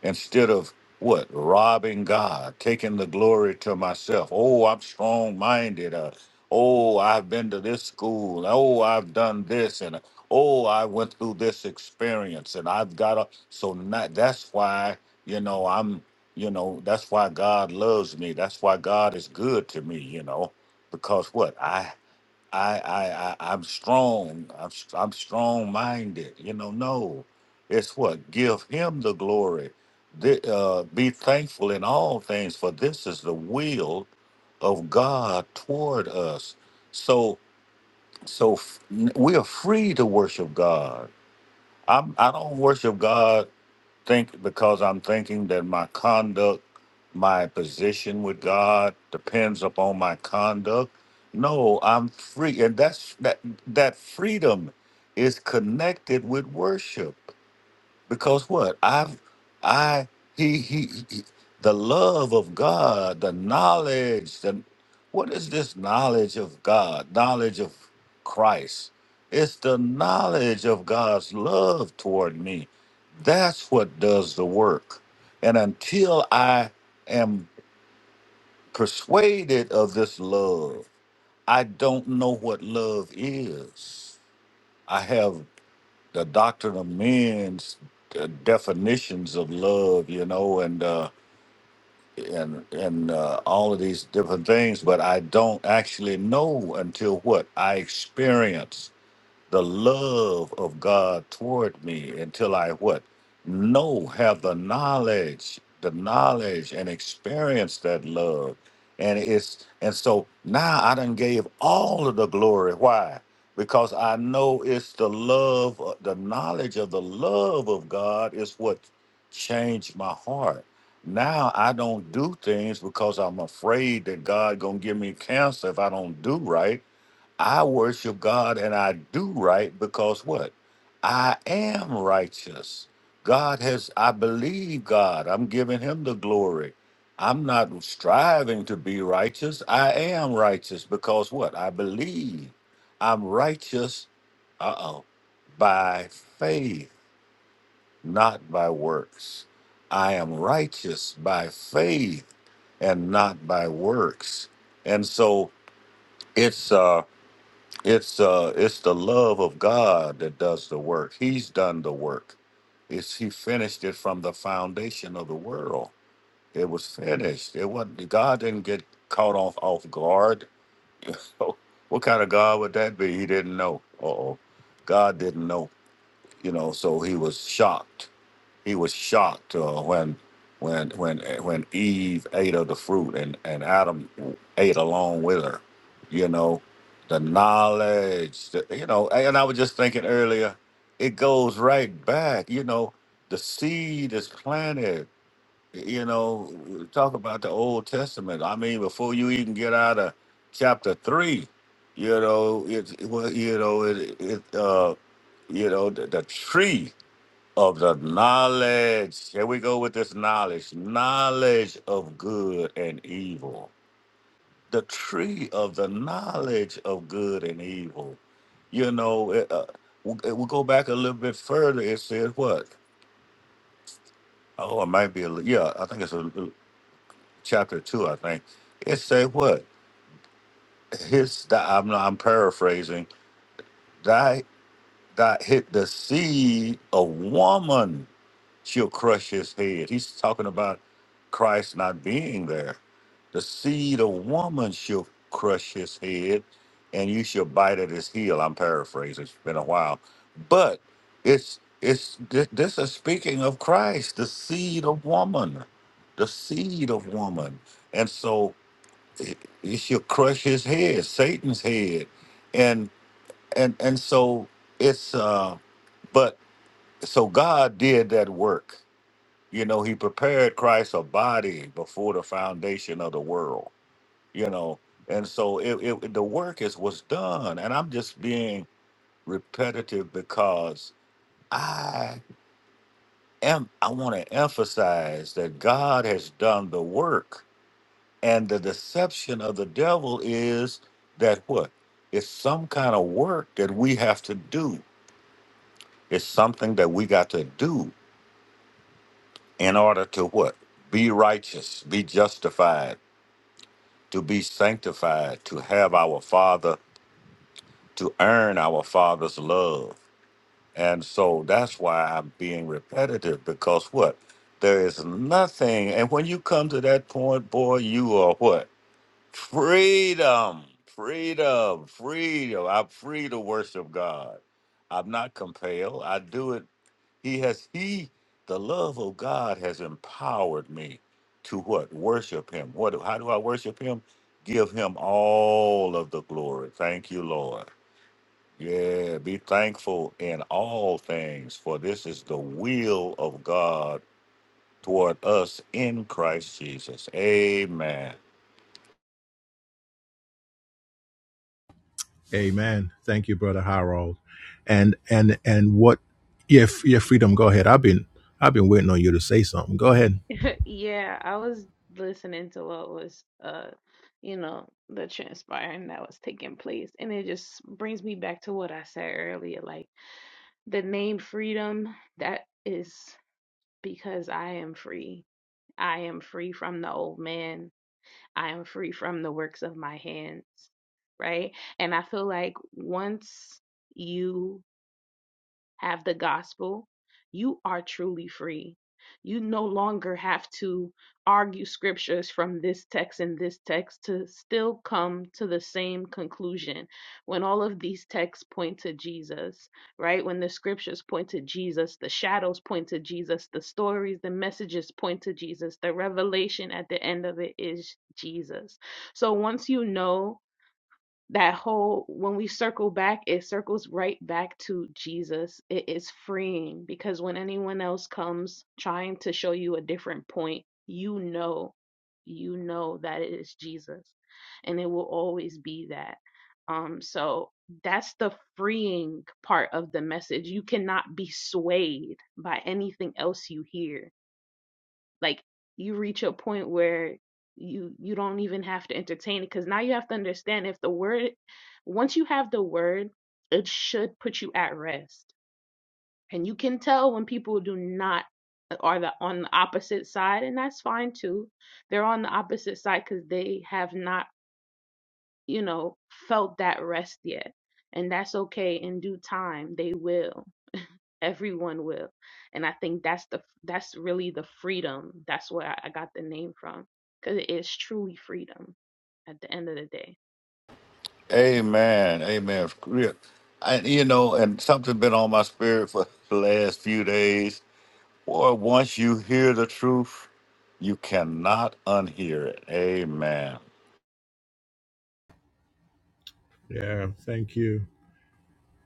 Speaker 3: instead of what robbing God, taking the glory to myself. Oh, I'm strong-minded. Uh, oh, I've been to this school. Oh, I've done this, and oh, I went through this experience, and I've got a. So not, that's why you know I'm. You know, that's why God loves me. That's why God is good to me, you know, because what? I I I, I I'm strong. I'm s- I'm strong minded. You know, no. It's what? Give him the glory. Th- uh, be thankful in all things, for this is the will of God toward us. So so f- n- we are free to worship God. I'm I don't worship God think because I'm thinking that my conduct, my position with God depends upon my conduct. No, I'm free, and that's that that freedom is connected with worship because what I've I he he, he- the love of God, the knowledge, the what is this knowledge of God? Knowledge of Christ. It's the knowledge of God's love toward me. That's what does the work. And until I am persuaded of this love, I don't know what love is. I have the doctrine of men's uh, definitions of love, you know, and uh, and and uh, all of these different things. But I don't actually know until what I experience the love of God toward me until I what? Know, have the knowledge, the knowledge and experience that love. And it's and so now I done gave all of the glory. Why? Because I know it's the love, uh, the knowledge of the love of God is what changed my heart. Now I don't do things because I'm afraid that God gonna give me cancer if I don't do right I worship God and I do right because what? I am righteous. God has, I believe God. I'm giving him the glory. I'm not striving to be righteous. I am righteous because what? I believe. I'm righteous, uh oh, by faith, not by works. I am righteous by faith and not by works. And so it's, uh. It's uh it's the love of God that does the work. He's done the work. It's he finished it from the foundation of the world. It was finished. It wasn't God didn't get caught off off guard. what kind of God would that be? He didn't know. Uh oh. God didn't know, you know, so he was shocked he was shocked uh, when when when when Eve ate of the fruit and and Adam ate along with her. You know, the knowledge. the- you know, and I was just thinking earlier, it goes right back. You know, the seed is planted. You know, talk about the Old Testament. I mean, before you even get out of chapter three, you know, it well, you know, it, it uh, you know, the, the tree of the knowledge. Here we go with this knowledge knowledge of good and evil. The tree of the knowledge of good and evil. You know, it, uh, we, we go back a little bit further. It says what? Oh, it might be a, li- yeah, I think it's a, li- chapter two, I think. It say what? His, thy, I'm, I'm paraphrasing, thy, thy hit the seed of woman. she'll crush his head. He's talking about Christ not being there. The seed of woman shall crush his head, and you shall bite at his heel. I'm paraphrasing. It's been a while, but it's it's thi- this is speaking of Christ, the seed of woman, the seed of woman, and so it, it shall crush his head, Satan's head, and and and so it's uh, but so God did that work you know, he prepared Christ a body before the foundation of the world. You know, and so it, it the work is was done. And I'm just being repetitive because I am I want to emphasize that God has done the work, and the deception of the devil is that what? It's some kind of work that we have to do. It's something that we got to do in order to what? Be righteous, be justified to be sanctified, to have our Father, to earn our Father's love. And so that's why I'm being repetitive because what? There is nothing. And when you come to that point, boy, you are what? Freedom, freedom, freedom. I'm free to worship God. I'm not compelled. I do it he has he the love of God has empowered me to what? Worship him. What do- how do I worship him? Give him all of the glory. Thank you, Lord. Yeah, be thankful in all things, for this is the will of God toward us in Christ Jesus. Amen.
Speaker 1: Amen. Thank you, brother Harold. And and and what yeah, f- yeah, freedom, go ahead. I've been I've been waiting on you to say something. Go ahead.
Speaker 4: yeah, I was listening to what was, uh, you know, the transpiring that was taking place. And it just brings me back to what I said earlier. Like the name freedom, that is because I am free. I am free from the old man. I am free from the works of my hands, right? And I feel like once you have the gospel, you are truly free. You no longer have to argue scriptures from this text and this text to still come to the same conclusion when all of these texts point to Jesus, right? When the scriptures point to Jesus, the shadows point to Jesus, the stories, the messages point to Jesus, the revelation at the end of it is Jesus. So once you know that whole when we circle back it circles right back to jesus it is freeing because when anyone else comes trying to show you a different point you know you know that it is jesus and it will always be that um so that's the freeing part of the message you cannot be swayed by anything else you hear like you reach a point where you you don't even have to entertain it because now you have to understand if the word once you have the word it should put you at rest and you can tell when people do not uh, are the on the opposite side and that's fine too they're on the opposite side because they have not you know felt that rest yet and that's okay in due time they will everyone will and i think that's the that's really the freedom that's where i I got the name from because it is truly freedom at the end of the day
Speaker 3: Amen. Amen. Yeah. And you know, and something been on my spirit for the last few days. Boy, once you hear the truth, You cannot unhear it. Amen.
Speaker 1: Yeah, thank you.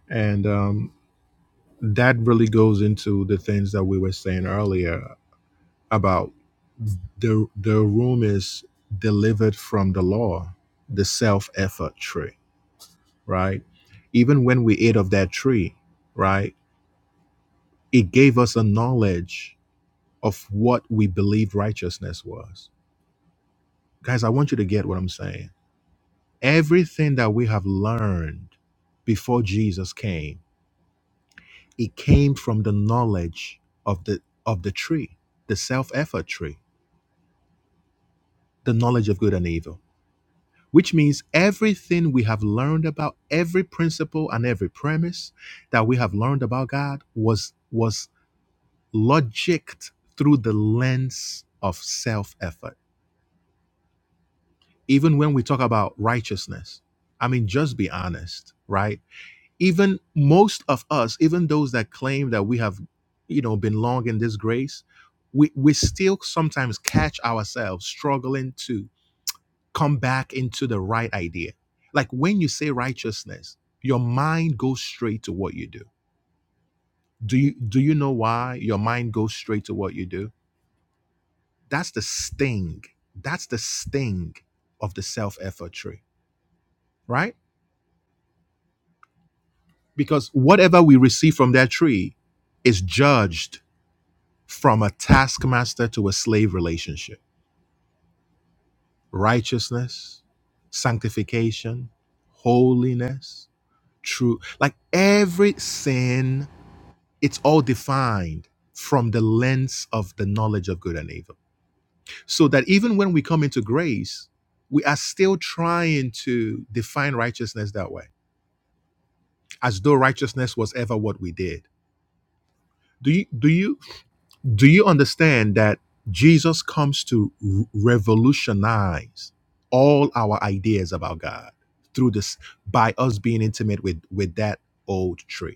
Speaker 1: And um that really goes into the things that we were saying earlier about the the room is delivered from the law, the self effort tree, right? Even when we ate of that tree, right, it gave us a knowledge of what we believed righteousness was. Guys, I want you to get what I'm saying. Everything that we have learned before Jesus came, it came from the knowledge of the of the tree, the self effort tree, the knowledge of good and evil which means everything we have learned about every principle and every premise that we have learned about God was was logicked through the lens of self effort. Even when we talk about righteousness, I mean, just be honest, right? Even most of us, even those that claim that we have, you know, been long in this grace, we, we still sometimes catch ourselves struggling too come back into the right idea. Like when you say righteousness, your mind goes straight to what you do. Do you do you know why your mind goes straight to what you do? That's the sting. That's the sting of the self-effort tree, right? Because whatever we receive from that tree is judged from a taskmaster to a slave relationship. Righteousness, sanctification, holiness, true. Like every sin it's all defined from the lens of the knowledge of good and evil. So that even when we come into grace, we are still trying to define righteousness that way, as though righteousness was ever what we did. Do you do you do you understand that Jesus comes to r- revolutionize all our ideas about God through this by us being intimate with with that old tree?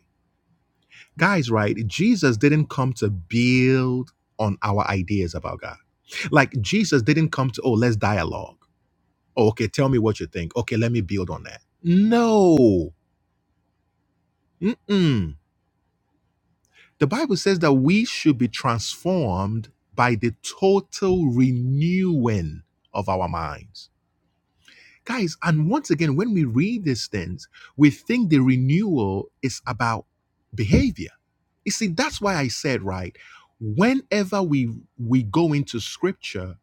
Speaker 1: Guys, right? Jesus didn't come to build on our ideas about God. Like Jesus didn't come to, oh, let's dialogue. Oh, okay, tell me what you think. Okay, let me build on that. No. Mm-mm. The Bible says that we should be transformed by the total renewing of our minds. Guys, and once again, when we read these things, we think the renewal is about behavior. You see, that's why I said, right, whenever we we go into scripture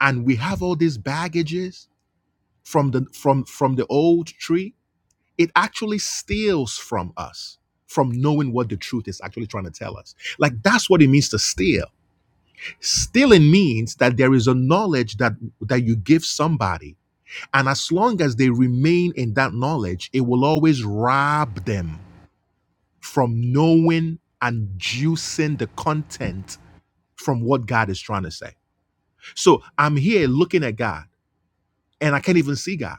Speaker 1: and we have all these baggages from the from from the old tree, it actually steals from us from knowing what the truth is actually trying to tell us. Like that's what it means to steal. Stealing means that there is a knowledge that that you give somebody and as long as they remain in that knowledge, it will always rob them from knowing and juicing the content from what God is trying to say. So I'm here looking at God and I can't even see God.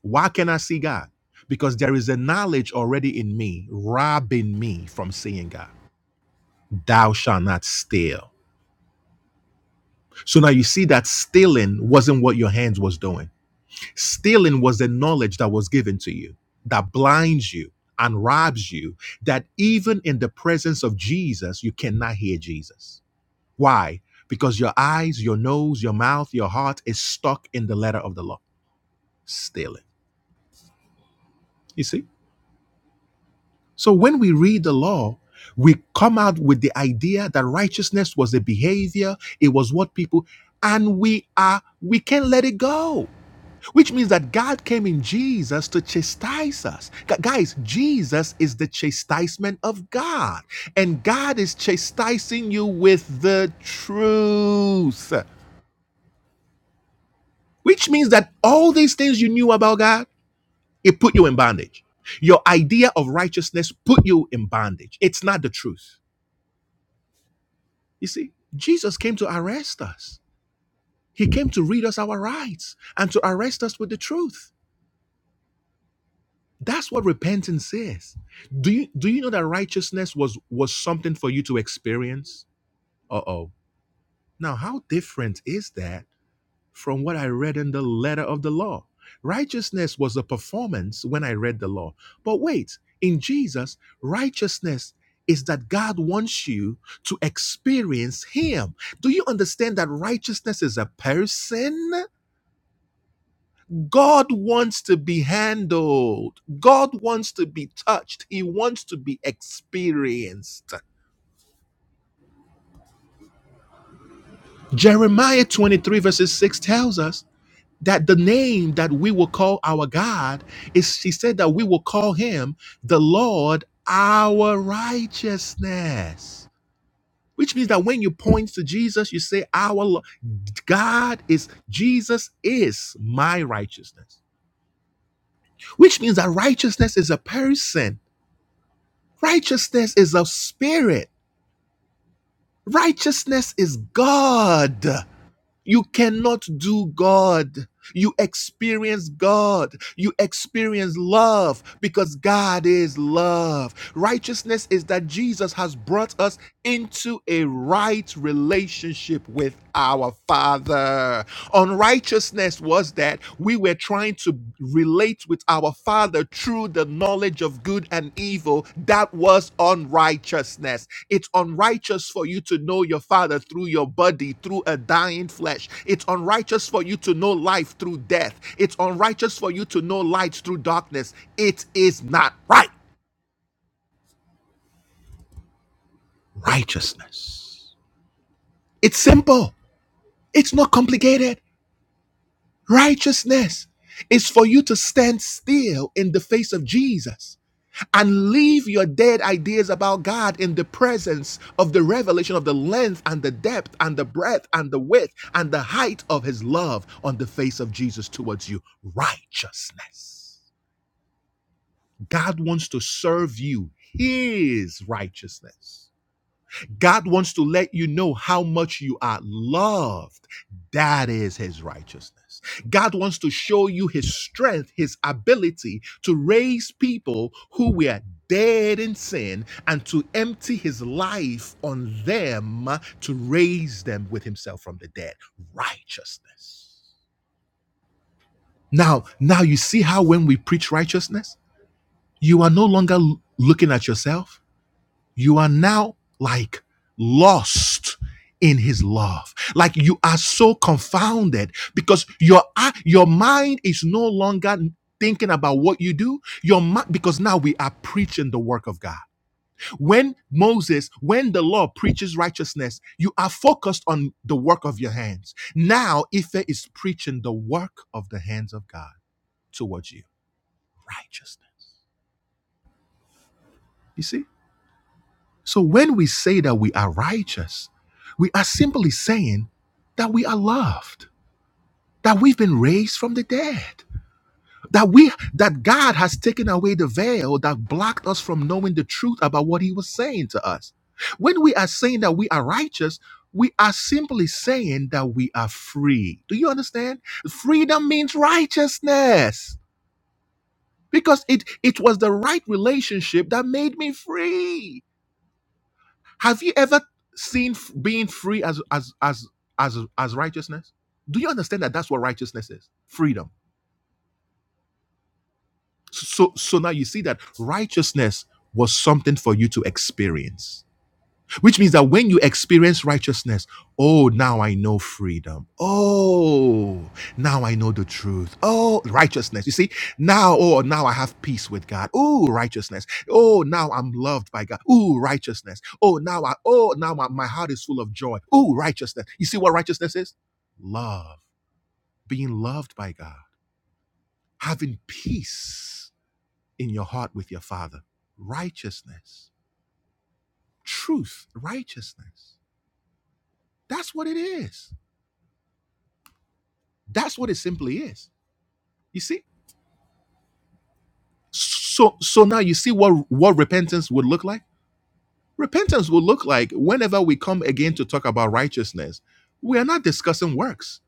Speaker 1: Why can not I see God? Because there is a knowledge already in me, robbing me from seeing God. Thou shalt not steal. So now you see that stealing wasn't what your hands was doing Stealing was the knowledge that was given to you that blinds you and robs you, that even in the presence of Jesus, you cannot hear Jesus. Why? Because your eyes, your nose, your mouth, your heart is stuck in the letter of the law. Stealing. You see? So when we read the law, we come out with the idea that righteousness was a behavior, it was what people, and we are, we can't let it go Which means that God came in Jesus to chastise us. Gu- Guys, Jesus is the chastisement of God. And God is chastising you with the truth. Which means that all these things you knew about God, it put you in bondage. Your idea of righteousness put you in bondage. It's not the truth. You see, Jesus came to arrest us. He came to read us our rights and to arrest us with the truth. That's what repentance is. Do you do you know that righteousness was was something for you to experience? Uh-oh. Now, how different is that from what I read in the letter of the law? Righteousness was a performance when I read the law. But wait, in Jesus, righteousness is that God wants you to experience him. Do you understand that righteousness is a person? God wants to be handled. God wants to be touched. He wants to be experienced. Jeremiah 23, verses 6 tells us that the name that we will call our God is, he said that we will call him the Lord our righteousness. Which means that when you point to Jesus, you say, Our Lo- God is, Jesus is my righteousness. Which means that righteousness is a person. Righteousness is of spirit. Righteousness is God. You cannot do God. You experience God. You experience love because God is love. Righteousness is that Jesus has brought us into a right relationship with our Father. Unrighteousness was that we were trying to relate with our Father through the knowledge of good and evil. That was unrighteousness. It's unrighteous for you to know your Father through your body, through a dying flesh. It's unrighteous for you to know life through death. It's unrighteous for you to know light through darkness. It is not right. Righteousness. It's simple, it's not complicated. Righteousness is for you to stand still in the face of Jesus and leave your dead ideas about God in the presence of the revelation of the length and the depth and the breadth and the width and the height of his love on the face of Jesus towards you. Righteousness. God wants to serve you his righteousness. God wants to let you know how much you are loved. That is his righteousness. God wants to show you his strength, his ability to raise people who were dead in sin and to empty his life on them to raise them with himself from the dead. Righteousness. Now, now you see how when we preach righteousness, you are no longer l- looking at yourself you are now like lost in his love like you are so confounded because your uh, your mind is no longer thinking about what you do your mind because now we are preaching the work of god when moses when the law preaches righteousness you are focused on the work of your hands now ife is preaching the work of the hands of god towards you righteousness you see So when we say that we are righteous, we are simply saying that we are loved, that we've been raised from the dead, that we that God has taken away the veil that blocked us from knowing the truth about what he was saying to us. When we are saying that we are righteous, we are simply saying that we are free. Do you understand? Freedom means righteousness because it it was the right relationship that made me free. Have you ever seen f- being free as as as as as righteousness? Do you understand that that's what righteousness is? Freedom. So so so now you see that righteousness was something for you to experience. Which means that when you experience righteousness, oh, now I know freedom. Oh, now I know the truth. Oh, righteousness. You see, now, oh, now I have peace with God. Oh, righteousness. Oh, now I'm loved by God. Oh, righteousness. Oh, now I, oh, now my, my heart is full of joy. Oh, righteousness. You see what righteousness is? Love, being loved by God, having peace in your heart with your Father. Righteousness, truth, righteousness. That's what it is. That's what it simply is. You see? So so now you see what what repentance would look like? Repentance would look like whenever we come again to talk about righteousness, we are not discussing works.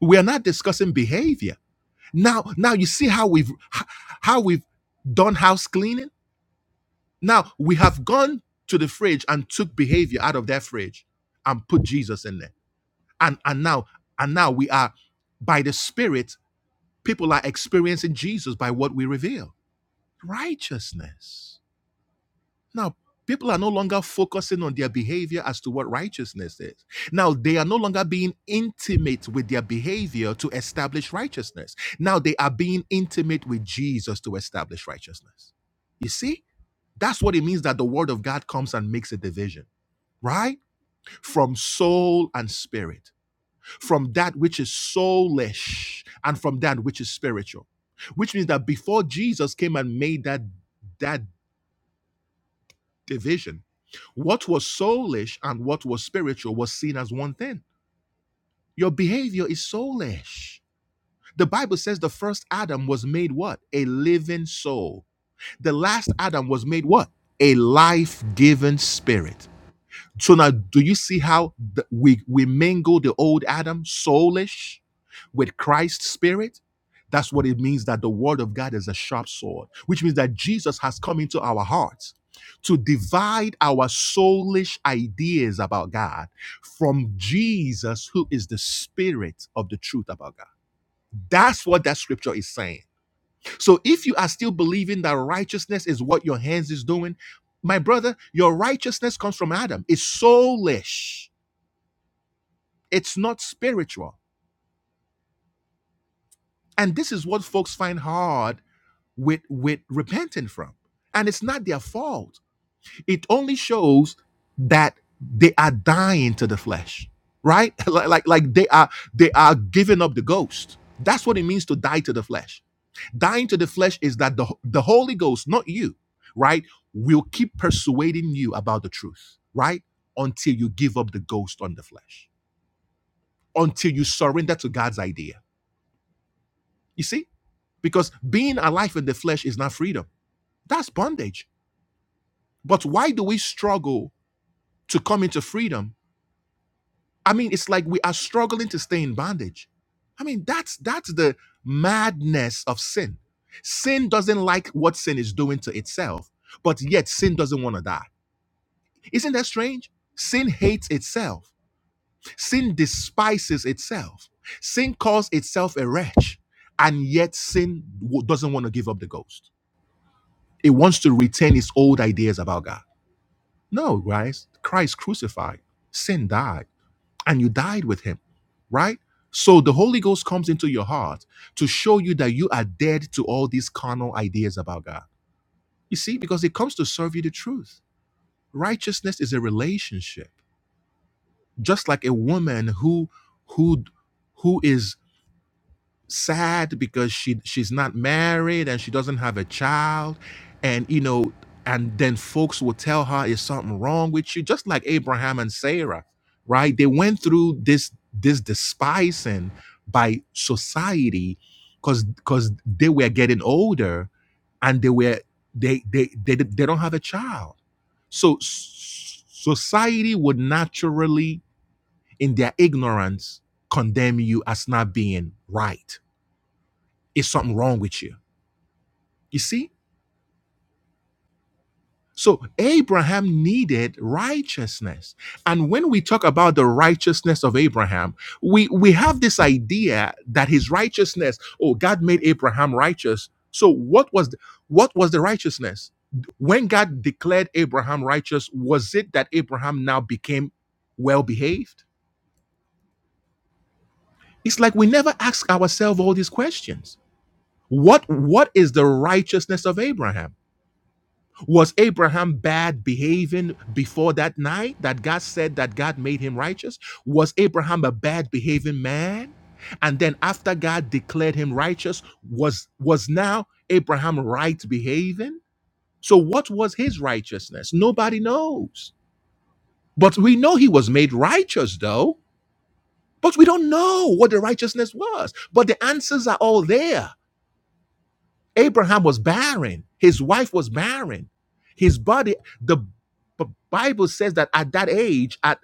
Speaker 1: We are not discussing behavior. Now now you see how we've how we've done house cleaning? Now we have gone to the fridge and took behavior out of that fridge and put Jesus in there. And and now and now we are by the spirit people are experiencing Jesus by what we reveal. righteousness. Now, people are no longer focusing on their behavior as to what righteousness is. Now, they are no longer being intimate with their behavior to establish righteousness. Now, they are being intimate with Jesus to establish righteousness. You see, that's what it means that the word of God comes and makes a division. Right? From soul and spirit, from that which is soulish and from that which is spiritual which means that before Jesus came and made that that division. What was soulish and what was spiritual was seen as one thing. Your behavior is soulish. The Bible says the first Adam was made what? A living soul. The last Adam was made what? A life giving spirit. So now, do you see how the, we we mingle the old Adam, soulish, with Christ's spirit? That's what it means that the word of God is a sharp sword, which means that Jesus has come into our hearts to divide our soulish ideas about God from Jesus, who is the spirit of the truth about God. That's what that scripture is saying. So if you are still believing that righteousness is what your hands is doing, my brother, your righteousness comes from Adam. It's soulish. It's not spiritual. And this is what folks find hard with with repenting from. And it's not their fault. It only shows that they are dying to the flesh, right? like, like like they are they are giving up the ghost. That's what it means to die to the flesh Dying to the flesh is that the, the Holy Ghost, not you, right, will keep persuading you about the truth, right, until you give up the ghost on the flesh, until you surrender to God's idea. You see? Because being alive in the flesh is not freedom, that's bondage. But why do we struggle to come into freedom? I mean, it's like we are struggling to stay in bondage. I mean, that's that's the madness of sin. Sin doesn't like what sin is doing to itself, but yet sin doesn't want to die. Isn't that strange? Sin hates itself, sin despises itself, sin calls itself a wretch, and yet sin w- doesn't want to give up the ghost. It wants to retain its old ideas about God. No, guys, Christ crucified, sin died, and you died with him, right? So the Holy Ghost comes into your heart to show you that you are dead to all these carnal ideas about God. You see, because it comes to serve you the truth. Righteousness is a relationship just like a woman who who who is sad because she she's not married and she doesn't have a child and you know and then folks will tell her is something wrong with you just like Abraham and Sarah right they went through this this despising by society cuz cuz they were getting older and they were they they they, they don't have a child so s- society would naturally in their ignorance condemn you as not being right. Is something wrong with you? You see? So Abraham needed righteousness. And when we talk about the righteousness of Abraham, we, we have this idea that his righteousness, oh, God made Abraham righteous. So what was the, what was the righteousness? When God declared Abraham righteous, was it that Abraham now became well behaved? It's like we never ask ourselves all these questions What what is the righteousness of Abraham? Was Abraham bad behaving before that night that God said that God made him righteous? Was Abraham a bad behaving man? And then after God declared him righteous, was was now Abraham right behaving? So what was his righteousness? Nobody knows. But we know he was made righteous though, but we don't know what the righteousness was. But the answers are all there. Abraham was barren. His wife was barren. His body, the B- Bible says that at that age, at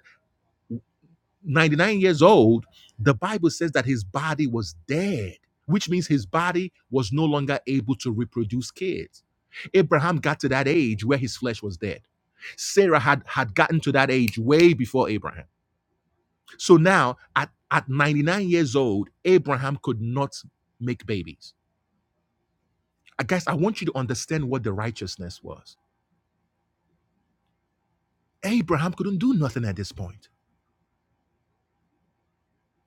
Speaker 1: 99 years old, the Bible says that his body was dead, which means his body was no longer able to reproduce kids. Abraham got to that age where his flesh was dead. Sarah had, had gotten to that age way before Abraham. So now, at, at 99 years old, Abraham could not make babies. I guess I want you to understand what the righteousness was Abraham couldn't do nothing at this point.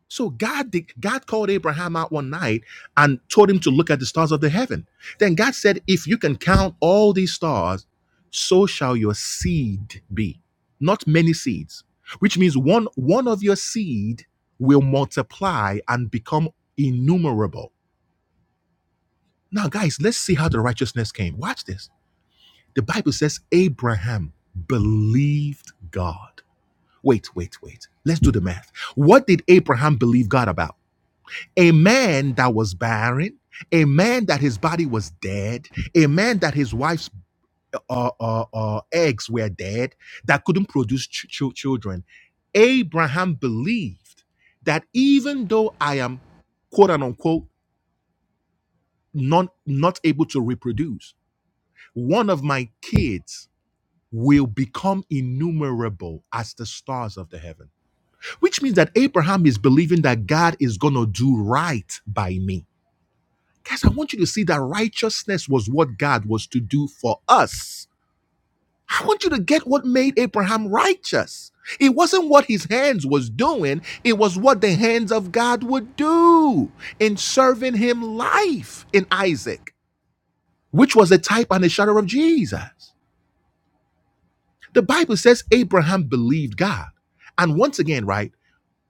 Speaker 1: So God did, God called Abraham out one night and told him to look at the stars of the heaven. Then God said, "If you can count all these stars, so shall your seed be." Not many seeds, which means one one of your seed will multiply and become innumerable. Now, guys, let's see how the righteousness came. Watch this. The Bible says Abraham believed God Wait, wait, wait. Let's do the math. What did Abraham believe God about? A man that was barren, a man that his body was dead, a man that his wife's uh, uh, uh, eggs were dead, that couldn't produce ch- ch- children. Abraham believed that even though I am quote unquote not, not able to reproduce, one of my kids will become innumerable as the stars of the heaven. which means that Abraham is believing that God is going to do right by me. Guys, I want you to see that righteousness was what God was to do for us. I want you to get what made Abraham righteous. It wasn't what his hands was doing, it was what the hands of God would do in serving him life in Isaac, which was a type and a shadow of Jesus. The Bible says Abraham believed God. And once again, right?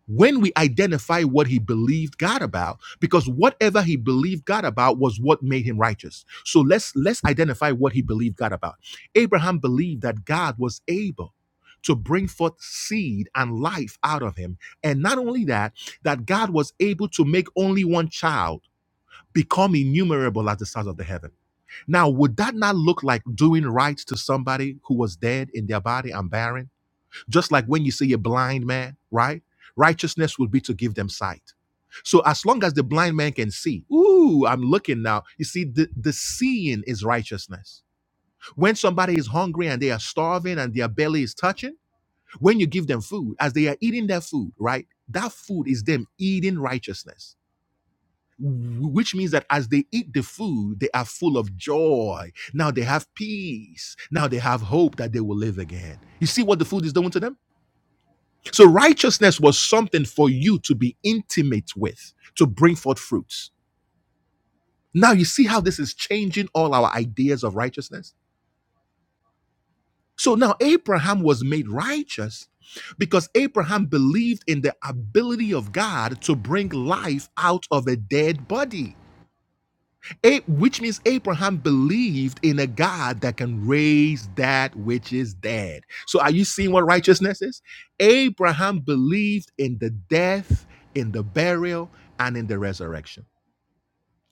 Speaker 1: when we identify what he believed God about because whatever he believed God about was what made him righteous so let's let's identify what he believed God about Abraham believed that God was able to bring forth seed and life out of him and not only that that God was able to make only one child become innumerable as the stars of the heaven now would that not look like doing right to somebody who was dead in their body and barren just like when you see a blind man, right? Righteousness would be to give them sight. So as long as the blind man can see, ooh, I'm looking now. You see, the, the seeing is righteousness. When somebody is hungry and they are starving and their belly is touching, when you give them food, as they are eating their food, right? That food is them eating righteousness. wh- Which means that as they eat the food, they are full of joy. Now they have peace. Now they have hope that they will live again. You see what the food is doing to them? So righteousness was something for you to be intimate with, to bring forth fruits. Now you see how this is changing all our ideas of righteousness? So now Abraham was made righteous because Abraham believed in the ability of God to bring life out of a dead body. which means Abraham believed in a God that can raise that which is dead. So, are you seeing what righteousness is? Abraham believed in the death, in the burial, and in the resurrection.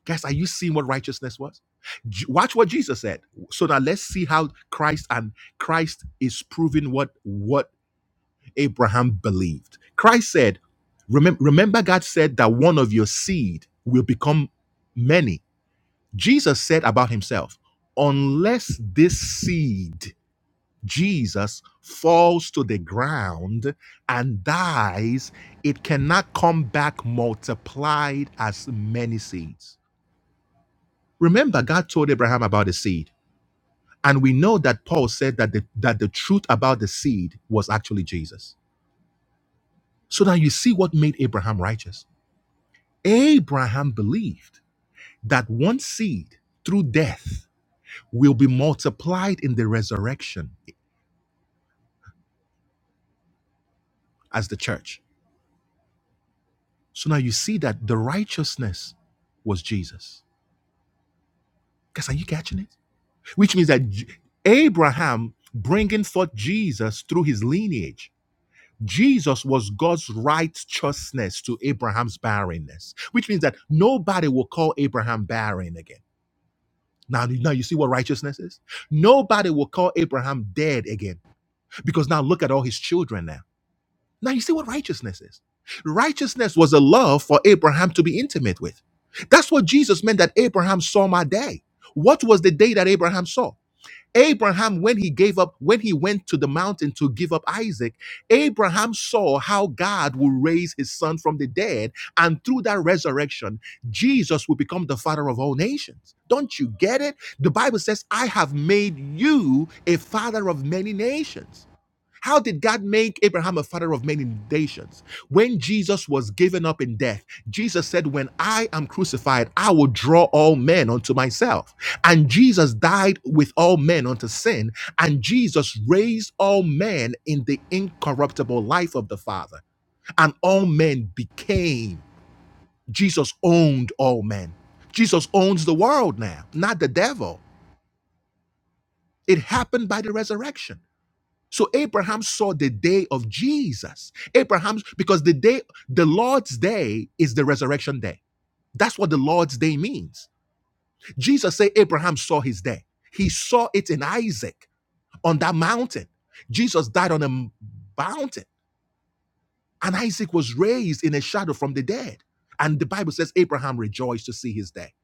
Speaker 1: Guys, are you seeing what righteousness was? J- Watch what Jesus said. So now let's see how Christ and Christ is proving what what Abraham believed. Christ said, remember, remember God said that one of your seed will become many Jesus said about himself, unless this seed, Jesus, falls to the ground and dies, it cannot come back multiplied as many seeds. Remember, God told Abraham about the seed. And we know that Paul said that the, that the truth about the seed was actually Jesus. So now you see what made Abraham righteous. Abraham believed that one seed through death will be multiplied in the resurrection as the church. So now you see that the righteousness was Jesus. Guys, are you catching it? Which means that J- Abraham bringing forth Jesus through his lineage. Jesus was God's righteousness to Abraham's barrenness, which means that nobody will call Abraham barren again. Now, now you see what righteousness is? Nobody will call Abraham dead again because now look at all his children now. Now you see what righteousness is. Righteousness was a love for Abraham to be intimate with. That's what Jesus meant that Abraham saw my day. What was the day that Abraham saw? Abraham, when he gave up, when he went to the mountain to give up Isaac, Abraham saw how God will raise his son from the dead. And through that resurrection, Jesus will become the father of all nations. Don't you get it? The Bible says, I have made you a father of many nations. How did God make Abraham a father of many nations? When Jesus was given up in death, Jesus said, When I am crucified, I will draw all men unto myself. And Jesus died with all men unto sin, and Jesus raised all men in the incorruptible life of the Father. And all men became, Jesus owned all men. Jesus owns the world now, not the devil. It happened by the resurrection. So Abraham saw the day of Jesus. Abraham's because the day, the Lord's day is the resurrection day. That's what the Lord's day means. Jesus said Abraham saw his day. He saw it in Isaac on that mountain. Jesus died on a mountain and Isaac was raised in a shadow from the dead. And the Bible says Abraham rejoiced to see his day.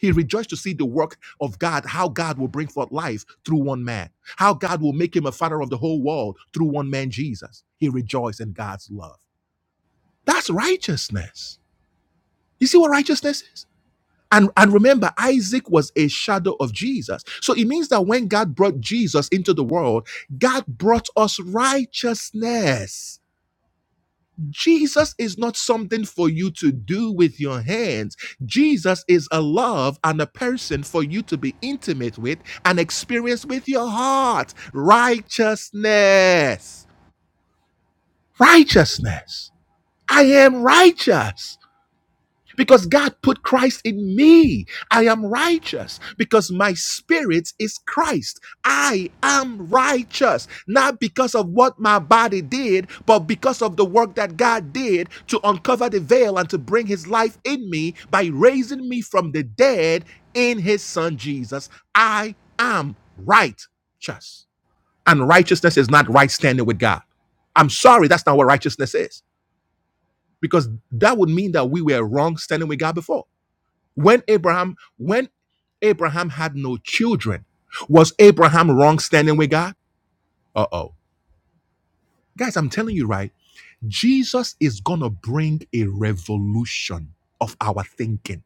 Speaker 1: He rejoiced to see the work of God, how God will bring forth life through one man, how God will make him a father of the whole world through one man, Jesus. He rejoiced in God's love. That's righteousness. You see what righteousness is? And, and remember, Isaac was a shadow of Jesus. So it means that when God brought Jesus into the world, God brought us righteousness. Jesus is not something for you to do with your hands. Jesus is a love and a person for you to be intimate with and experience with your heart. Righteousness. Righteousness. I am righteous because God put Christ in me. I am righteous because my spirit is Christ. I am righteous, not because of what my body did, but because of the work that God did to uncover the veil and to bring his life in me by raising me from the dead in his son Jesus. I am righteous. And righteousness is not right standing with God. I'm sorry, that's not what righteousness is because that would mean that we were wrong standing with God before. When Abraham, when Abraham had no children, was Abraham wrong standing with God? Uh-oh. Guys, I'm telling you right, Jesus is gonna bring a revolution of our thinking.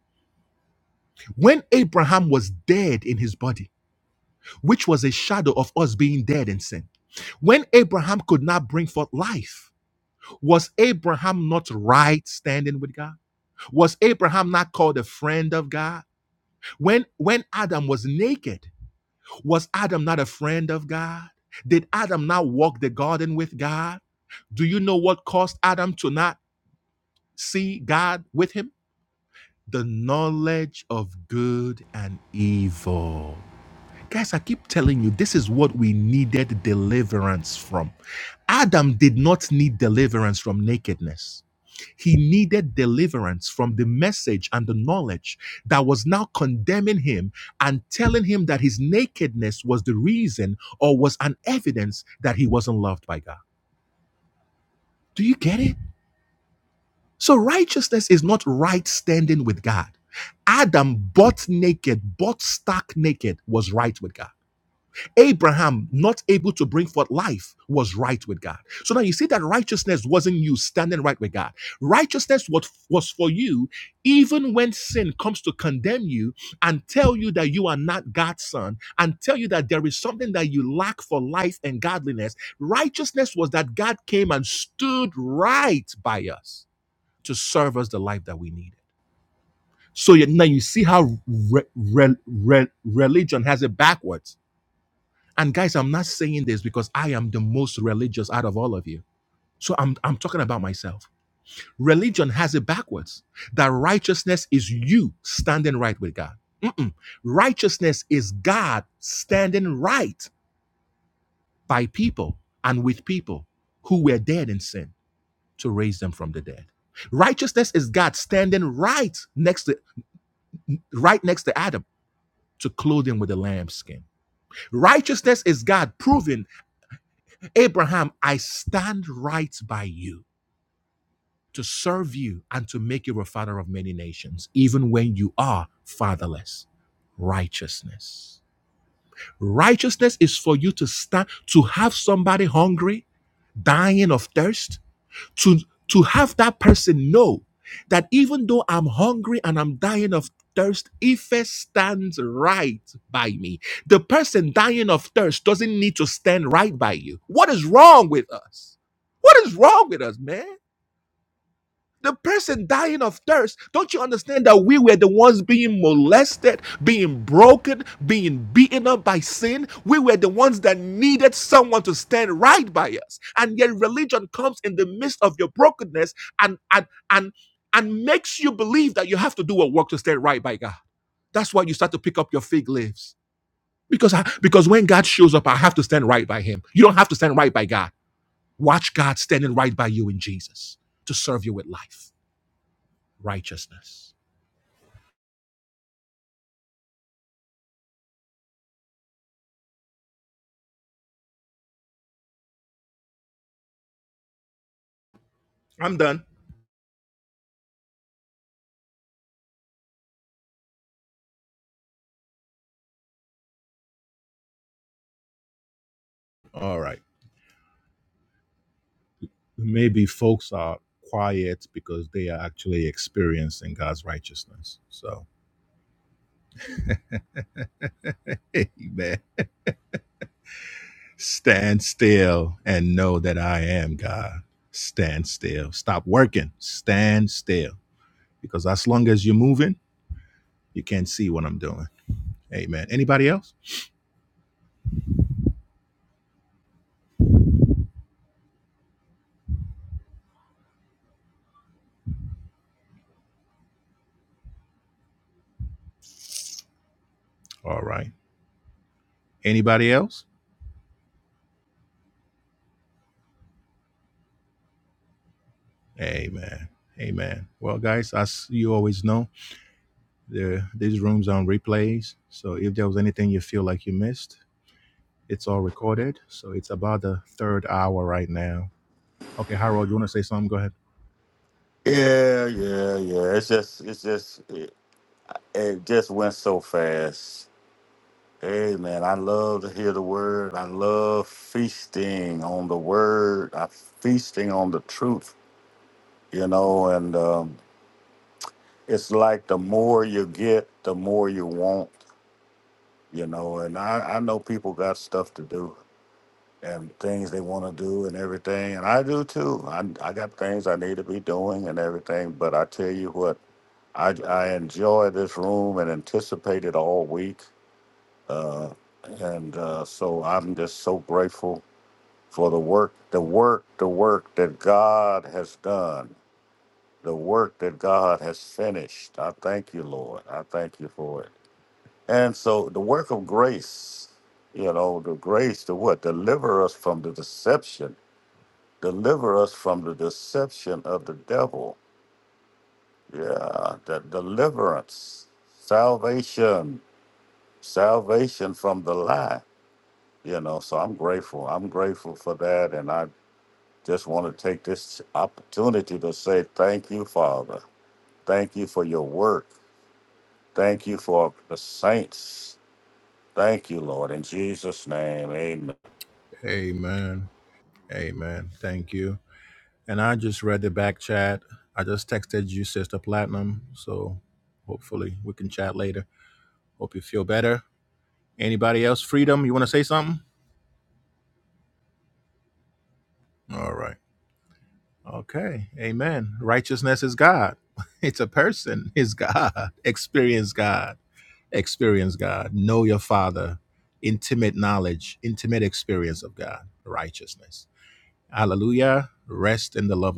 Speaker 1: When Abraham was dead in his body, which was a shadow of us being dead in sin, when Abraham could not bring forth life, was Abraham not right standing with God? Was Abraham not called a friend of God? When when Adam was naked, Was Adam not a friend of God? Did Adam not walk the garden with God? Do you know what caused Adam to not see God with him? The knowledge of good and evil. Guys, I keep telling you, this is what we needed deliverance from. Adam did not need deliverance from nakedness. He needed deliverance from the message and the knowledge that was now condemning him and telling him that his nakedness was the reason or was an evidence that he wasn't loved by God. Do you get it? So, righteousness is not right standing with God. Adam, butt naked, butt stark naked, was right with God. Abraham, not able to bring forth life, was right with God. So now you see that righteousness wasn't you standing right with God. Righteousness was, was for you, even when sin comes to condemn you and tell you that you are not God's son and tell you that there is something that you lack for life and godliness. Righteousness was that God came and stood right by us to serve us the life that we needed. So you- now you see how re- re- re- religion has it backwards and guys, I'm not saying this because I am the most religious out of all of you. So I'm, I'm talking about myself. Religion has it backwards that righteousness is you standing right with God. Mm-mm. Righteousness is God standing right by people and with people who were dead in sin to raise them from the dead. Righteousness is God standing right next to right next to Adam to clothe him with a lamb's skin. Righteousness is God proving Abraham, I stand right by you to serve you and to make you a father of many nations, even when you are fatherless. Righteousness. Righteousness is for you to stand, to have somebody hungry, dying of thirst, to to have that person know that even though I'm hungry and I'm dying of thirst, Ife stands right by me. The person dying of thirst doesn't need to stand right by you. What is wrong with us? What is wrong with us, man? The person dying of thirst, don't you understand that we were the ones being molested, being broken, being beaten up by sin? We were the ones that needed someone to stand right by us. And yet religion comes in the midst of your brokenness and and and and makes you believe that you have to do a work to stand right by God. That's why you start to pick up your fig leaves. Because I, because when God shows up, I have to stand right by him. You don't have to stand right by God. Watch God standing right by you in Jesus to serve you with life righteousness. I'm done.
Speaker 3: Yeah, yeah, yeah. It's just, it's just, it, it just went so fast. Amen. I love to hear the word. I love feasting on the word. I feasting on the truth, you know, and um, it's like the more you get, the more you want, you know, and I, I know people got stuff to do. and things they want to do and everything. And I do too. I, I got things I need to be doing and everything. But I tell you what, I, I enjoy this room and anticipate it all week. Uh, and uh, so I'm just so grateful for the work, the work, the work that God has done, the work that God has finished. I thank you, Lord. I thank you for it. And so the work of grace, you know, the grace to what? Deliver us from the deception Deliver us from the deception of the devil. Yeah, that deliverance, salvation, salvation from the lie. You know, so I'm grateful. I'm grateful for that. And I just want to take this opportunity to say thank you, Father. Thank you for your work. Thank you for the saints. Thank you, Lord. In Jesus' name, amen.
Speaker 1: Uh, righteousness. of